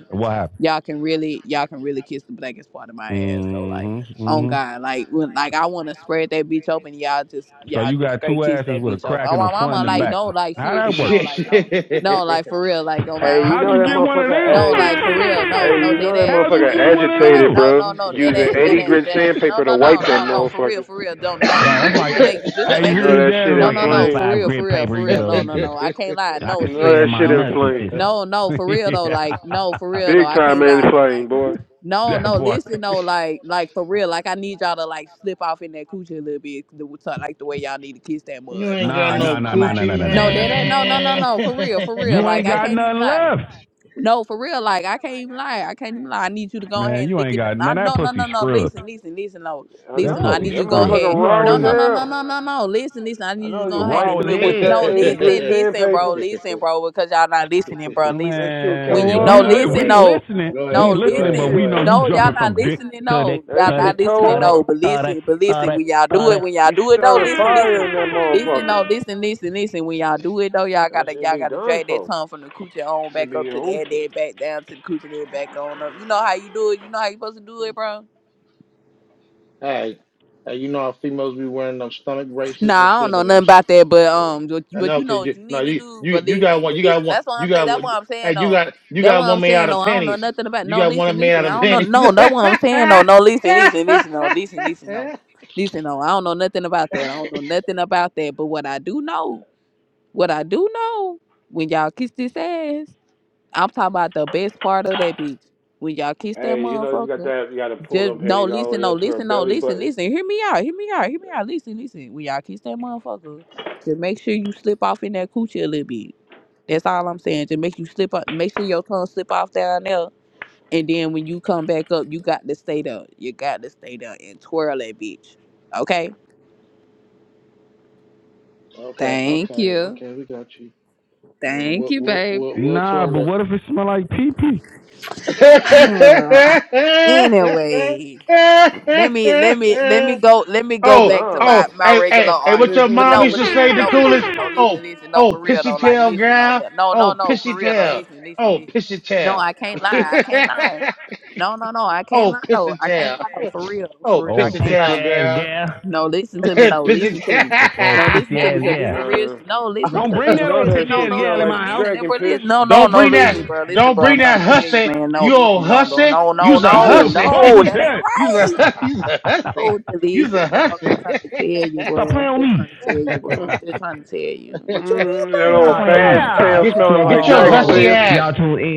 G: y'all can really y'all can really kiss the blackest part of my ass though like
C: Mm-hmm.
G: on
C: Mm-hmm.
G: god like when like i want to spread that bitch open y'all just y'all
C: You
G: just
C: got
G: straight
C: two
G: kiss
C: asses
G: that
C: with a
G: bitch open
C: crack
G: oh
C: in the
G: my mama
C: front and the
A: You
G: like no like
C: back
G: seriously
C: work.
G: no like no no like for real like oh my
B: Hey, you
C: How'd
B: know
G: mama
C: you
B: that
C: get
G: like
C: one of
B: motherfucker.
C: them?
G: no
B: Hey,
G: like for real no
B: hey,
G: no
B: you know
G: dead
B: that
G: ass
C: How'd
G: no
C: you
B: motherfucker
C: get
G: dead
C: one
G: ass no like
B: agitated,
C: of them?
G: no no
B: bro.
G: no
A: you
G: dead
B: Using
G: ass dead
B: 80
G: ass
B: grit
G: dead ass no
B: sandpaper to
G: no no
B: wipe that
G: no no for
B: motherfucker.
G: real for real don't don't
C: like
G: no
C: that's
G: just
C: like,
G: to
C: eh,
G: make it just to
C: hey, you
B: You
G: make
C: hear
B: know
G: it
C: him,
B: that
C: guys?
B: shit
C: It's
G: no
B: in
C: like
G: no no
B: flame.
G: for
C: eighty-five
G: real for
C: grit
G: real
C: paper.
G: for
C: You
G: real
C: know,
G: no
C: you
G: no
C: could,
G: no i can't lie
C: I
G: no
C: could
B: You know that
C: sand
G: seriously
C: my
B: shit in
G: no
C: nuts with
B: flame.
C: this.
G: no, no, for real though. Like, no, for real though.
B: Big
G: I
B: time
G: can't
B: in
G: lie though.
B: flame,
G: Like,
B: boy.
G: no,
C: that
G: no,
C: part.
G: listen though. Like, like for real. Like, I need y'all to like slip off in that coochie a little bit. the- to- Like the way y'all need to kiss that mud.
A: ain't
G: Like,
A: got
C: Nah,
G: I ain't
A: no
C: nah,
G: even
C: nah,
G: gonna
C: nah,
G: lie.
C: nah, nah,
A: coochie,
C: nah, nah, nah,
G: No,
C: nah.
G: that
C: nah.
G: ain't. No, no, no,
A: man.
G: no. For real, for real. Like,
C: Ain't
G: I
C: got
G: can't even
C: nothing
G: lie.
C: left,
G: No, for real. Like I can't even lie. I can't even lie. I need you to go
C: man.
G: ahead and
C: You
G: lick
C: ain't
G: it.
C: got,
G: I
C: man. That
G: no no
C: pussy
G: no no.
C: scrubbed.
G: Listen listen listen no
B: I
C: That
G: listen. No, I
B: know.
C: pussy
G: need
B: That
G: you to go ahead.
B: motherfucker raw
G: No
B: as
G: no no no
B: hell.
G: no no no. Listen listen. I
B: I
G: need you to
B: know you are
G: go ahead
C: Oh,
G: and
C: his
B: wiping it
G: lick it.
B: with
C: head,
B: that
G: No
B: 80 grit
G: listen listen bro
B: sandpaper.
G: listen bro because y'all not listening bro
B: That
G: listen.
B: shit
A: okay,
C: man.
G: When
C: Yeah,
G: you
A: go
B: tow
G: know
C: we
A: ahead.
B: up.
A: All right,
C: li-
A: go
G: listen
C: we
A: ahead.
G: no
C: listening.
A: Go
C: we
A: ahead.
G: no
A: Go
B: That
C: listening, but
G: listen
A: ahead.
B: shit
C: we
A: Go
C: know
A: ahead.
C: you
G: no
C: jumping.
G: y'all not listening no
B: that
G: y'all
B: shit
G: not listening
B: tow
G: no
B: up.
G: but listen but listen when y'all do it when y'all
B: You
G: do it though
B: stir the
G: listen
B: fire
G: listen
B: in that
G: Listen, no,
B: motherfucker.
G: listen, listen, listen. When y'all do it though, y'all
B: That
G: gotta
B: shit
G: y'all
B: be
G: gotta
B: done
G: drag that
B: for.
G: tongue from the coochie on
B: It
G: back up
B: be
G: to the
B: over.
G: head, then back down to the coochie, then back on up. You know how you do it. You know how you supposed to do it, bro.
A: Hey, hey, you know how females be wearing them stomach
G: Nah,
A: bracelets and
G: I don't
A: shit.
G: know
A: And them,
G: nothing about that, but um, but,
A: I
G: but
A: know,
G: you
A: cause
G: know what
A: you
G: you
A: no,
G: need to
A: you
G: do.
A: you
G: But
A: you got
G: listen,
A: one.
G: but
A: You got
G: listen,
A: one.
G: that's what
A: You
G: I'm saying.
A: got
G: That's
A: one.
G: what I'm
A: Hey,
G: saying
A: you
G: though.
A: got you
G: That's what
A: got
G: I'm
A: one made out
G: saying
A: of
G: though. I don't know
A: pennies.
G: nothing about.
A: You
G: No,
A: got
G: listen,
A: one made out
G: listen. I
A: of
G: don't know.
A: pennies.
G: No, that's what I'm saying though. No, listen, listen, listen. No, listen, listen. No, listen. No, I don't know nothing about that. I don't know nothing about that. But what I do know. What I do know, when y'all kiss this ass, I'm talking about the best part of that bitch. When y'all kiss that
B: Hey, you know, you got
G: motherfucker,
B: that you gotta pull
G: just
B: them
G: no
B: panties all the
G: listen,
B: way
G: no
B: up to her
G: listen, no
B: belly
G: listen,
B: button.
G: listen. Hear me out, hear me out, hear me out. Listen, listen. When y'all kiss that motherfucker, just make sure you slip off in that coochie a little bit. That's all I'm saying. Just make you slip up, make sure your tongue slip off down there. And then when you come back up, you got to stay there. You got to stay there and twirl that bitch. Okay?
A: Okay,
G: Thank
A: okay,
G: you.
A: okay, we got you. We'll
G: Thank
A: we'll
G: you,
A: we'll,
G: baby.
A: we'll,
C: Nah,
A: twirl
C: but
A: it.
C: what if it smell like pee pee?
G: anyway, let me let me let me go let me go
A: oh,
G: back to
B: Nah.
G: my
A: oh,
G: my
A: hey,
G: regular
A: hey, hey, what
B: It'd
A: your
G: argument.
B: be
G: But
A: mom
G: no,
A: used
G: but
B: like
A: to
G: listen,
A: say the
G: no, but
A: coolest?
G: listen, no, listen,
A: Oh,
G: listen, no, for
A: oh,
G: real though,
A: pissy
G: like
A: tail
G: listen, no,
A: gal.
G: li- no, no,
A: Oh,
G: no, for
A: pissy
G: real though,
A: tail.
G: listen, listen,
A: Oh,
G: listen.
A: pissy
G: No,
A: tail.
G: I can't lie, I can't lie. No, no, no, I can't
A: oh,
G: lie though,
A: pissy
G: I can't
A: tail.
G: lie though, for real, for
A: Oh,
G: real, I
C: Old
A: pissy
G: can't
C: pissy
G: lie.
A: tail
C: ass
A: girl.
C: gal.
G: No, listen to me. No,
A: pissy
G: listen to me.
C: Old
G: No, listen
C: pissy
G: to me
C: ass
G: because
A: tail.
G: this
C: gal.
G: some real.
B: nah.
G: No, listen
C: Don't
G: because
C: bring
G: this
B: You
C: that
G: some
B: know
C: old
G: real shit.
B: that
C: pissy
G: No,
B: shit
C: ass
G: no,
B: smell
C: gal in
B: like
G: listen,
C: my house.
G: listen, and
B: dragon
G: bro,
B: piss.
G: listen. No, no,
A: Don't
G: no,
A: bring that.
G: listen, bro, listen,
A: Don't
G: bro.
A: bring
G: I'm trying
A: that
G: to tell you,
A: hussy.
G: man. No,
A: You
G: listen.
A: old
G: No, no,
A: hussy.
G: no, no,
A: You's a
G: no,
A: hussy.
G: no. That ain't
A: You's a
G: right.
A: hu- you's a hussy.
G: No, just
A: You's
G: listen,
A: a
G: bro. I'm
A: hussy.
G: just trying to tell you,
C: Stop
G: bro. I'm
C: playing with
G: just
C: me.
G: trying to tell you, bro.
B: Mm,
G: I'm just trying to tell you. What you mean playing
B: that
G: with
B: old
G: you? I'm just
B: fast
G: trying
C: Yeah.
G: to tell
B: tail
A: get
B: smelling like
A: get your
G: you.
B: dragon
G: real.
A: hussy
B: piss.
A: ass.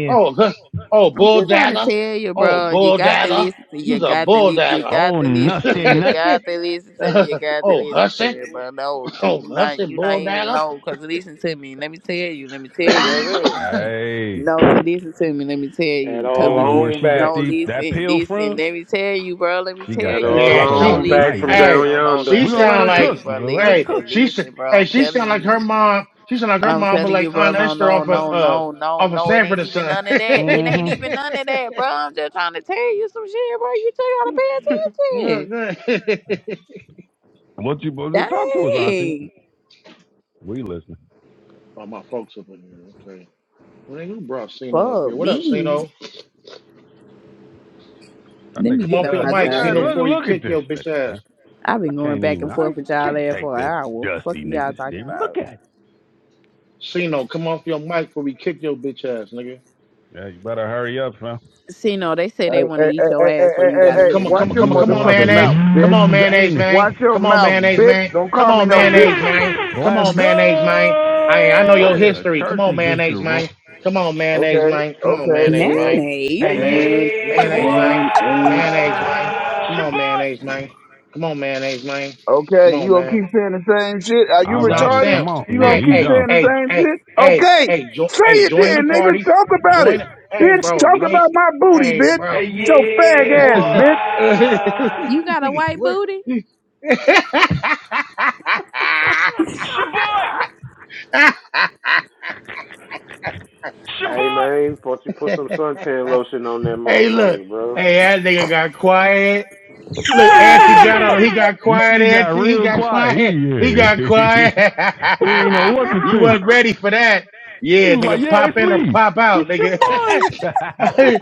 A: Oh hus- oh
G: I'm
A: bull
G: just trying to
A: dagger.
G: tell you,
A: Oh
G: bro. You
A: bull
G: got to
A: dagger.
G: listen to. You
A: You's a
G: got to.
A: bull
G: Li- you
A: dagger.
G: got
C: Oh,
G: to listen to.
C: nusty
G: You
C: nuts.
G: got to listen to me. You got to
A: oh
G: listen to
A: hussy.
G: me, bro. No, cause
A: Oh
G: you
A: hussy
G: not. You not
A: bull
G: even
A: dagger.
G: know. Cause listen to me. Let me tell you. Let me tell
B: That's what I
G: you.
B: said.
C: Hey,
G: No, cause listen to me. Let me tell
B: That
G: you.
C: I
G: Cause
B: old
C: don't
G: when
C: know
G: you
C: where
B: long
C: she got
B: back.
G: no
C: the that
G: listen,
C: pill
G: listen.
C: from.
G: Let me tell you, bro. Let me
C: She got
G: tell
B: That
G: you.
C: that
B: old
G: Cause
A: Man,
C: talk a
G: no
A: she,
C: lot
B: long back
C: tonight,
G: listen,
B: from
C: baby.
G: listen.
A: hey,
B: down
G: No, no,
B: yonder.
G: no.
A: she
C: We gonna
G: Let me
C: let
A: sound
C: her
G: tell
A: like,
G: you,
C: cook. We
G: bro.
C: gonna let her
G: Listen,
A: hey,
C: cook.
G: just
A: she, s-
G: listen, bro.
A: hey,
G: I'm
A: she
G: telling
A: sound like
G: you.
A: her mom. She sound like her
G: I'm
A: mom, but
G: telling you,
A: like
G: bro,
A: Aunt
G: no,
A: Esther
G: no,
A: off of,
G: no,
A: uh,
G: no, no,
A: off of
G: no. It
A: Sanford
G: ain't
A: and
G: even
A: Son.
G: none of that. It ain't
C: Mm-hmm.
G: even none of that, bro. I'm just trying to tell you some shit, bro. You just gotta
A: Look,
G: pay attention.
A: look.
C: What you supposed to talk to us, Auntie?
G: Dang.
C: We listening.
A: Oh, my folks up in here. Okay. Well, then you brought Sino up
G: Fuck
A: here. What up,
G: me.
A: Sino?
C: That
G: Let me
C: nigga
A: Come
G: get
A: off
G: up
A: your
C: does.
G: out
C: Look
A: mic,
G: y'all
C: at
A: Sino,
C: look
G: here.
A: before you
C: look at
A: kick
C: this
A: your bitch
C: nigga.
A: ass.
C: Man.
G: I've
C: I
G: been going
C: can't
G: back
C: even.
G: and
C: I
G: forth with y'all
C: can't
G: there
C: take
G: for an
C: this
G: hour. Fuck
C: dusty
G: is y'all
C: nigga
G: talk
C: serious. Look
G: about.
C: at it.
A: Sino, come off your mic before we kick your bitch ass, nigga.
C: Yeah, you better hurry up, fam.
G: See, no, they say
H: Hey,
G: they want to
H: hey,
G: eat
H: hey,
G: your
H: hey, hey,
G: ass before
H: hey,
G: you
H: hey,
G: got
A: Come on,
H: hey,
G: in
A: come on,
G: here.
H: watch
A: come on,
H: your
C: You
A: come on, come
C: looking
A: on,
C: like a
H: motherfucking
A: mayonnaise.
H: mouth,
A: Come
H: bitch.
A: on,
C: used
A: mayonnaise,
C: anus.
A: man.
H: Watch your
A: Come on,
H: mouth,
A: mayonnaise,
H: bitch.
A: man.
H: Don't
A: Come
H: call me
A: on,
H: no bitch.
A: mayonnaise, man. Come
C: Let's
A: on,
C: go.
A: mayonnaise, man. I I know your
C: The
A: history. Come
C: church
A: on,
C: is just a
A: mayonnaise,
C: room.
A: man. Come on, mayonnaise,
H: Okay,
A: man. Come on,
H: okay,
A: mayonnaise,
H: and,
A: man. Come
G: Mayonnaise?
C: Hey,
A: on, man.
H: and,
C: yeah,
A: Mayonnaise,
C: boy.
A: man.
H: and, and,
A: Mayonnaise, man. Come on, mayonnaise, man. Come on, mayonnaise, man. Come
H: okay, you
A: on,
H: gonna
A: man.
H: keep saying the same shit? Are you
A: You know what I'm
H: retarded?
A: saying?
H: You
A: Hey,
H: gonna keep
A: hey,
H: saying the
A: hey,
H: same
A: hey,
H: shit?
A: hey,
H: Okay,
A: hey, jo- hey,
H: say it
A: join
H: then,
A: the
H: nigga.
A: party.
H: Talk about it.
A: Join. Hey,
H: Bitch,
A: bro,
H: talk
A: we ain't.
H: about my booty,
A: Hey,
H: bitch.
A: bro.
H: Yo, fag
C: yeah,
H: ass, bitch.
G: You
C: boy.
G: got a
A: Nigga,
G: white
A: what?
G: booty?
C: It's your boy.
B: Hey man, why don't you put some suntan lotion on that
A: hey, look.
B: motherfucker, bro?
A: Hey, that nigga got quiet. Look, Auntie got on him. He got
C: You
A: quiet,
C: see, he got
A: Auntie. He
C: real
A: got
C: quiet. He,
A: quiet. He got
C: yeah.
A: quiet.
C: he ain't know what to
A: you
C: think.
A: wasn't ready for that.
C: He
A: Yeah,
C: was like,
A: nigga,
C: "Yeah,
A: pop
C: it's
A: in or
C: me.
A: pop out,
C: It's
A: nigga.
C: your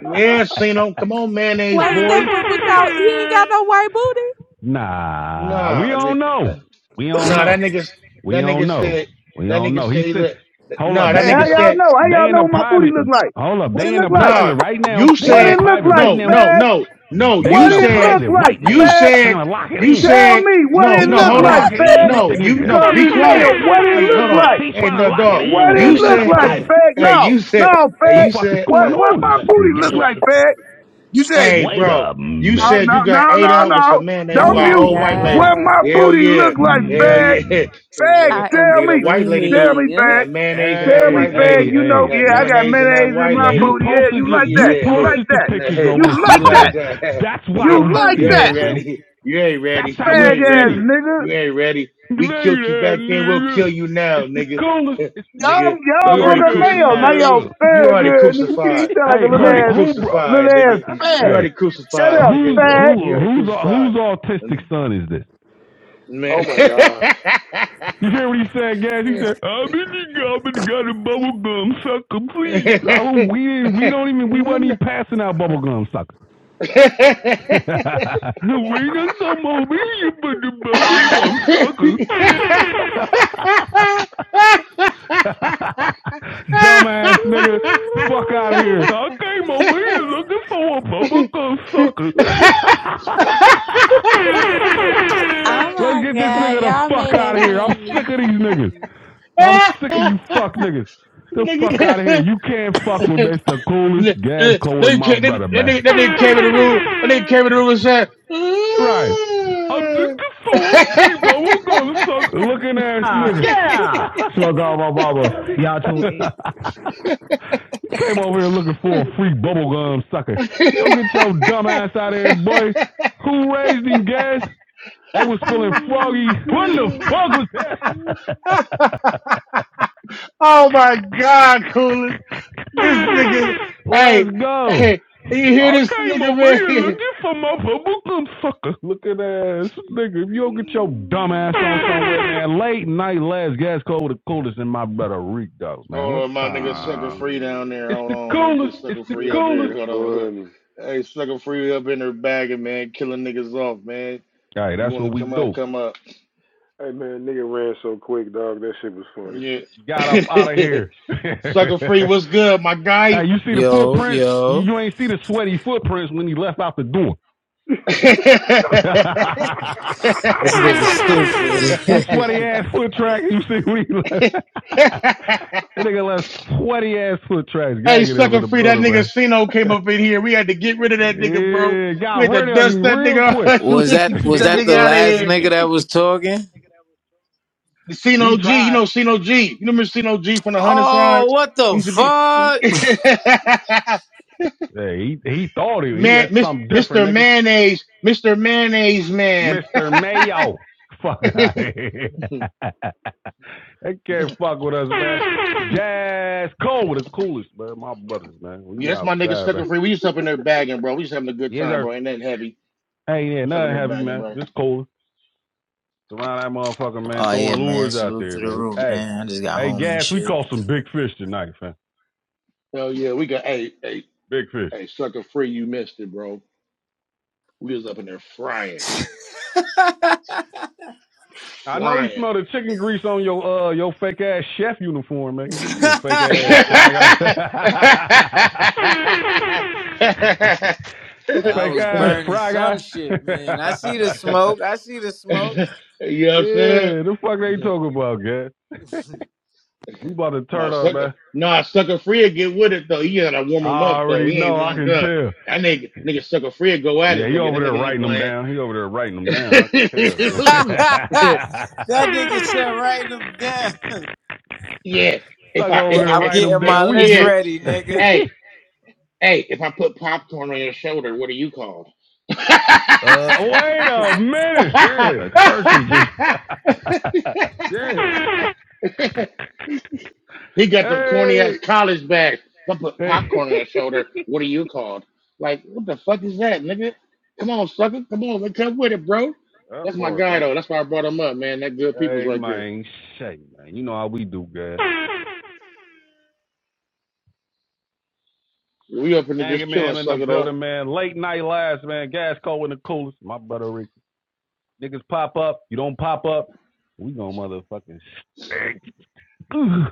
A: yeah, Sino.
C: boy."
A: Come on, mayonnaise
G: Wait, that
A: boy.
G: one without, he ain't got no white booty?
C: nah, we
A: Nah,
C: don't
A: ni- that-
C: know. We don't
A: nah, that
C: know.
A: nigga,
C: We
A: that
C: don't
A: nigga
C: know.
A: said,
C: We
A: that
C: don't
A: nigga
C: know. He
A: said, he
C: said,
A: let-
C: "Hold up,
A: nah, that
H: Hey,
C: they
H: how
A: nigga
H: y'all
A: said,
H: know? How
C: they
H: y'all
C: in
H: know
C: a
H: what my booty
C: private.
H: look like?
C: Hold up,
H: What
C: they
H: it
C: in
H: look
C: a
H: like?
C: private
A: Nah,
C: right now.
A: you
C: They
H: What
C: in a
H: it
A: said
H: look
C: private
H: like,
C: right
A: no,
C: now.
A: no,
H: fag?
A: no, no.
C: They
H: What
A: You
C: in a
H: it
A: said,
H: look
C: private
H: like,
C: right
A: you
C: now,
H: Fed?
C: trying
A: said,
C: to lock it
A: you
C: in.
H: Tell
A: said
H: me what
A: no,
H: it
C: He's
A: no.
H: look
C: trying
A: Hold
C: to
H: like,
C: lock
A: on,
C: it
H: Fed.
C: in with
A: no,
C: the
A: you
H: You
C: nigga.
A: no.
H: call
A: Be
H: me mayor.
A: quiet.
H: What it
A: Hey,
H: look
A: hold on.
H: like?
C: He's
A: Hey,
C: trying to
A: no,
C: lock it
A: dog.
C: in
H: What
C: with the
H: it
A: You
C: nigga in
H: look
C: a
H: like,
A: said,
C: private.
H: Fed?
A: hey,
H: No,
A: you said,
H: no,
C: What
A: hey,
C: the
H: Fed.
A: you
C: fuck is going
H: What
A: said.
H: what
C: on?
H: my
C: It's just some
H: booty look
C: gay
H: like,
C: shit.
H: Fed? You say
A: Hey,
C: Wait
A: bro,
C: a
A: you
H: no,
C: minute.
A: said
H: no,
A: you
H: no,
A: got ate
H: no,
A: out
H: no.
A: with some
G: Oh
A: mayonnaise
H: Don't
C: What's
A: by an
G: my
H: mute.
A: old
C: going
A: white
C: on?
H: What
A: lady.
H: my
G: God.
A: Hell
H: booty look
A: yeah.
H: like,
A: Hell
H: Fed?
A: yeah.
C: Hmm.
A: The
H: Fed,
A: nigga,
G: I am
H: tell
A: nigga,
H: me,
A: the white lady
H: tell
A: do
H: me,
G: screaming.
A: that
H: Fed,
A: mayonnaise and
H: tell
A: that
H: me,
C: Hey,
A: white
H: Fed.
C: hey,
A: lady,
H: You
C: hey!
H: know,
A: that
H: yeah, I
C: It-
H: got
A: mayonnaise and that
H: mayonnaise in
A: white
H: my
C: you
A: lady.
H: booty. Yeah,
A: Nah,
C: posted
H: you
C: your,
H: like
C: you
H: that? You
A: Yeah.
H: like
C: posted the
H: that?
A: And
C: pictures
A: the-
C: on
H: You
A: You
H: like
C: Instagram.
A: like
H: that?
A: that.
C: That's why
A: Yeah.
H: You
C: we
G: Oh,
H: like
A: You
C: seen
G: you
C: them,
H: that?
A: ain't
C: fam.
G: gay.
A: ready. You ain't
C: That's
A: ready.
C: how
A: You
C: we
H: Fag
A: ain't
C: seen
H: ass
C: them.
A: ready.
H: nigga.
A: You ain't ready.
C: Thank you,
A: We killed you
C: that
A: back then. We'll
C: nigga.
A: kill you now,
C: It's the
A: nigga.
C: coolest. It's the
H: Y'all,
A: Nigga,
C: coolest. Look
H: y'all
A: you
H: broke
A: already
C: at
H: her
C: that
H: mail. Now
A: crucified.
H: y'all
C: nigga.
A: You
H: very
A: already
H: good. Nigga, you
A: crucified.
H: sound like
C: Hey,
H: a
A: You
H: little
A: already
C: who
H: ass,
C: who bro?
H: little
A: crucified,
H: ass
A: nigga. You
H: fag.
C: Hey,
A: already
H: Shut
A: crucified,
H: up,
A: nigga.
C: who's
H: fag.
A: You
C: who
A: already
C: who's
A: crucified.
C: whose autistic
A: And,
C: son is this?
A: man.
B: oh my gosh.
C: You hear what he said, guys? He said, "I've been got, I've been got a bubble gum sucker, please." Oh, we we don't even we wasn't even passing out bubble gum suckers. we didn't come over here for the bubble gum sucker. Dumbass nigga, fuck out of here. I came over here looking for a bubblegum sucker.
G: Oh
C: Let's
G: my
C: get this
G: god,
C: nigga the
G: y'all
C: fuck
G: made
C: out
G: that
C: of here. I'm
G: man
C: sick of these niggas.
G: leave.
C: I'm sick of you fuck niggas. The fuck out of here.
A: Nigga.
C: You can't fuck with me. It's the coolest
A: That
C: gas co
A: nigga
C: my
A: that-
C: brother,
A: nigga-
C: man.
A: that nigga came in the room. That nigga came in the room and said,
C: Right. I'm looking
A: "Mm."
C: for a free bubble gum sucker. Looking ass Ah, nigga. yeah. Smoke all my baba. Y'all tune in. You came over here looking for a free bubble gum sucker. You don't get your dumb ass out of here, boy. Who raised in gas? They was feeling froggy. What the fuck was that?
A: oh my God, coolest! This nigga, hey,
C: Let's go.
A: hey, you hear
C: I
A: this
C: came
A: nigga,
C: over here
A: man?
C: looking for my bubblegum sucker looking ass nigga. If you don't get your dumb ass on
B: Oh,
C: somewhere, man, late night last gas call with the coolest in my brother Rico, man.
A: Hold
C: What
A: on, my nigga sucker
C: time?
A: free down
B: Man.
A: there.
C: It's
A: Hold
C: the
A: on, let me get
C: coolest. It's
A: sucker
C: the
A: free
B: This
A: up
C: coolest.
B: shit
A: here. Hold on.
B: funny.
A: Hey, sucker free up in her bagging, man. Killing niggas off, man.
C: All right,
A: You
C: that's
A: want to
C: what we
A: come up,
C: do.
A: come up.
B: Hey man, nigga ran so quick, dog. That shit was funny.
A: Yeah.
C: Got up out of here. hey,
A: sucker free, what's good, my guy?
C: you see the
I: Yo,
C: footprints? You,
I: yo.
C: you ain't see the sweaty footprints when he left out the door. Them
I: This nigga
C: sweaty
I: stupid.
C: ass foot tracks you see when he left.
A: hey,
C: That nigga left sweaty ass foot tracks. Gotta get up in
A: sucker
C: the
A: free, that
C: butter,
A: nigga
C: man.
A: Sino came up in here. We had to get rid of that nigga, bro.
C: yeah,
A: We
C: got
A: had to
C: rid of
A: dust
C: him
A: that
C: real
A: nigga
C: quick.
A: off.
I: Was
A: we had to
I: that
A: get
I: was
A: that
I: that
A: nigga
I: the
A: out of
I: last
A: here.
I: nigga that was talking?
A: The
C: he
A: Sino G, you
C: tried.
A: know Sino G. You remember Sino G from the Hunter
I: Oh,
A: side?
I: what
A: He
I: the
A: used to be
I: fuck?
C: Yeah, he he thought he, he
A: Man,
C: had
A: Mis-
C: something different,
A: Mr.
C: nigga.
A: Mayonnaise, Mr. Mayonnaise man.
C: Mister Mayo. Fuck
A: yeah,
C: out of here. they can't fuck with us, man. Jazz Cole with the coolest, man. My brothers, man. We
A: that's my nigga
C: outside,
A: sucker
C: man.
A: free. We just up in there bagging, bro. We just having a good
C: Yes,
A: time,
C: sir.
A: bro. Ain't that heavy.
C: Hey, yeah,
A: We Just up in
C: nothing
A: there
C: heavy,
A: bagging,
C: man.
A: bro.
C: Just cool. Surround that motherfucker, man.
I: oh yeah,
C: Throwing
I: man.
C: lures out
I: Salute
C: there,
I: to the
C: man.
I: room,
C: Hey,
I: man. I just got
C: hey,
I: home and
C: gas. We
I: shit.
C: caught some big fish tonight, fam.
A: Hell yeah, we got hey, hey,
C: Big fish.
A: hey, sucker free, you missed it, bro. We was up in there frying,
C: I know you
A: frying.
C: smell the chicken grease on your uh your fake ass chef uniform, man. You a fake
A: you
C: ass fry guy. you
I: Y'all
C: fake
I: was
C: ass
I: burning
C: fry
I: some
C: guy.
I: shit, man. I see the smoke. I see the smoke.
A: know what I'm saying?
C: yeah, the fuck they talking about, gas? We about to
A: No
C: turn up,
A: sucker,
C: man.
A: no sucker free get with it though. He gotta warm him
C: I
A: up though.
C: already
A: He ain't
C: know. I
A: warmed
C: can
A: up.
C: tell.
A: That nigga, nigga sucker free go at
C: Yeah,
A: it,
C: he
A: nigga.
C: over
A: That
C: there
A: nigga ain't
C: writing them
A: playing.
C: down. He over there writing them down. I can tell.
I: that nigga said, write them down.
A: yeah, if
C: Suck
A: I,
C: over
I: Yeah,
A: if
C: there
A: I,
I: I'm
A: if I,
C: writing them
I: getting
A: eh,
I: my
C: down. We
I: list
C: get
A: yeah.
C: it.
I: ready, nigga.
A: Hey. Hey, if I put popcorn on your shoulder, what are you called?
C: uh, wait a minute. Yeah, The Yeah, church is just yeah.
A: he got them corny ass
C: Hey,
A: college bags. If I put
C: hey.
A: popcorn on your shoulder, what are you called? Like, what the fuck is that, nigga? Come on, sucker. Come on, man. Come with it, bro.
C: That
A: That's my
C: part,
A: guy,
C: man.
A: though. That's why I brought him up, man. That good people's
C: Hey,
A: right there.
C: man, shit, man. You know how we do, guys.
A: We up in there just
C: Gang
A: chilling,
C: man in the
A: sucker, though.
C: building, man. Late night lives, man. Gas cold in the coolest. My brother Ricky. Niggas pop up. You don't pop up. We gonna motherfucking stink. Ugh.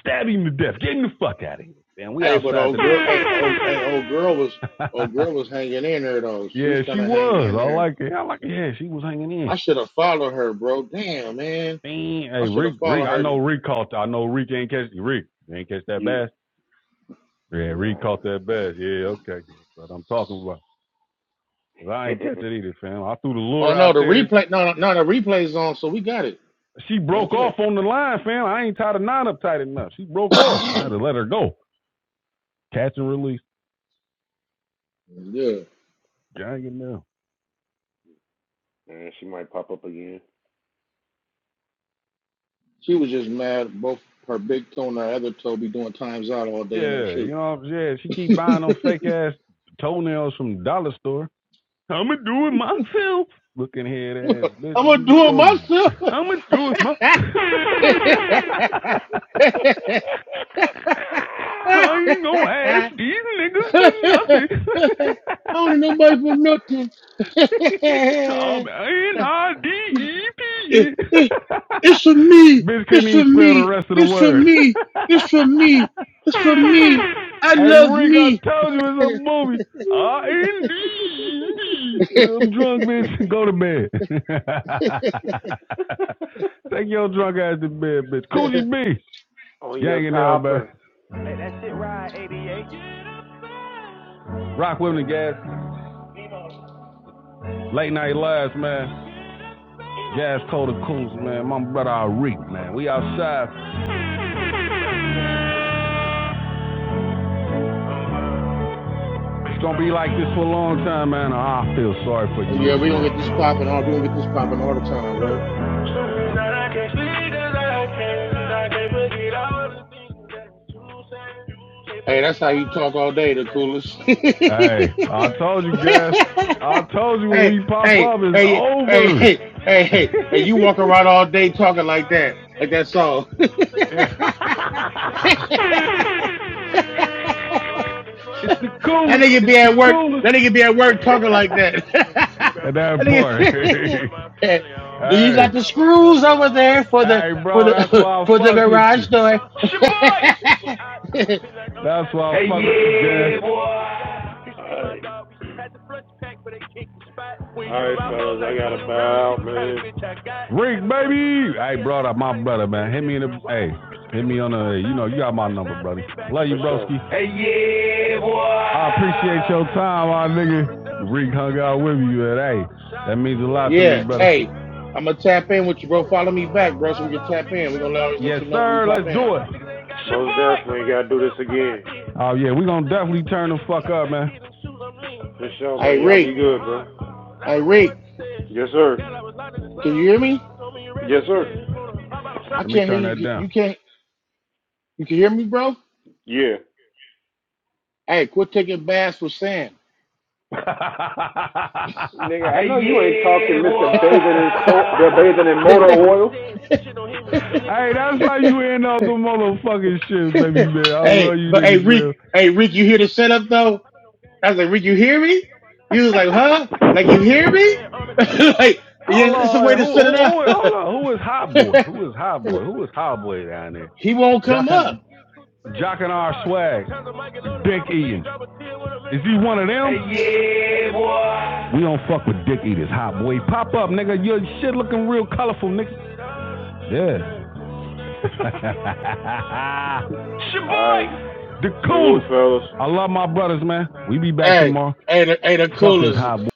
C: Stab him to death. Get him the fuck out of here. Man, we
A: Hey, but
C: outside
A: old girl,
C: the
A: hey, old, hey, old girl was, old girl was hanging in there, though. She
C: Yeah,
A: was trying
C: she
A: to hang
C: was.
A: in
C: I
A: there.
C: like it. I like it. Yeah, she was hanging in.
A: I should have followed her, bro. Damn, man.
C: Man, hey,
A: I should
C: Rick,
A: have
C: Rick,
A: followed
C: I
A: her.
C: know Rick caught that. I know Rick ain't catch Rick. You ain't catch that
B: Yeah.
C: bass? Yeah, Rick caught
B: Nah.
C: that bass. Yeah, okay. That's what I'm talking about. 'Cause I ain't catch it either, fam. I threw the lure
A: Oh no,
C: out
A: the
C: there.
A: replay. No, no, no, the replay's on, so we got it.
C: She
A: Don't
C: broke off
A: trip.
C: on the line, fam. I ain't tied a nine up tight enough. She broke off. I had to let her go. Catch and release.
A: yeah,
C: Dang it now.
B: Man, she might pop up again.
A: she was just mad. Both her big toe and her other toe be doing times out all day in her
C: Yeah, you
A: shoe.
C: know what I'm saying? She keep buying them fake ass toenails from the dollar store. I'ma do it myself. Looking head ass bitch,
A: I'm
C: you
A: gonna
C: can
A: do it
C: tell
A: myself.
C: I'ma do it myself. I ain't gonna ask these niggas for nothing.
A: I don't need nobody for nothing.
C: I'm N I D E P
A: It, it,
C: E.
A: it's for me.
C: Bitch couldn't
A: It's for
C: even spell the
A: me.
C: rest of the
A: It's for
C: word.
A: me. It's for me. It's for me. I
C: hey,
A: love
C: Rick, I
A: me.
C: told you it's a movie. Uh,
A: oh
C: I'm drunk, bitch. Go to bed. Take your drunk ass to bed, bitch. Coogee B.
B: On your
C: Gang in there, man.
B: topper.
C: Rock Women and Gas. Late Night Lives, man. Gas Cold and Coons, man. My brother Rick, man. We outside. It's going to be like this for a long time, man. I feel sorry for you
A: yeah, we're
C: niggas,
A: gonna
C: man.
A: get this popping all we're gonna get this popping all the time, bro. Hey, that's how you talk all day, the coolest. hey,
C: Hey, I told you guys. I told you when
A: hey,
C: we pop
A: hey,
C: up, it's
A: hey, hey,
C: over.
A: hey, hey, hey, you walk around all day talking like that, like that song.
C: Yeah. it's the
A: That
C: coolest.
A: nigga
C: It's
A: be
C: the
A: at work.
C: coolest.
A: That nigga be at work talking like that. that
C: At that point.
A: nigga. Do you
C: hey.
A: got the screws over there for the
C: Hey,
A: for
C: bro, that's
A: the
C: why I
A: for the
C: fucks with
A: garage
C: you.
A: door?
C: That's why I hey, fucks
B: Oh
C: yeah, with
B: shit.
C: you, guys.
B: Alright. Alright, fellas, I gotta bow out, man.
C: Boy. Rick, baby. Hey, brother, my brother, man. Hit me in the. Hey, hit me on the. You know, you got my number. you,
B: For sure.
C: broski. Hey, yeah, boy. I appreciate your time, my nigga. Reek hung out with you today. means a
B: Yeah.
C: lot to me,
A: yeah.
C: brother.
A: Hey, I'm gonna tap in with you, bro. Follow me back, bro, so we can tap in. We're gonna always
C: Yes,
A: let you know when we
C: sir.
A: pop
C: Let's
A: in.
C: do it.
B: Most definitely gotta do this again.
C: Oh, yeah, we gonna do
B: For sure,
A: Hey,
B: man. Y'all
A: Rick.
B: be good, bro.
A: Hey, Rick.
B: Yes, sir.
A: Can you hear me?
B: Yes, sir.
A: I
C: Let me
A: can't hear
C: turn that
A: you.
C: down.
A: You can't. You can hear me, bro.
B: Yeah.
A: Hey, quit taking baths with sand.
B: Nigga, I
C: hey,
B: know you ain't talking
C: yeah,
B: Mr.
C: boy.
B: Bathing in soap, bathing in motor oil.
C: how you end up the motherfucking shit, baby man. I love
A: hey,
C: you
A: but hey,
C: niggas, man.
A: Rick, hey, Rick, you hear the setup though? I was like, Rick, you hear me? He was like, huh? Like, you hear me? like, yeah,
C: Hold
A: it's a
C: on,
A: way
C: hey,
A: to
C: who, who,
A: set it
C: who, hold on. Who is Hot Boy?
A: up.
C: Who is Hot Boy? Who is Hot Boy down there?
A: he won't
C: Y'all
A: come
C: kind of
A: up.
C: Jock and R Swag, Dick Eaton. Is he one of them? Yeah, boy. We don't fuck with dick eaters, hot boy. Pop up, nigga. Your shit looking real colorful, nigga. Yeah.
B: All right.
C: the
B: Salute,
C: coolest.
B: fellas.
C: I love my brothers, man. We be back
A: Hey,
C: tomorrow.
A: hey, the, hey, the
C: Fuck this
A: coolest.
C: hot boy.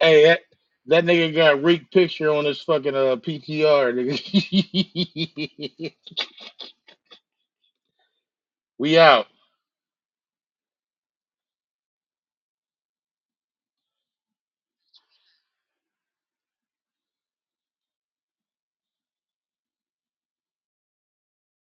A: Hey, that, that nigga got Rick picture on his fucking uh, PTR. Nigga. we out.